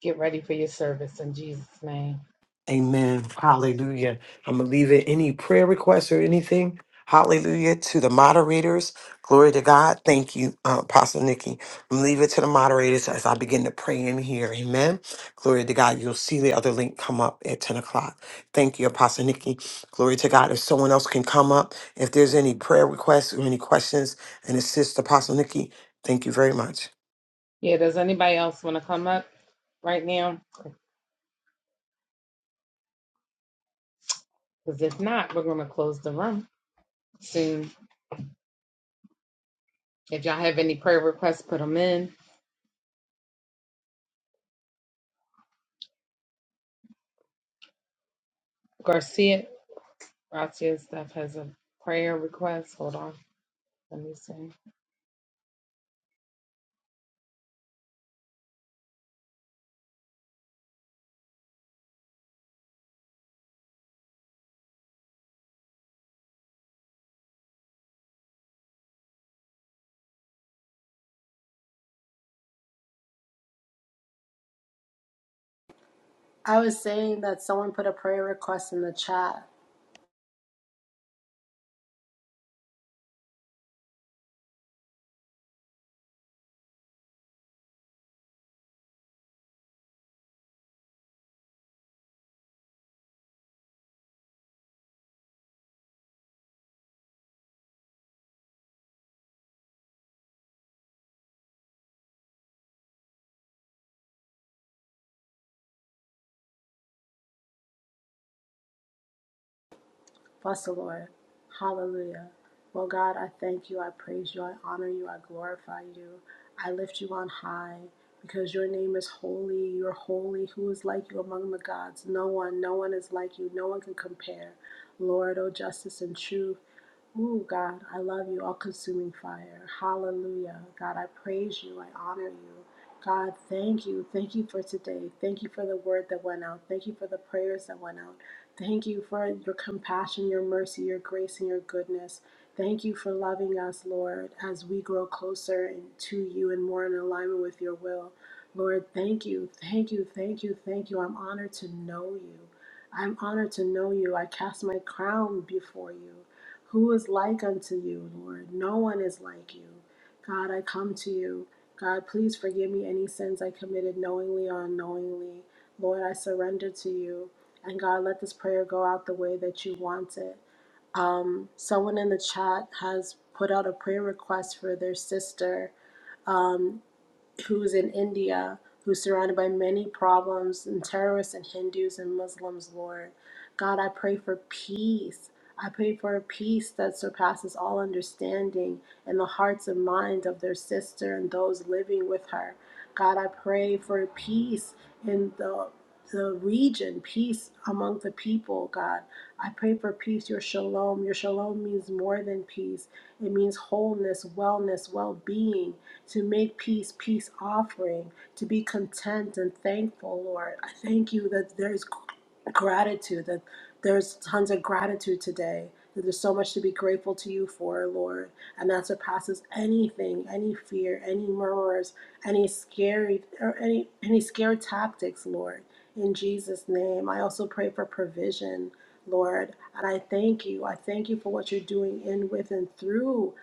[SPEAKER 2] Get ready for your service in Jesus' name. Yeah, does anybody else want to come up right now? Because if not, we're going to close the room soon. If y'all have any prayer requests, put them in. Garcia, Garcia stuff has a prayer request. Hold on. Let me see.
[SPEAKER 8] I was saying that someone put a prayer request in the chat. Bless the Lord. Hallelujah. Well, God, I thank you. I praise you. I honor you. I glorify you. I lift you on high because your name is holy. You're holy. Who is like you among the gods? No one. No one is like you. No one can compare. Lord, O justice and truth. Ooh, God, I love you, all consuming fire. Hallelujah. God, I praise you. I honor you. God, thank you. Thank you for today. Thank you for the word that went out. Thank you for the prayers that went out. Thank you for your compassion, your mercy, your grace, and your goodness. Thank you for loving us, Lord, as we grow closer and to you and more in alignment with your will. Lord, thank you. Thank you. Thank you. Thank you. I'm honored to know you. I'm honored to know you. I cast my crown before you. Who is like unto you, Lord? No one is like you. God, I come to you. God, please forgive me any sins I committed knowingly or unknowingly. Lord, I surrender to you. And God, let this prayer go out the way that you want it. Someone in the chat has put out a prayer request for their sister who's in India, who's surrounded by many problems and terrorists and Hindus and Muslims, Lord. God, I pray for peace. I pray for a peace that surpasses all understanding in the hearts and minds of their sister and those living with her. God, I pray for peace in the the region, peace among the people, God. I pray for peace, your shalom. Your shalom means more than peace. It means wholeness, wellness, well being, to make peace, peace offering, to be content and thankful, Lord. I thank you that there's gratitude that there's tons of gratitude today that there's so much to be grateful to you for lord and that surpasses anything any fear any murmurs any scary or any any scare tactics lord in jesus name i also pray for provision lord and i thank you i thank you for what you're doing in with and through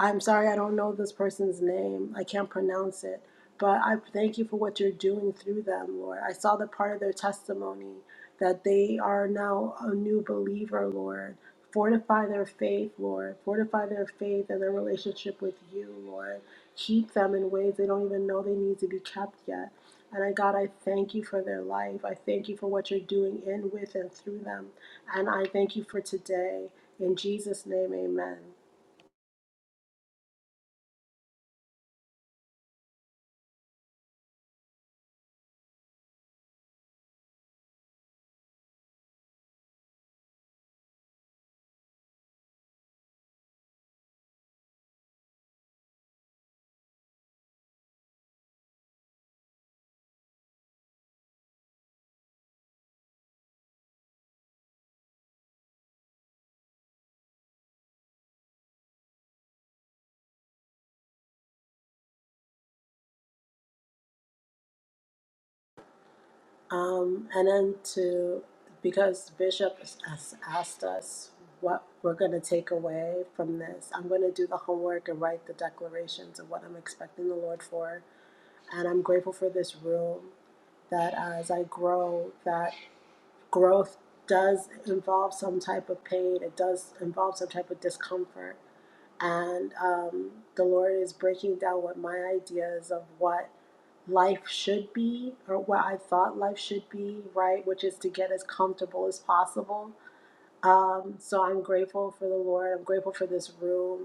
[SPEAKER 8] I'm sorry I don't know this person's name. I can't pronounce it. But I thank you for what you're doing through them, Lord. I saw the part of their testimony that they are now a new believer, Lord. Fortify their faith, Lord. Fortify their faith and their relationship with you, Lord. Keep them in ways they don't even know they need to be kept yet. And I, God, I thank you for their life. I thank you for what you're doing in, with, and through them. And I thank you for today. In Jesus' name, amen. Um, and then to, because the Bishop has has asked us what we're going to take away from this, I'm going to do the homework and write the declarations of what I'm expecting the Lord for. And I'm grateful for this room that as I grow, that growth does involve some type of pain, it does involve some type of discomfort. And um, the Lord is breaking down what my ideas of what life should be or what I thought life should be, right? Which is to get as comfortable as possible. Um, so I'm grateful for the Lord. I'm grateful for this room.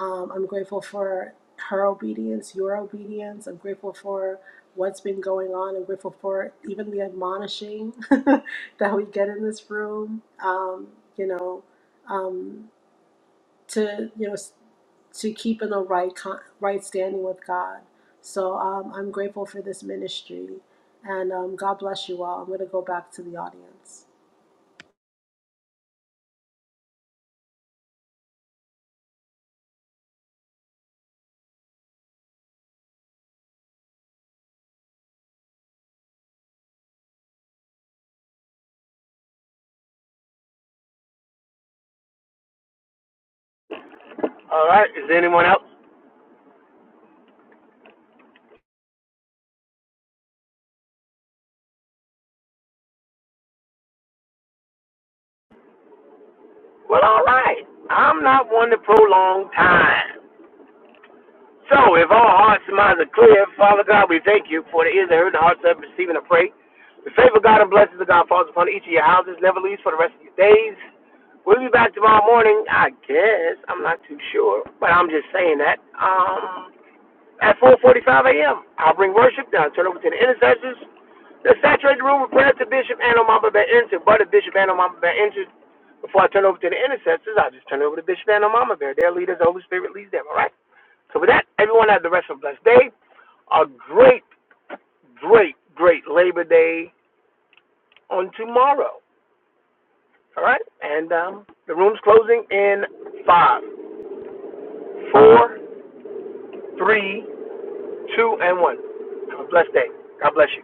[SPEAKER 8] Um, I'm grateful for her obedience, your obedience. I'm grateful for what's been going on. I'm grateful for even the admonishing that we get in this room. Um, you know, um, to you know to keep in a right con- right standing with God. So um, I'm grateful for this ministry, and um, God bless you all. I'm going to go back to the audience.
[SPEAKER 4] All right. Is there anyone else? Well, all right. I'm not one to prolong time. So, if our hearts and minds are clear, Father God, we thank you for the ears that heard, the hearts that receiving and pray. The favor of God and blessings of God falls upon each of your houses, never leaves for the rest of your days. We'll be back tomorrow morning, I guess. I'm not too sure, but I'm just saying that. Um, at 4:45 a.m. I'll bring worship down, turn over to the intercessors. Let's saturate the room with prayer to Bishop Anno Mamba Bear entered. But if Bishop Anno Mamba Bear entered, before I turn over to the intercessors, I'll just turn it over to Bishop Anno Mamba Bear. Their leaders, the Holy Spirit leads them, all right? So with that, everyone have the rest of a blessed day. A great, great, great Labor Day on tomorrow, all right? And um, the room's closing in five, four, three, two, and one. Have a blessed day. God bless you.